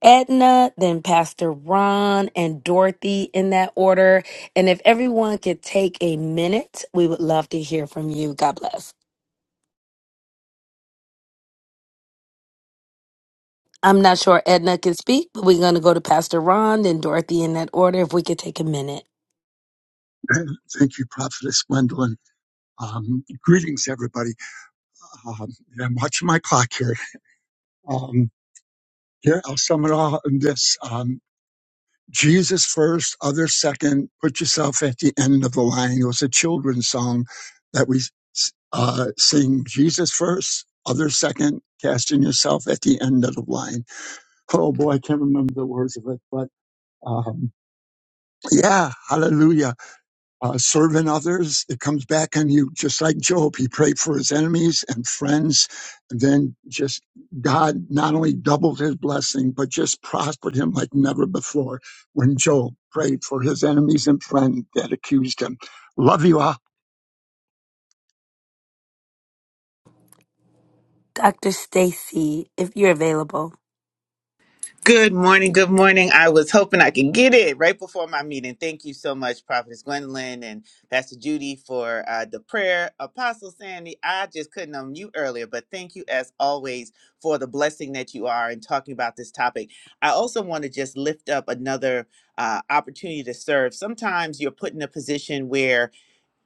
Speaker 10: Edna, then Pastor Ron and Dorothy in that order. And if everyone could take a minute, we would love to hear from you. God bless. I'm not sure Edna can speak, but we're going to go to Pastor Ron, then Dorothy in that order, if we could take a minute.
Speaker 8: Thank you, Prophet. Um, uh, Jesus, other second, put yourself at the end of the line. It was a children's song that we uh, sing. Jesus, other second, casting yourself at the end. But, but yeah, hallelujah. uh, serving others. It comes back on you, just like Job. He prayed for his enemies and friends, and then just God not only doubled his blessing, but just prospered him like never before when Job prayed for his enemies and friends that accused him. Love you all.
Speaker 10: Dr. Stacy, if you're available.
Speaker 18: Good morning. Good morning. I was hoping I could get it right before my meeting. Thank you so much, Prophetess Gwendolyn and Pastor Judy, for uh, the prayer. Apostle Sandy, I just couldn't unmute earlier, but thank you as always for the blessing that you are in talking about this topic. I also want to just lift up another uh, opportunity to serve. Sometimes you're put in a position where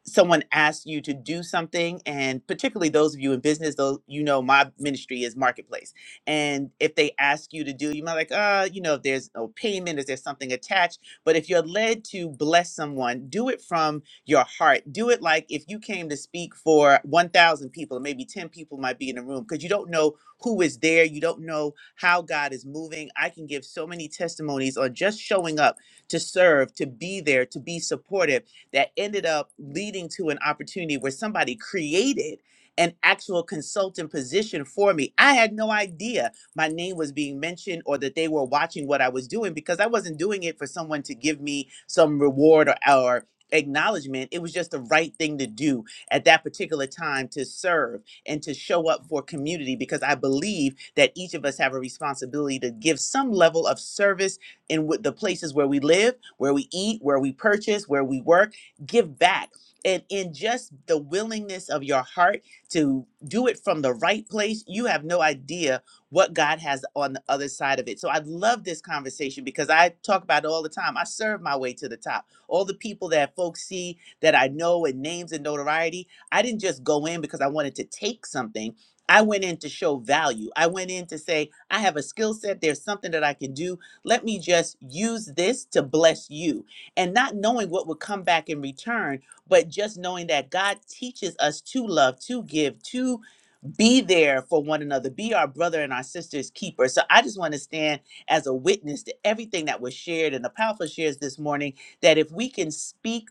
Speaker 18: someone asks you to do something and particularly those of you in business though you know my ministry is marketplace and if they ask you to do you might like uh you know if there's no payment is there something attached but if you're led to bless someone do it from your heart do it like if you came to speak for 1000 people maybe 10 people might be in the room because you don't know who is there you don't know how god is moving i can give so many testimonies on just showing up to serve to be there to be supportive that ended up leading to an opportunity where somebody created an actual consultant position for me. I had no idea my name was being mentioned or that they were watching what I was doing because I wasn't doing it for someone to give me some reward or, or acknowledgement. It was just the right thing to do at that particular time to serve and to show up for community because I believe that each of us have a responsibility to give some level of service in what the places where we live, where we eat, where we purchase, where we work give back. And in just the willingness of your heart to do it from the right place, you have no idea what God has on the other side of it. So I love this conversation because I talk about it all the time. I serve my way to the top. All the people that folks see that I know and names and notoriety, I didn't just go in because I wanted to take something. I went in to show value. I went in to say, I have a skill set. There's something that I can do. Let me just use this to bless you and not knowing what would come back in return, but just knowing that God teaches us to love, to give, to be there for one another, be our brother and our sister's keeper. So I just want to stand as a witness to everything that was shared and the powerful shares this morning that if we can speak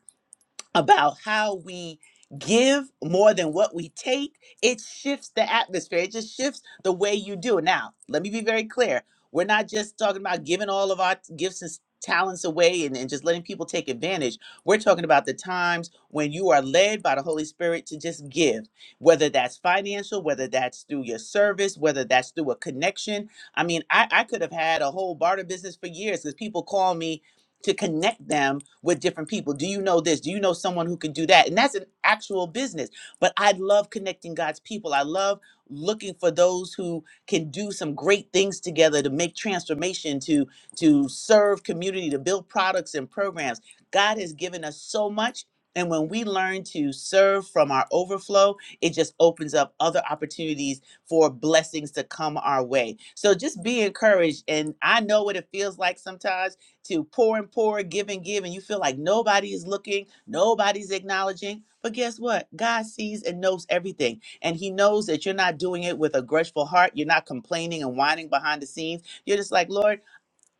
Speaker 18: about how we give more than what we take, it shifts the atmosphere. It just shifts the way you do it. Now, let me be very clear. We're not just talking about giving all of our gifts and s- talents away and, and just letting people take advantage. We're talking about the times when you are led by the Holy Spirit to just give, whether that's financial, whether that's through your service, whether that's through a connection. I mean, I, I could have had a whole barter business for years because people call me to connect them with different people. Do you know this? Do you know someone who can do that? And that's an actual business. But I love connecting God's people. I love looking for those who can do some great things together to make transformation, to to serve community, to build products and programs. God has given us so much. And when we learn to serve from our overflow, it just opens up other opportunities for blessings to come our way. So just be encouraged. And I know what it feels like sometimes to pour and pour, give and give, and you feel like nobody is looking, nobody's acknowledging. But guess what? God sees and knows everything. And He knows that you're not doing it with a grudgeful heart. You're not complaining and whining behind the scenes. You're just like, Lord,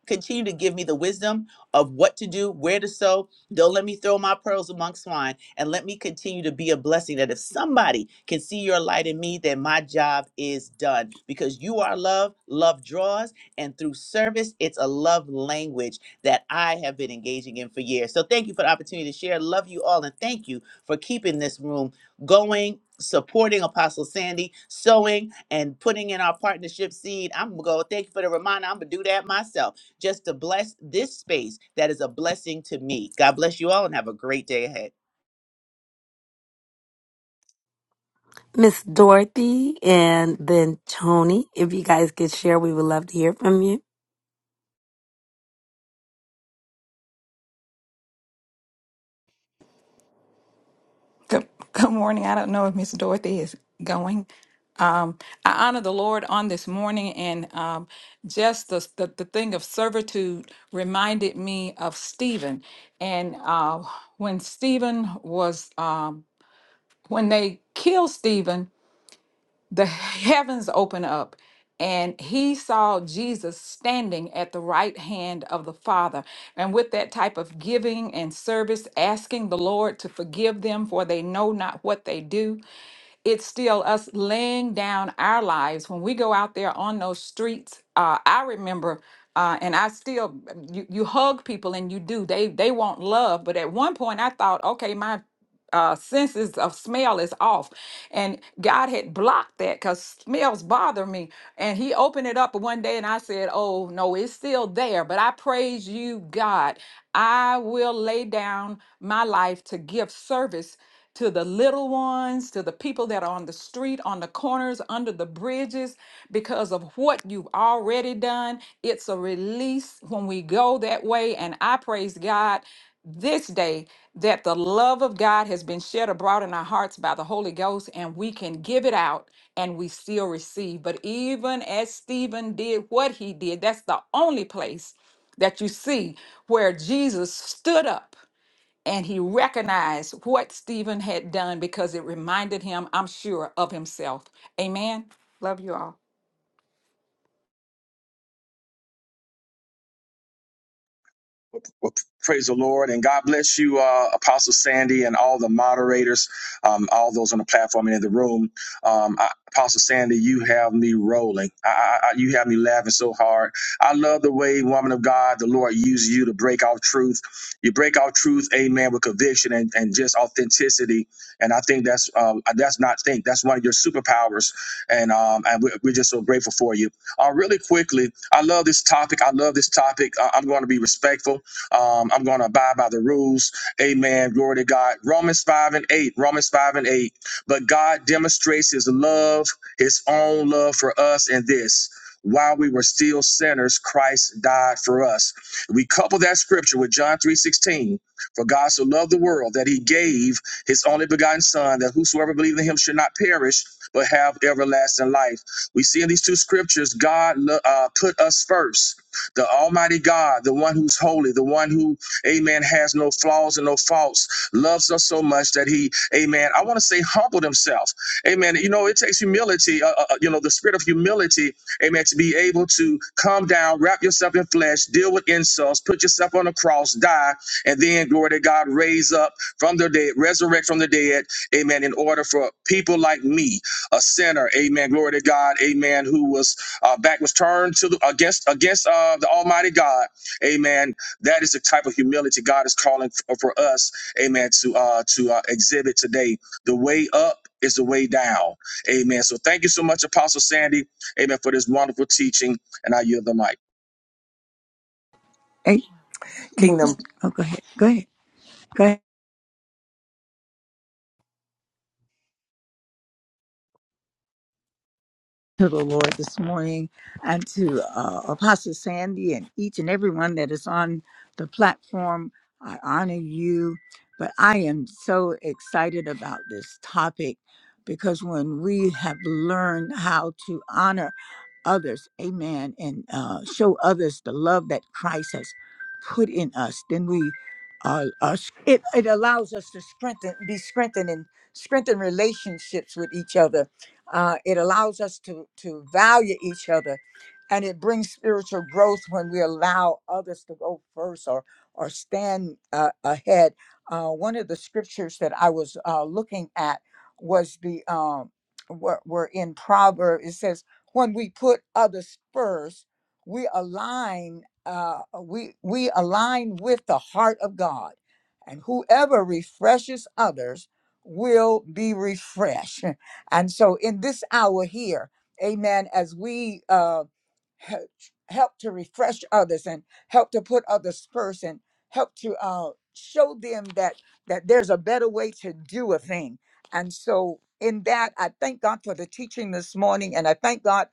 Speaker 18: continue to give me the wisdom of what to do, where to sow. Don't let me throw my pearls among swine and let me continue to be a blessing that if somebody can see your light in me, then my job is done because you are love, love draws, and through service, it's a love language that I have been engaging in for years. So thank you for the opportunity to share. Love you all and thank you for keeping this room going. Supporting Apostle Sandy, sowing and putting in our partnership seed. I'm gonna go. Thank you for the reminder. I'm gonna do that myself just to bless this space that is a blessing to me. God bless you all and have a great day ahead.
Speaker 10: Miss Dorothy and then Tony, if you guys could share, we would love to hear from you.
Speaker 5: Good, good morning. I don't know if Miss Dorothy is going. Um, I honor the Lord on this morning, and um, just the, the the thing of servitude reminded me of Stephen. And uh, when Stephen was, um, when they killed Stephen, the heavens open up and he saw Jesus standing at the right hand of the Father. And with that type of giving and service, asking the Lord to forgive them for they know not what they do, it's still us laying down our lives when we go out there on those streets. Uh, I remember, uh, and I still you, you hug people and you do. They they want love, but at one point I thought, okay, my uh, senses of smell is off. And God had blocked that because smells bother me. And He opened it up one day and I said, Oh, no, it's still there. But I praise you, God. I will lay down my life to give service to the little ones, to the people that are on the street, on the corners, under the bridges, because of what you've already done. It's a release when we go that way. And I praise God this day that the love of God has been shed abroad in our hearts by the Holy Ghost, and we can give it out and we still receive. But even as Stephen did what he did, that's the only place that you see where Jesus stood up and he recognized what Stephen had done because it reminded him, I'm sure, of himself. Amen. Love you all.
Speaker 12: Well, praise the Lord and God bless you, uh, Apostle Sandy, and all the moderators, um, all those on the platform and in the room. Um, I, Apostle Sandy, you have me rolling. I, I, I, you have me laughing so hard. I love the way, woman of God, the Lord uses you to break out truth. You break out truth, amen, with conviction and, and just authenticity. And I think that's um, that's not think that's one of your superpowers. And um, and we're, we're just so grateful for you. Uh, really quickly, I love this topic. I love this topic. I, I'm going to be respectful. Um, I'm going to abide by the rules. Amen. Glory to God. Romans 5 and 8. Romans 5 and 8. But God demonstrates his love, his own love for us in this. While we were still sinners, Christ died for us. We couple that scripture with John 3:16. For God so loved the world that he gave his only begotten son, that whosoever believes in him should not perish, but have everlasting life. We see in these two scriptures, God uh, put us first the Almighty God, the one who's holy, the one who, amen, has no flaws and no faults, loves us so much that he, amen, I want to say humbled himself. Amen. You know, it takes humility, uh, uh, uh, you know, the spirit of humility, amen, to be able to come down, wrap yourself in flesh, deal with insults, put yourself on the cross, die, and then, glory to God, raise up from the dead, resurrect from the dead, amen, in order for people like me, a sinner, amen, glory to God, amen, who was uh, back was turned to the, against against uh, the Almighty God. Amen. That is the type of humility God is calling for, for us. Amen. To uh, to uh, exhibit today, the way up is the way down. Amen. So thank you so much, Apostle Sandy. Amen for this wonderful teaching, and I yield the mic.
Speaker 16: Hey, mhm.
Speaker 14: Kingdom.
Speaker 16: Oh, go ahead. Go ahead. Go ahead to the Lord this morning and to uh, Apostle Sandy and each and everyone that is on the platform. I honor you, but I am so excited about this topic because when we have learned how to honor others, amen, and uh, show others the love that Christ has put in us, then we are, are it, it allows us to strengthen, be strengthened and strengthen relationships with each other. Uh, it allows us to, to value each other and it brings spiritual growth when we allow others to go first or, or stand uh, ahead. Uh, one of the scriptures that I was uh, looking at was the, um, were, were in Proverbs, it says, when we put others first, we align uh, we we align with the heart of God, and whoever refreshes others will be refreshed. And so, in this hour here, Amen. As we uh, he- help to refresh others and help to put others first and help to uh, show them that that there's a better way to do a thing and so, in that, I thank God for the teaching this morning, and I thank God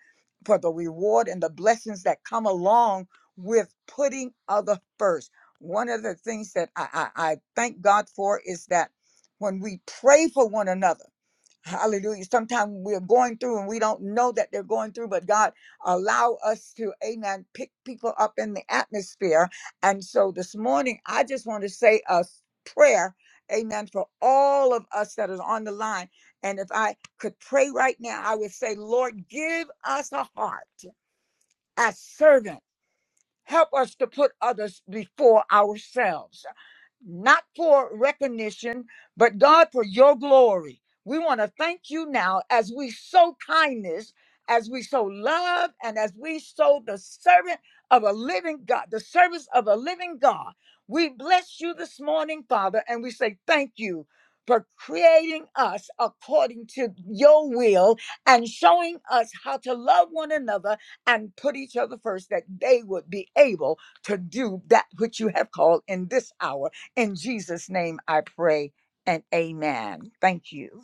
Speaker 16: for the reward and the blessings that come along with putting other first. One of the things that I, I, I thank God for is that when we pray for one another, Hallelujah. Sometimes we're going through and we don't know that they're going through, but God allow us to, amen, pick people up in the atmosphere. And so this morning, I just want to say a prayer, amen, for all of us that is on the line. And if I could pray right now, I would say, Lord, give us a heart as servants Help us to put others before ourselves, not for recognition, but God, for your glory. We want to thank you now as we sow kindness, as we sow love, and as we sow the servant of a living God, the service of a living God. We bless you this morning, Father, and we say thank you for creating us according to your will and showing us how to love one another and put each other first that they would be able to do that which you have called in this hour. In Jesus' name I pray and amen. Thank you.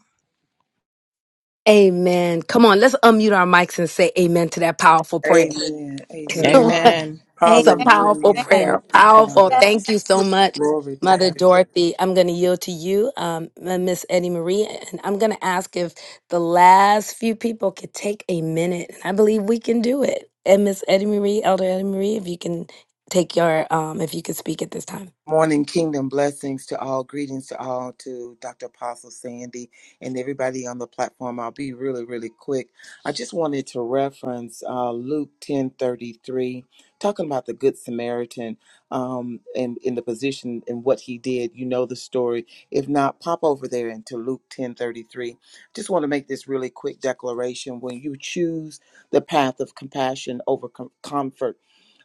Speaker 10: Amen. Come on, let's unmute our mics and say amen to that powerful prayer.
Speaker 14: Amen. Amen.
Speaker 19: Hey,
Speaker 20: Amen.
Speaker 6: Amen.
Speaker 10: It's a powerful
Speaker 14: Hallelujah.
Speaker 2: Amen.
Speaker 10: prayer.
Speaker 14: Thank you,
Speaker 10: Powerful.
Speaker 14: Father.
Speaker 10: Thank you so much,
Speaker 14: Glory to
Speaker 10: Mother
Speaker 14: God.
Speaker 10: Dorothy. I'm going to yield to you, um, uh, Miss Eddie Marie, and I'm going to ask if the last few people could take a minute. And I believe we can do it. And Miss Eddie Marie, Elder Eddie Marie, if you can take your, um, if you could speak at this time.
Speaker 14: Morning, kingdom blessings to all, greetings to all, to Dr. Apostle Sandy and everybody on the platform. I'll be really, really quick. I just wanted to reference uh, Luke ten thirty three, talking about the Good Samaritan um, and in the position and what he did. You know the story. If not, pop over there into Luke ten thirty three. Just want to make this really quick declaration. When you choose the path of compassion over com- comfort,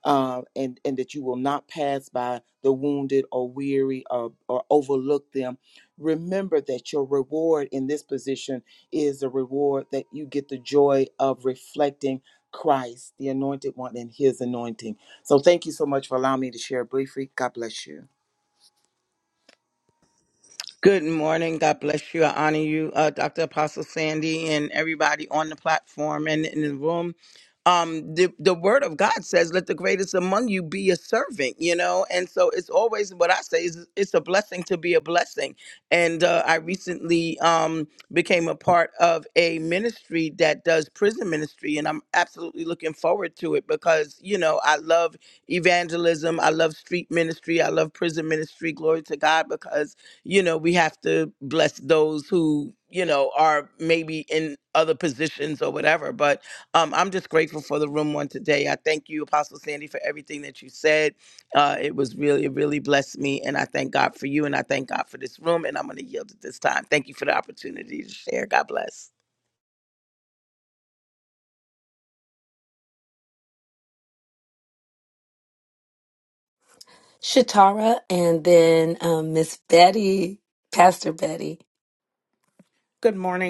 Speaker 14: uh, and and that you will not pass by the wounded or weary or, or overlook them. Remember that your reward in this position is a reward that you get the joy of reflecting Christ, the anointed one, and his anointing. So thank you so much for allowing me to share briefly. God bless you.
Speaker 6: Good morning. God bless you. I honor you, uh, Dr. Apostle Sandy, and everybody on the platform and in the room. Um, the, the word of God says, Let the greatest among you be a servant, you know? And so it's always what I say is it's a blessing to be a blessing. And uh, I recently um, became a part of a ministry that does prison ministry, and I'm absolutely looking forward to it because, you know, I love evangelism, I love street ministry, I love prison ministry. Glory to God because you know we have to bless those who you know are maybe in other positions or whatever but um, i'm just grateful for the room one today i thank you apostle sandy for everything that you said uh, it was really it really blessed me and i thank god for you and i thank god for this room and i'm going to yield at this time thank you for the opportunity to share god bless
Speaker 10: Shatara, and then um, Miss Betty, Pastor Betty.
Speaker 4: Good morning.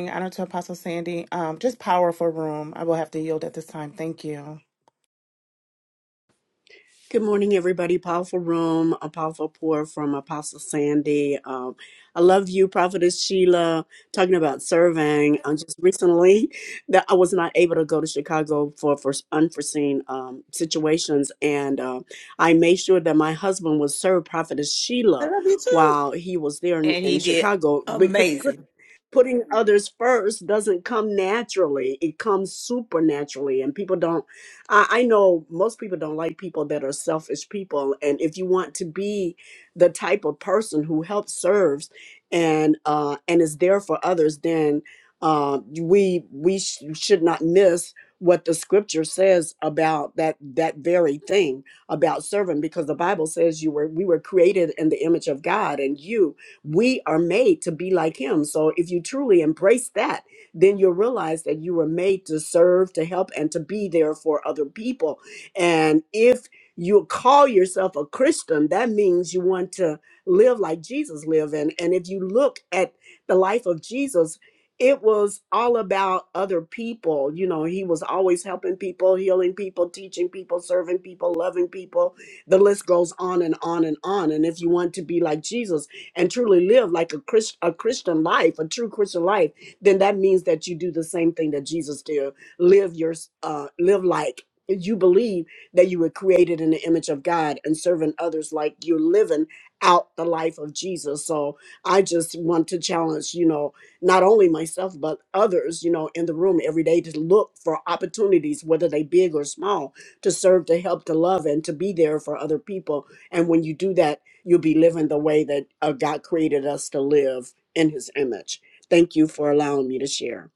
Speaker 19: good morning, everybody. Powerful room, a powerful pour from Apostle Sandy. Um, I love you, Prophetess Sheila. Talking about serving, um, just recently that I was not able to go to Chicago for for unforeseen um, situations, and uh, I made sure that my husband would serve Prophetess
Speaker 17: I
Speaker 19: Sheila
Speaker 17: love you too.
Speaker 19: while he was there in,
Speaker 17: And
Speaker 19: in
Speaker 17: he did
Speaker 19: Chicago because
Speaker 17: amazing.
Speaker 19: putting others first doesn't come naturally it comes supernaturally and people don't I, I know most people don't like people that are selfish people and if you want to be the type of person who helps serves and uh and is there for others then uh, we we sh- should not miss what the scripture says about that that very thing about serving because the bible says you were we were created in the image of god and you we are made to be like him. So if you truly embrace that, then you'll realize that you were made to serve, to help, and to be there for other people. And if you call yourself a Christian, that means you want to live like Jesus lived. And, and if you look at the life of Jesus, it was all about other people. You know, he was always helping people, healing people, teaching people, serving people, loving people. The list goes on and on and on. And if you want to be like Jesus, and truly live like a Christ, a Christian life, a true Christian life, then that means that you do the same thing that Jesus did. Live your uh, live like you believe that you were created in the image of God and serving others like you're living out the life of Jesus. So I just want to challenge, you know, not only myself but others, you know, in the room every day to look for opportunities, whether they big or small, to serve, to help, to love, and to be there for other people. And when you do that you'll be living the way that uh, God created us to live in His image. Thank you for allowing me to share.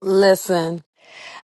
Speaker 10: Listen.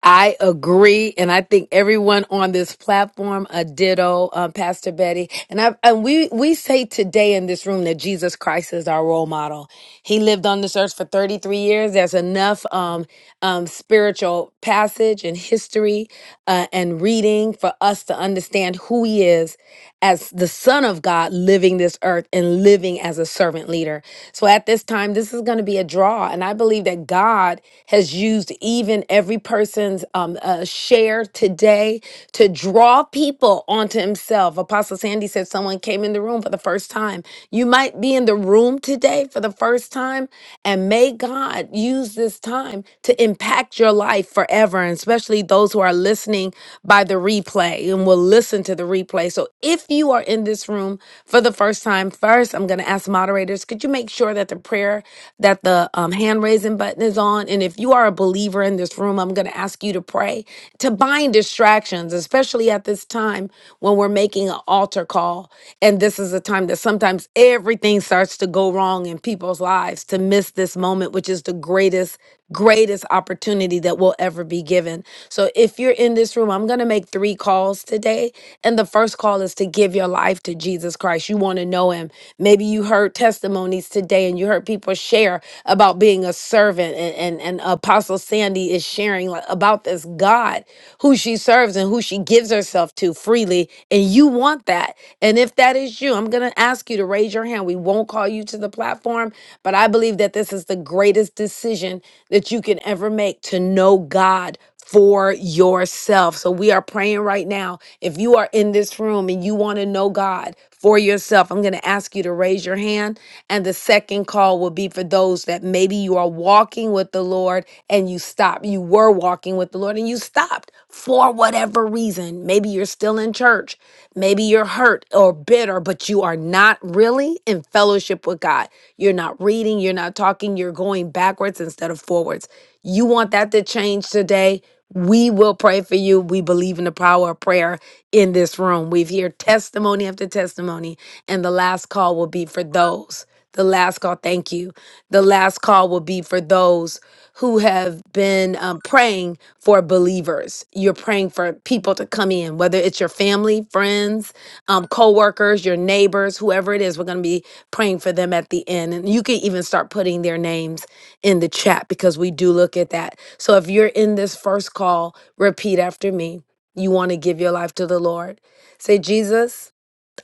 Speaker 10: I agree, and I think everyone on this platform a ditto, um, Pastor Betty. And I and we we say today in this room that Jesus Christ is our role model. He lived on this earth for thirty three years. There's enough um, um, spiritual passage and history uh, and reading for us to understand who He is as the Son of God, living this earth and living as a servant leader. So at this time, this is going to be a draw, and I believe that God has used even every person's um, uh, share today to draw people onto himself. Apostle Sandy said someone came in the room for the first time. You might be in the room today for the first time, and may God use this time to impact your life forever, and especially those who are listening by the replay and will listen to the replay. So if you are in this room for the first time, first, I'm going to ask moderators, could you make sure that the prayer that the um, hand raising button is on. And if you are a believer in this room, I'm going to ask you to pray to bind distractions, especially at this time when we're making an altar call. And this is a time that sometimes everything starts to go wrong in people's lives to miss this moment, which is the greatest, greatest opportunity that will ever be given. So if you're in this room, I'm going to make three calls today. And the first call is to give your life to Jesus Christ. You want to know him Maybe you heard testimonies today and you heard people share about being a servant and, and, and Apostle Sandy is sharing like, about this God who she serves and who she gives herself to freely. And you want that. And if that is you, I'm going to ask you to raise your hand. We won't call you to the platform, but I believe that this is the greatest decision that you can ever make to know God for yourself. So we are praying right now if you are in this room and you want to know God for yourself, I'm going to ask you to raise your hand. And the second call will be for those that maybe you are walking with the Lord and you stopped. You were walking with the Lord and you stopped for whatever reason. Maybe you're still in church. Maybe you're hurt or bitter, but you are not really in fellowship with God. You're not reading, you're not talking, you're going backwards instead of forwards. You want that to change today? We will pray for you. We believe in the power of prayer in this room. We've heard testimony after testimony, and the last call will be for those. The last call, thank you. The last call will be for those who have been um, praying for believers. You're praying for people to come in, whether it's your family, friends, um, co-workers, your neighbors, whoever it is. We're going to be praying for them at the end, and you can even start putting their names in the chat because we do look at that. So if you're in this first call, repeat after me you want to give your life to the Lord, say, Jesus,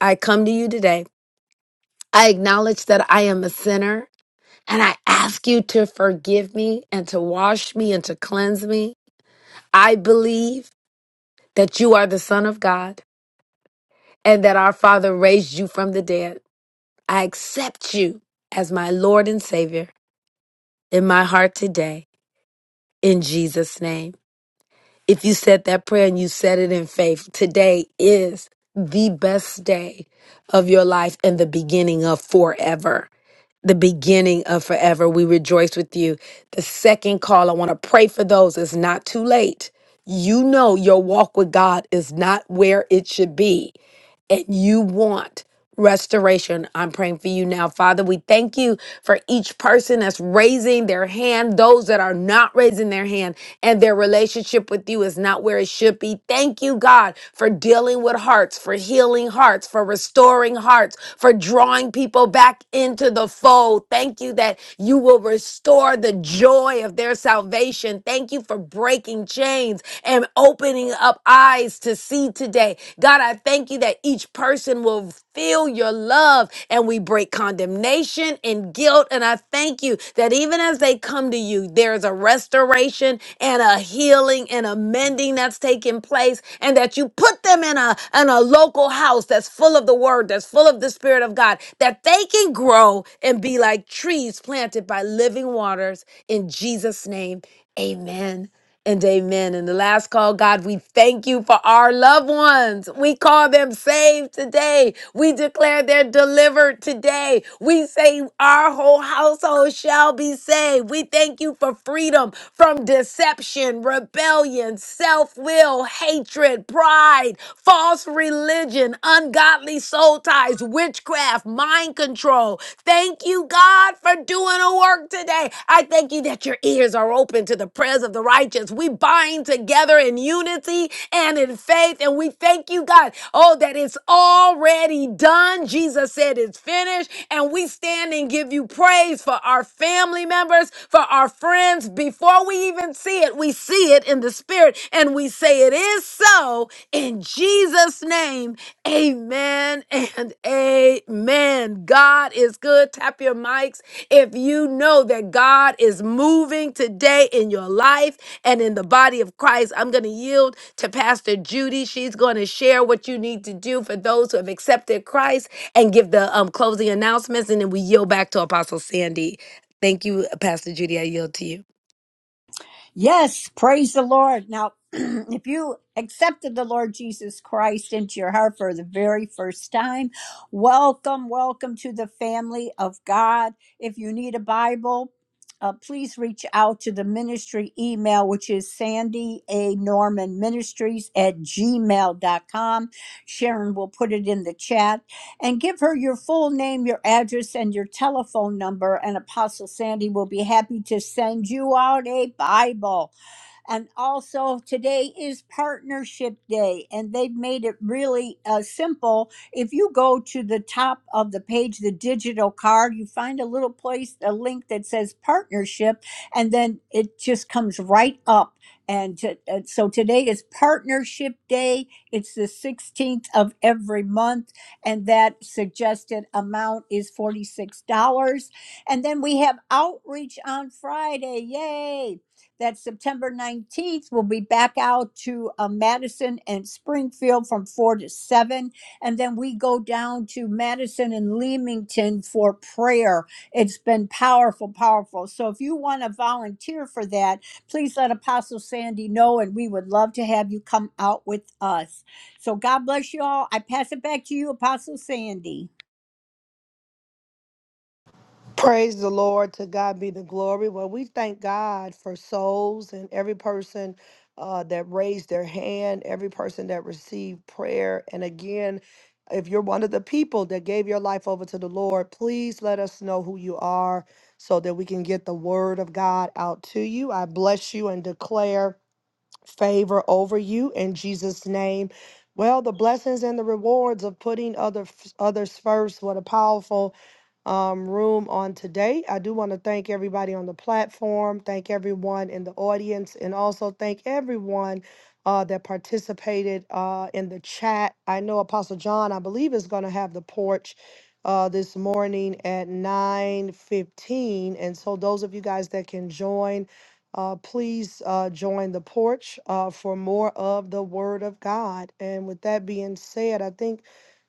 Speaker 10: I come to you today. I acknowledge that I am a sinner and I ask you to forgive me and to wash me and to cleanse me. I believe that you are the Son of God and that our Father raised you from the dead. I accept you as my Lord and Savior in my heart today in Jesus' name. If you said that prayer and you said it in faith, today is the best day of your life and the beginning of forever. The beginning of forever. We rejoice with you. The second call, I want to pray for those. It's not too late. You know your walk with God is not where it should be and you want restoration, I'm praying for you now. Father, we thank you for each person that's raising their hand, those that are not raising their hand, and their relationship with you is not where it should be. Thank you, God, for dealing with hearts, for healing hearts, for restoring hearts, for drawing people back into the fold. Thank you that you will restore the joy of their salvation. Thank you for breaking chains and opening up eyes to see today today. God, I thank you that each person will feel your love and we break condemnation and guilt. And I thank you that even as they come to you, there's a restoration and a healing and a mending that's taking place, and that you put them in a in a local house that's full of the word, that's full of the spirit of God, that they can grow and be like trees planted by living waters. In Jesus' name, amen and amen. And the last call, God, we thank you for our loved ones. We call them saved today. We declare they're delivered today. We say our whole household shall be saved. We thank you for freedom from deception, rebellion, self will, hatred, pride, false religion, ungodly soul ties, witchcraft, mind control, Thank you, God, for doing a work today. I thank you that your ears are open to the prayers of the righteous. We bind together in unity and in faith, and we thank you, God, oh, that it's already done. Jesus said it's finished, and we stand and give you praise for our family members, for our friends. Before we even see it, we see it in the spirit, and we say it is so in Jesus' name. Amen and amen. God is good. Tap your mics if you know that God is moving today in your life and in the body of Christ. I'm going to yield to Pastor Judy. She's going to share what you need to do for those who have accepted Christ and give the um, closing announcements. And then we yield back to Apostle Sandy. Thank you, Pastor Judy. I yield to you.
Speaker 2: Yes, praise the Lord. Now, if you accepted the Lord Jesus Christ into your heart for the very first time, welcome, welcome to the family of God. If you need a Bible, uh, please reach out to the ministry email, which is Sandy A. Norman Ministries at gmail dot com. Sharon will put it in the chat. and give her your full name, your address, and your telephone number. And Apostle Sandy will be happy to send you out a Bible. And also, today is Partnership Day, and they've made it really uh, simple. If you go to the top of the page, the digital card, you find a little place, a link that says Partnership, and then it just comes right up. And to, uh, so today is Partnership Day. It's the 16th of every month, and that suggested amount is $46. And then we have outreach on Friday. Yay! that September 19th, we'll be back out to uh, Madison and Springfield from 4 to 7. And then we go down to Madison and Leamington for prayer. It's been powerful, powerful. So if you want to volunteer for that, please let Apostle Sandy know, and we would love to have you come out with us. So God bless you all. I pass it back to you, Apostle Sandy.
Speaker 1: Praise the Lord. To God be the glory. Well, we thank God for souls and every person uh, that raised their hand, every person that received prayer. And again, if you're one of the people that gave your life over to the Lord, please let us know who you are so that we can get the word of God out to you. I bless you and declare. favor over you in Jesus' name. Well, the blessings and the rewards of putting other others first. What a powerful um, room on today. I do want to thank everybody on the platform, thank everyone in the audience, and also thank everyone uh, that participated uh, in the chat. I know Apostle John, I believe, is going to have the porch. Uh, this morning at 9 15. and so those of you guys that can join uh, please uh, join the porch uh, for more of the Word of God. And with that being said, I think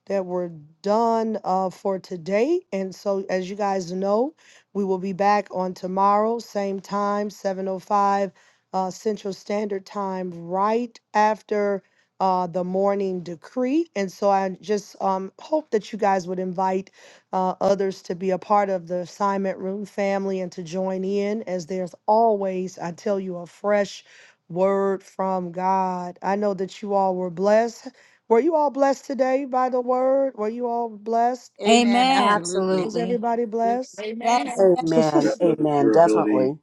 Speaker 1: that were done uh, for today. And so, as you guys know, we will be back on tomorrow, same time, 7.05 uh, Central Standard Time, right after uh, the morning decree. And so I just um, hope that you guys would invite uh, others to be a part of the assignment room family and to join in, as there's always, I tell you, a fresh word from God. I know that you all were blessed were you all blessed today by the word? Were you all blessed?
Speaker 16: Amen.
Speaker 2: Amen.
Speaker 16: Absolutely.
Speaker 1: Was
Speaker 11: Absolutely.
Speaker 1: everybody blessed?
Speaker 5: Amen.
Speaker 2: Yes. yes.
Speaker 19: Amen. Definitely Amen. Your ability definitely.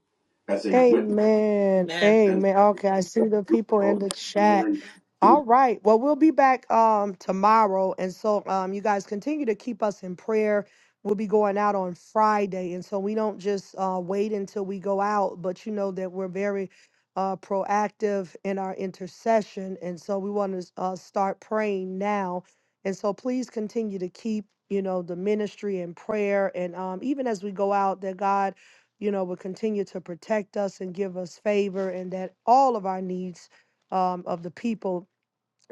Speaker 19: As a witness
Speaker 1: Amen.
Speaker 17: Amen.
Speaker 19: and
Speaker 1: Amen. Okay, I see the
Speaker 19: your
Speaker 1: people in
Speaker 19: own
Speaker 1: the chat.
Speaker 19: testimony
Speaker 1: All
Speaker 19: to
Speaker 1: right. Well, we'll be back um tomorrow. And so um you guys continue to keep us in prayer. We'll be going out on Friday. And so we don't just uh wait until we go out, but you know that we're very uh proactive in our intercession. And so we want to uh start praying now. And so please continue to keep, you know, the ministry in prayer and um even as we go out that God you know, would continue to protect us and give us favor, and that all of our needs um, of the people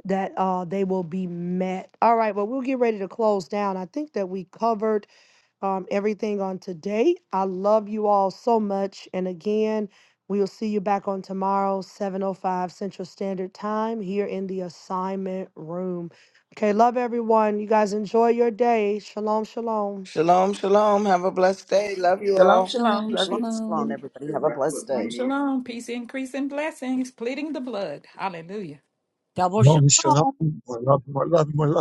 Speaker 1: that uh, they will be met. All right, well, we'll get ready to close down. I think that we covered um, everything on today. I love you all so much, and again. We'll see you back on tomorrow, 7.05 Central Standard Time here in the assignment room. Okay, love everyone. You guys enjoy your day. Shalom, shalom.
Speaker 6: shalom shalom have a blessed day love you
Speaker 16: Shalom,
Speaker 6: all
Speaker 16: shalom. Love
Speaker 19: Shalom,
Speaker 16: you.
Speaker 19: shalom, everybody. Have a blessed
Speaker 5: Shalom,
Speaker 19: day.
Speaker 5: shalom. Peace, increase, and blessings. Pleading the blood. Hallelujah.
Speaker 2: Double
Speaker 8: Shalom,
Speaker 2: shalom.
Speaker 8: shalom. More love, more love, more love.